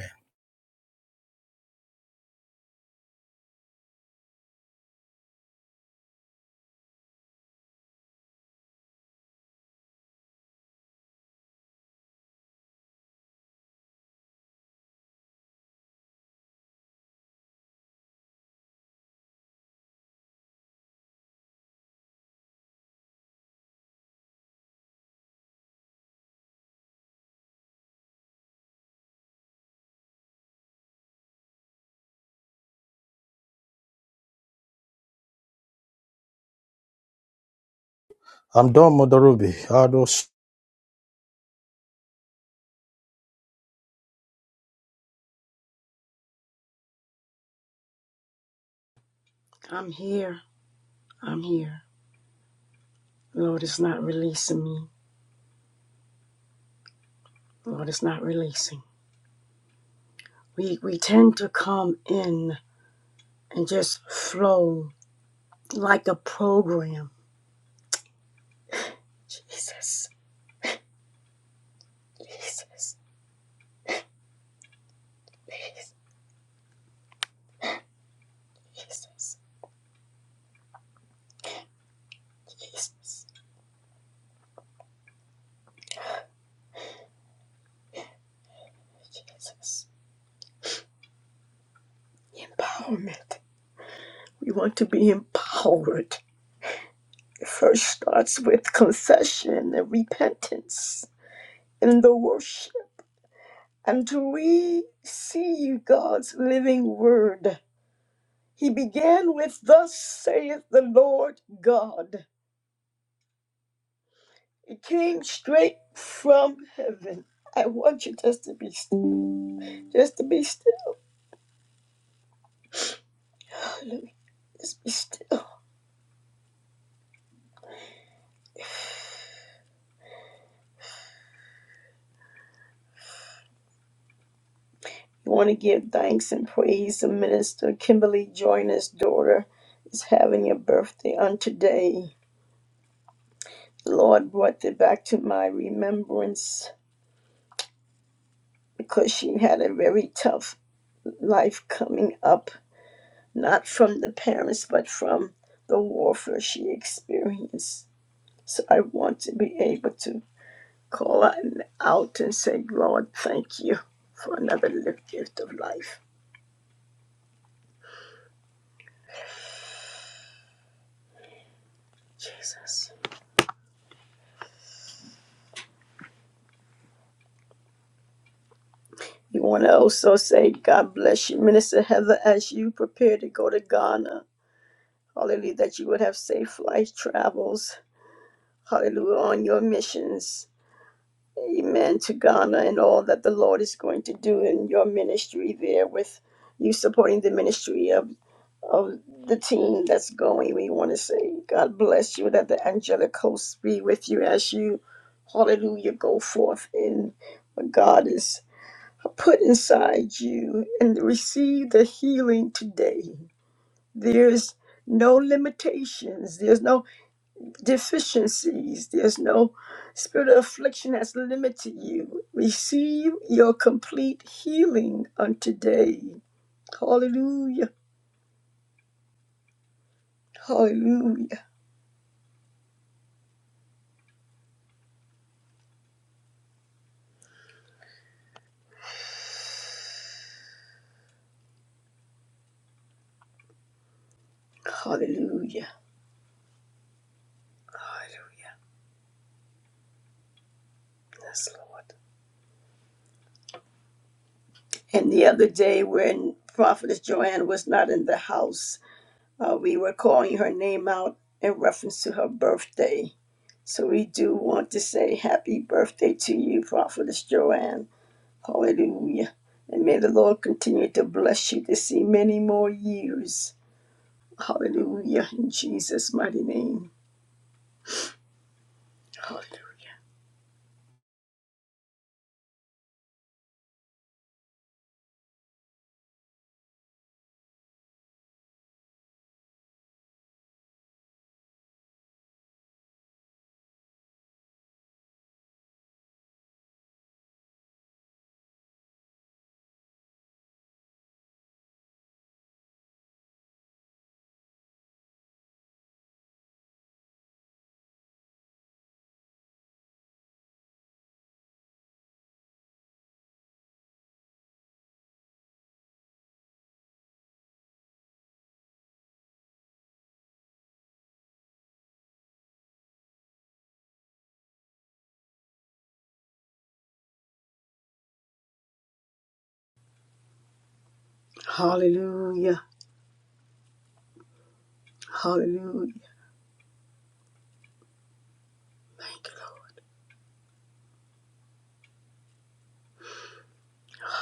I'm here. I'm here. Lord, it's not releasing me. Lord, it's not releasing. We we tend to come in and just flow like a program. Jesus, Jesus, Jesus, Jesus. Empowerment. We want to be empowered. It first starts with confession and repentance in the worship and to receive God's living word. He began with, Thus saith the Lord God. It came straight from heaven. I want you just to be still. Just to be still. Just be still. You want to give thanks and praise to Minister Kimberly Joyner's daughter is having a birthday on today. The Lord brought it back to my remembrance because she had a very tough life coming up, not from the parents, but from the warfare she experienced. So I want to be able to call out and out and say, Lord, thank you for another gift of life. Jesus. You want to also say, God bless you, Minister Heather, as you prepare to go to Ghana. Hallelujah, that you would have safe flight travels. Hallelujah, on your missions. Amen to Ghana and all that the Lord is going to do in your ministry there with you supporting the ministry of, of the team that's going. We want to say, God bless you, that the angelic hosts be with you as you, hallelujah, go forth in what God is put inside you and receive the healing today. There's no limitations, there's no deficiencies, there's no spirit of affliction that's limited you. Receive your complete healing on today. Hallelujah, hallelujah, hallelujah, hallelujah. Yes, Lord. And the other day when Prophetess Joanne was not in the house, uh, we were calling her name out in reference to her birthday So we do want to say happy birthday to you, Prophetess Joanne. Hallelujah. And may the Lord continue to bless you to see many more years. Hallelujah. In Jesus' mighty name. Hallelujah. Hallelujah. Hallelujah. Thank you, Lord.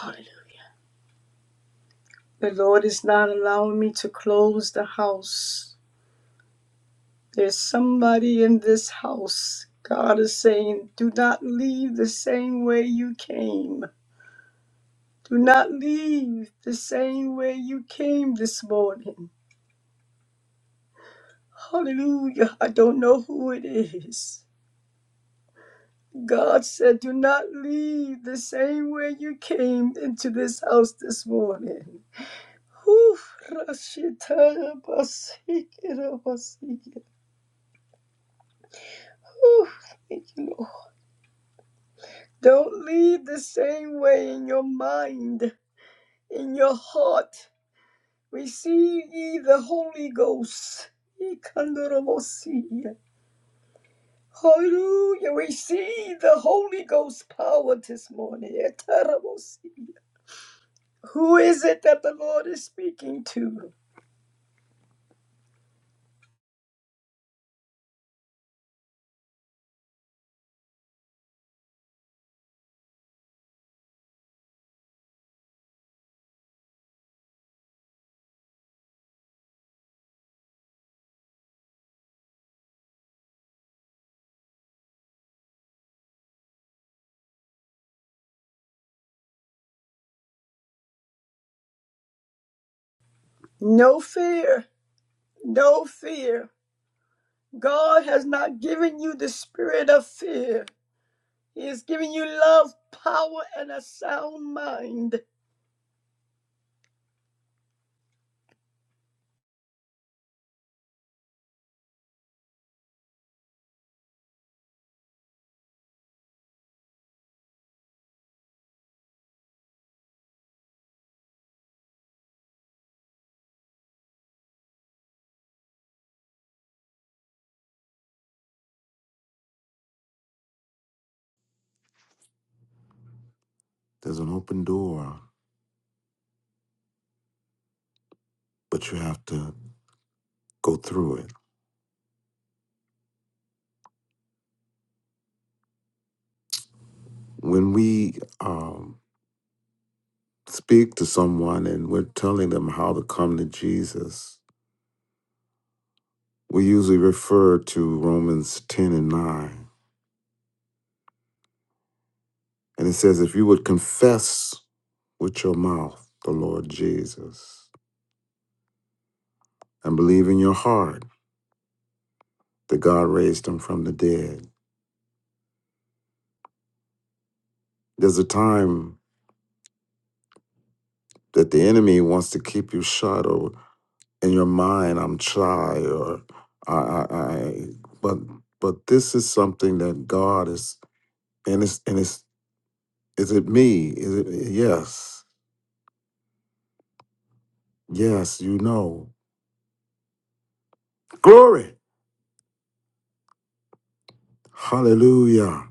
Hallelujah. The Lord is not allowing me to close the house. There's somebody in this house. God is saying, do not leave the same way you came. Do not leave the same way you came this morning. Hallelujah. I don't know who it is. God said, Do not leave the same way you came into this house this morning. Whew, Rashida Basikira Basikira. Whew, thank you, Lord. Don't leave the same way in your mind, in your heart. Receive ye the Holy Ghost. Ikandorobosi. Hallelujah. We see the Holy Ghost power this morning. Etarabosi. Who is it that the Lord is speaking to? No fear. No fear. God has not given you the spirit of fear. He has given you love, power, and a sound mind. There's an open door, but you have to go through it. When we um, speak to someone and we're telling them how to come to Jesus, we usually refer to Romans 10 and 9. And it says, if you would confess with your mouth the Lord Jesus and believe in your heart that God raised him from the dead. There's a time that the enemy wants to keep you shut in your mind, I'm shy or I, I, I but but this is something that God is and it's and it's is it me? Is it yes, yes, you know. Glory. Hallelujah.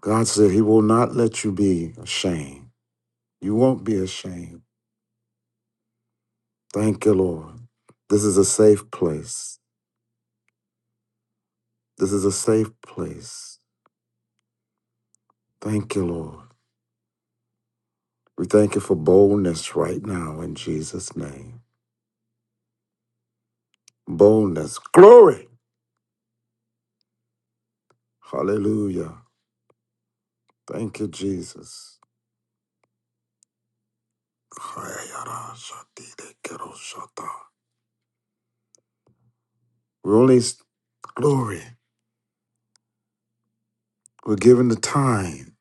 God said he will not let you be ashamed. You won't be ashamed. Thank you, Lord. This is a safe place. This is a safe place. Thank you, Lord. We thank you for boldness right now in Jesus' name. Boldness. Glory. Hallelujah. Thank you, Jesus. we only glory. We're given the time.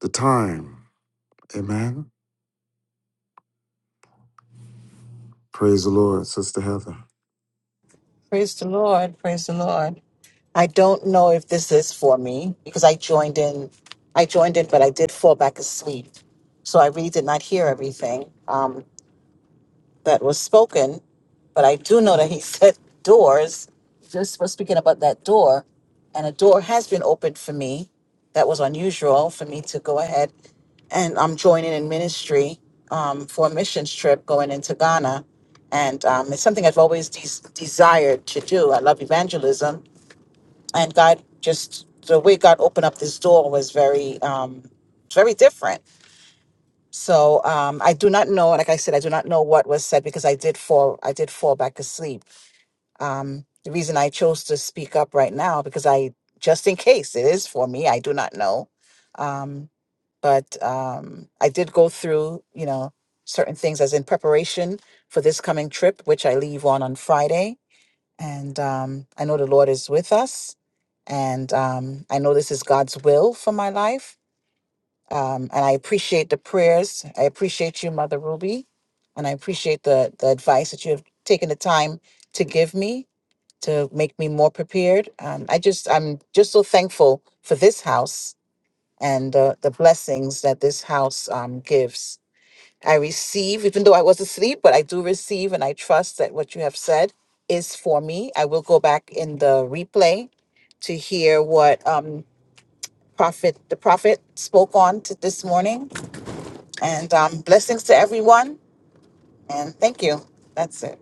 The time. Amen. Praise the Lord, Sister Heather. Praise the Lord. Praise the Lord. I don't know if this is for me because I joined in. I joined in, but I did fall back asleep. So I really did not hear everything. Um, that was spoken, but I do know that he said doors. Just was speaking about that door, and a door has been opened for me. That was unusual for me to go ahead and I'm joining in ministry um, for a missions trip going into Ghana, and um, it's something I've always des- desired to do. I love evangelism, and God just the way God opened up this door was very, um, very different so um, I do not know. Like I said, I do not know what was said because I did fall. I did fall back asleep. Um, the reason I chose to speak up right now because I just in case it is for me. I do not know, um, but um, I did go through you know certain things as in preparation for this coming trip, which I leave on on Friday. And um, I know the Lord is with us, and um, I know this is God's will for my life um, and I appreciate the prayers. I appreciate you, Mother Ruby, and I appreciate the the advice that you have taken the time to give me to make me more prepared. Um, I just I'm just so thankful for this house and uh, the blessings that this house um, gives. I receive, even though I was asleep, but I do receive, and I trust that what you have said is for me. I will go back in the replay to hear what um, prophet the prophet spoke on to this morning and um, blessings to everyone. And thank you. That's it.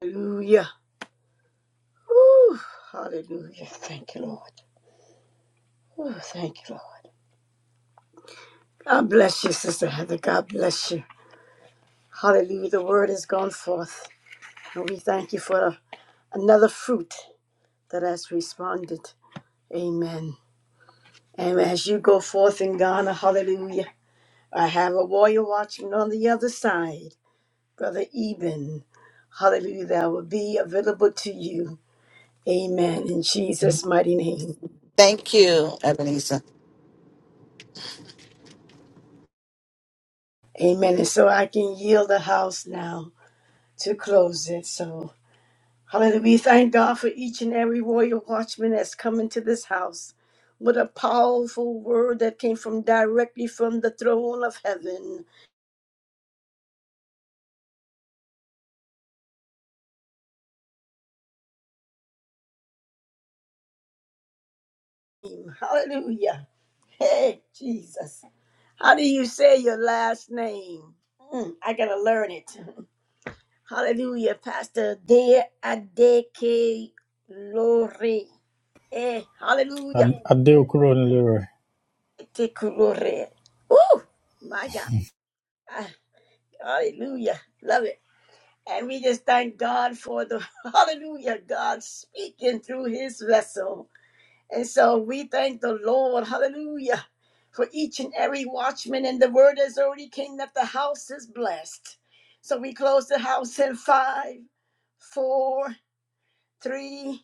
Hallelujah. Whew. Hallelujah. Thank you, Lord. Oh, thank you, Lord. God bless you, Sister Heather. God bless you. Hallelujah. The word has gone forth. And we thank you for another fruit that has responded. Amen. And as you go forth in Ghana, hallelujah, I have a warrior watchman on the other side, Brother Eben. Hallelujah, that will be available to you. Amen. In Jesus' mighty name. Thank you, Ebenezer. Amen. And so I can yield the house now to close it. So, hallelujah. We thank God for each and every warrior watchman that's come into this house. What a powerful word that came from directly from the throne of heaven. name. Hallelujah. Hey, Jesus. How do you say your last name? Mm, I gotta learn it. Hallelujah, Pastor De Adeke Lore. Eh, hallelujah. Adekulore. Ooh, my God. Ah, hallelujah. Love it. And we just thank God for the hallelujah, God speaking through his vessel. And so we thank the Lord, hallelujah, for each and every watchman. And the word has already came is blessed. So we close the house in five, four, three,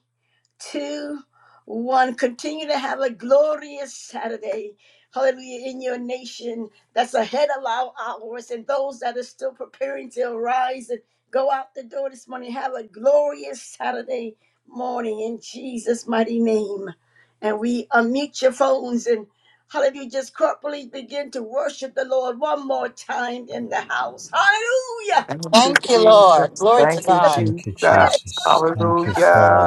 two, one. Continue to have a glorious Saturday. Hallelujah. In your nation that's ahead of our hours and those that are still preparing to arise and go out the door this morning. Have a glorious Saturday morning in Jesus' mighty name. And we unmute your phones and Hallelujah. Just corporately begin to worship the Lord one more time in the house. Hallelujah. Thank Thank you, Lord. Glory to God. you, Thank you, God. All Jesus. Thank you,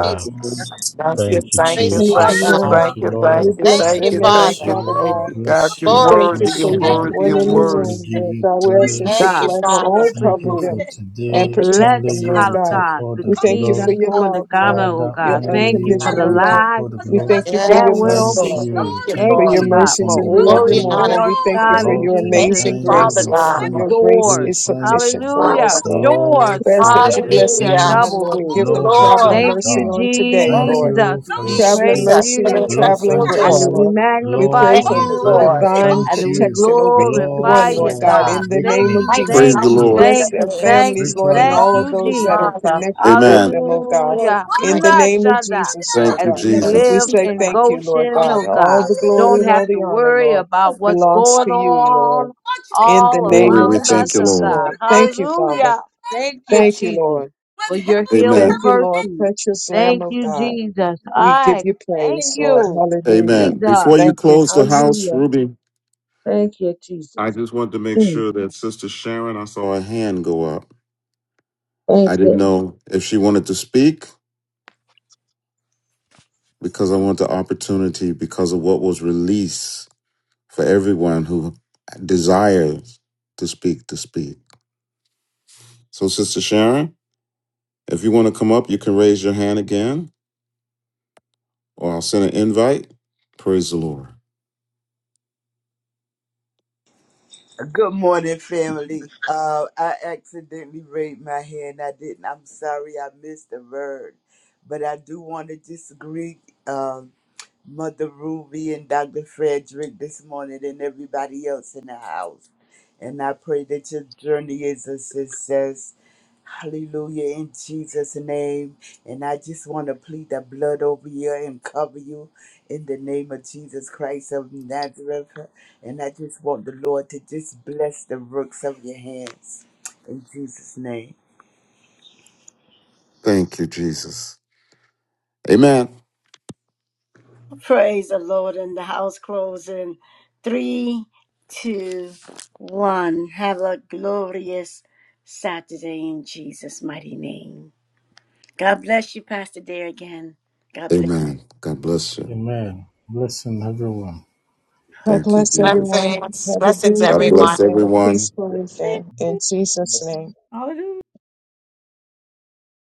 right. Jesus. Thank Thank you, you, Thank you, thank Praise you, Jesus. Thank be to you, Behold, thank Jesus. you, Lord. God. Thank thank you, you, We thank Lord. you, Thank bless We thank you, your you, name, bless thank you, Father. Father you. thank God. We you. God, bless you're We you. We thank Glory you worthy, to bless you're for your you, each name. Lord. Thank worthy, you, you're one in the worthy. We Jesus. room, give Lord you God. We ask that you Thank you, praise. God bless for them Father. and open Thank cover you doors. for them and today. Thank you, protect Bless Only them, you Lord Jesus. will how God. take God, all the the We thank you team for that's glory. your going to love, Lord, Ghana, oh Father, your God. only Thank you for Hallelujah. you the unconditional will take love. all lives the We glory. thank you for your that Yes, will be Thank Lord. mercy, Thank saved. you. you, for Thank Lord. Thank your you, you God, for mercies from are the new every Glory open and beginning. honor morning. be to We doors, thank you. you God, for in Lord, your to the Thank Jesus' you, amazing end name. Father grace, we Lord, for God. your thank Lord, you. grace We is doors. thank you, sufficient for Hallelujah. us, Father. Lord. Lord, Doors. We ask for that the you great bless Hallelujah. each Hallelujah. one, things, Double Lord, and Thank give doors. you, them Lord, that you Lord. traveling have Thank mercy you, done. on today, Thank Thank Lord Jesus. you for you, your We traveling Jesus, praise spirit. for mercy and the you Lord, traveling effectual thank grace, door. and we you, Lord. We Lord, magnify pray Thank for your for you, you Lord. presence. divine Thank and we you, protection over each Thank Lord, glorify you, one, you, Lord for God, Jesus. God. in the Thank name awakening. of you, Mighty, Praise Jesus. thank God the Thank mighty you, you Lord. is Almighty, Bless your thank their you, name. for thank families, you, Lord, we spiritual and bow thank Thank all of you, reflection. you, those that are Jesus. Father. connected with Amen. them, down oh God, Lord, Hallelujah. my in the name of Nashada. Jesus, Hallelujah! Lord Thank you, As God. we Jesus. We Jesus. live Hallelujah! say in thank you, Lord Goshen, Thank God. oh All you. God, the glory don't and have all to the honor, worry Lord, about what's belongs going to you, Lord, on Watchmen in in the all the name Glory, of we around house. thank us, you, oh Jesus, Lord. God. Lord. Thank Blessed, you, Father. Hallelujah. blessed, Thank you, blessed, Thank you, blessed. Jesus, Lord. for With health, your Thank healing Amen. you, health, Lord, virtues. precious Lamb Thank of you, God. Jesus. We give I you thank and praise, Lord. you, Hallelujah. Amen. Jesus. Before you Thank you, close the Jesus. house, Hallelujah. Ruby, Thank you, I Jesus. just wanted to make Mm. sure that Sister Sharon, I saw a hand go up. Thank I you. didn't know if she wanted to speak because I want the opportunity because of what was released for everyone who desires to speak to speak. So, Sister Sharon, if you want to come up, you can raise your hand again or I'll send an invite. Praise the Lord. Good morning, family. Uh, I accidentally raised my hand. I didn't. I'm sorry. I missed the word, but I do want to just greet um, Mother Ruby and Dr. Frederick this morning, and everybody else in the house. And I pray that your journey is a success. Hallelujah in Jesus' name. And I just want to plead the blood over you and cover you in the name of Jesus Christ of Nazareth. And I just want the Lord to just bless the works of your hands. In Jesus' name. Thank you, Jesus. Amen. strength. Praise the Lord in the house closing. Three, two, one. Have a glorious Saturday in Jesus' mighty name. God bless you, Pastor Dare again. God bless. Amen. God bless you. Amen. Blessing everyone. God Thank you, bless Jesus. everyone. Blessings, Have a blessings, God beautiful everyone. bless weekend, a everyone. peaceful weekend. In Jesus' name.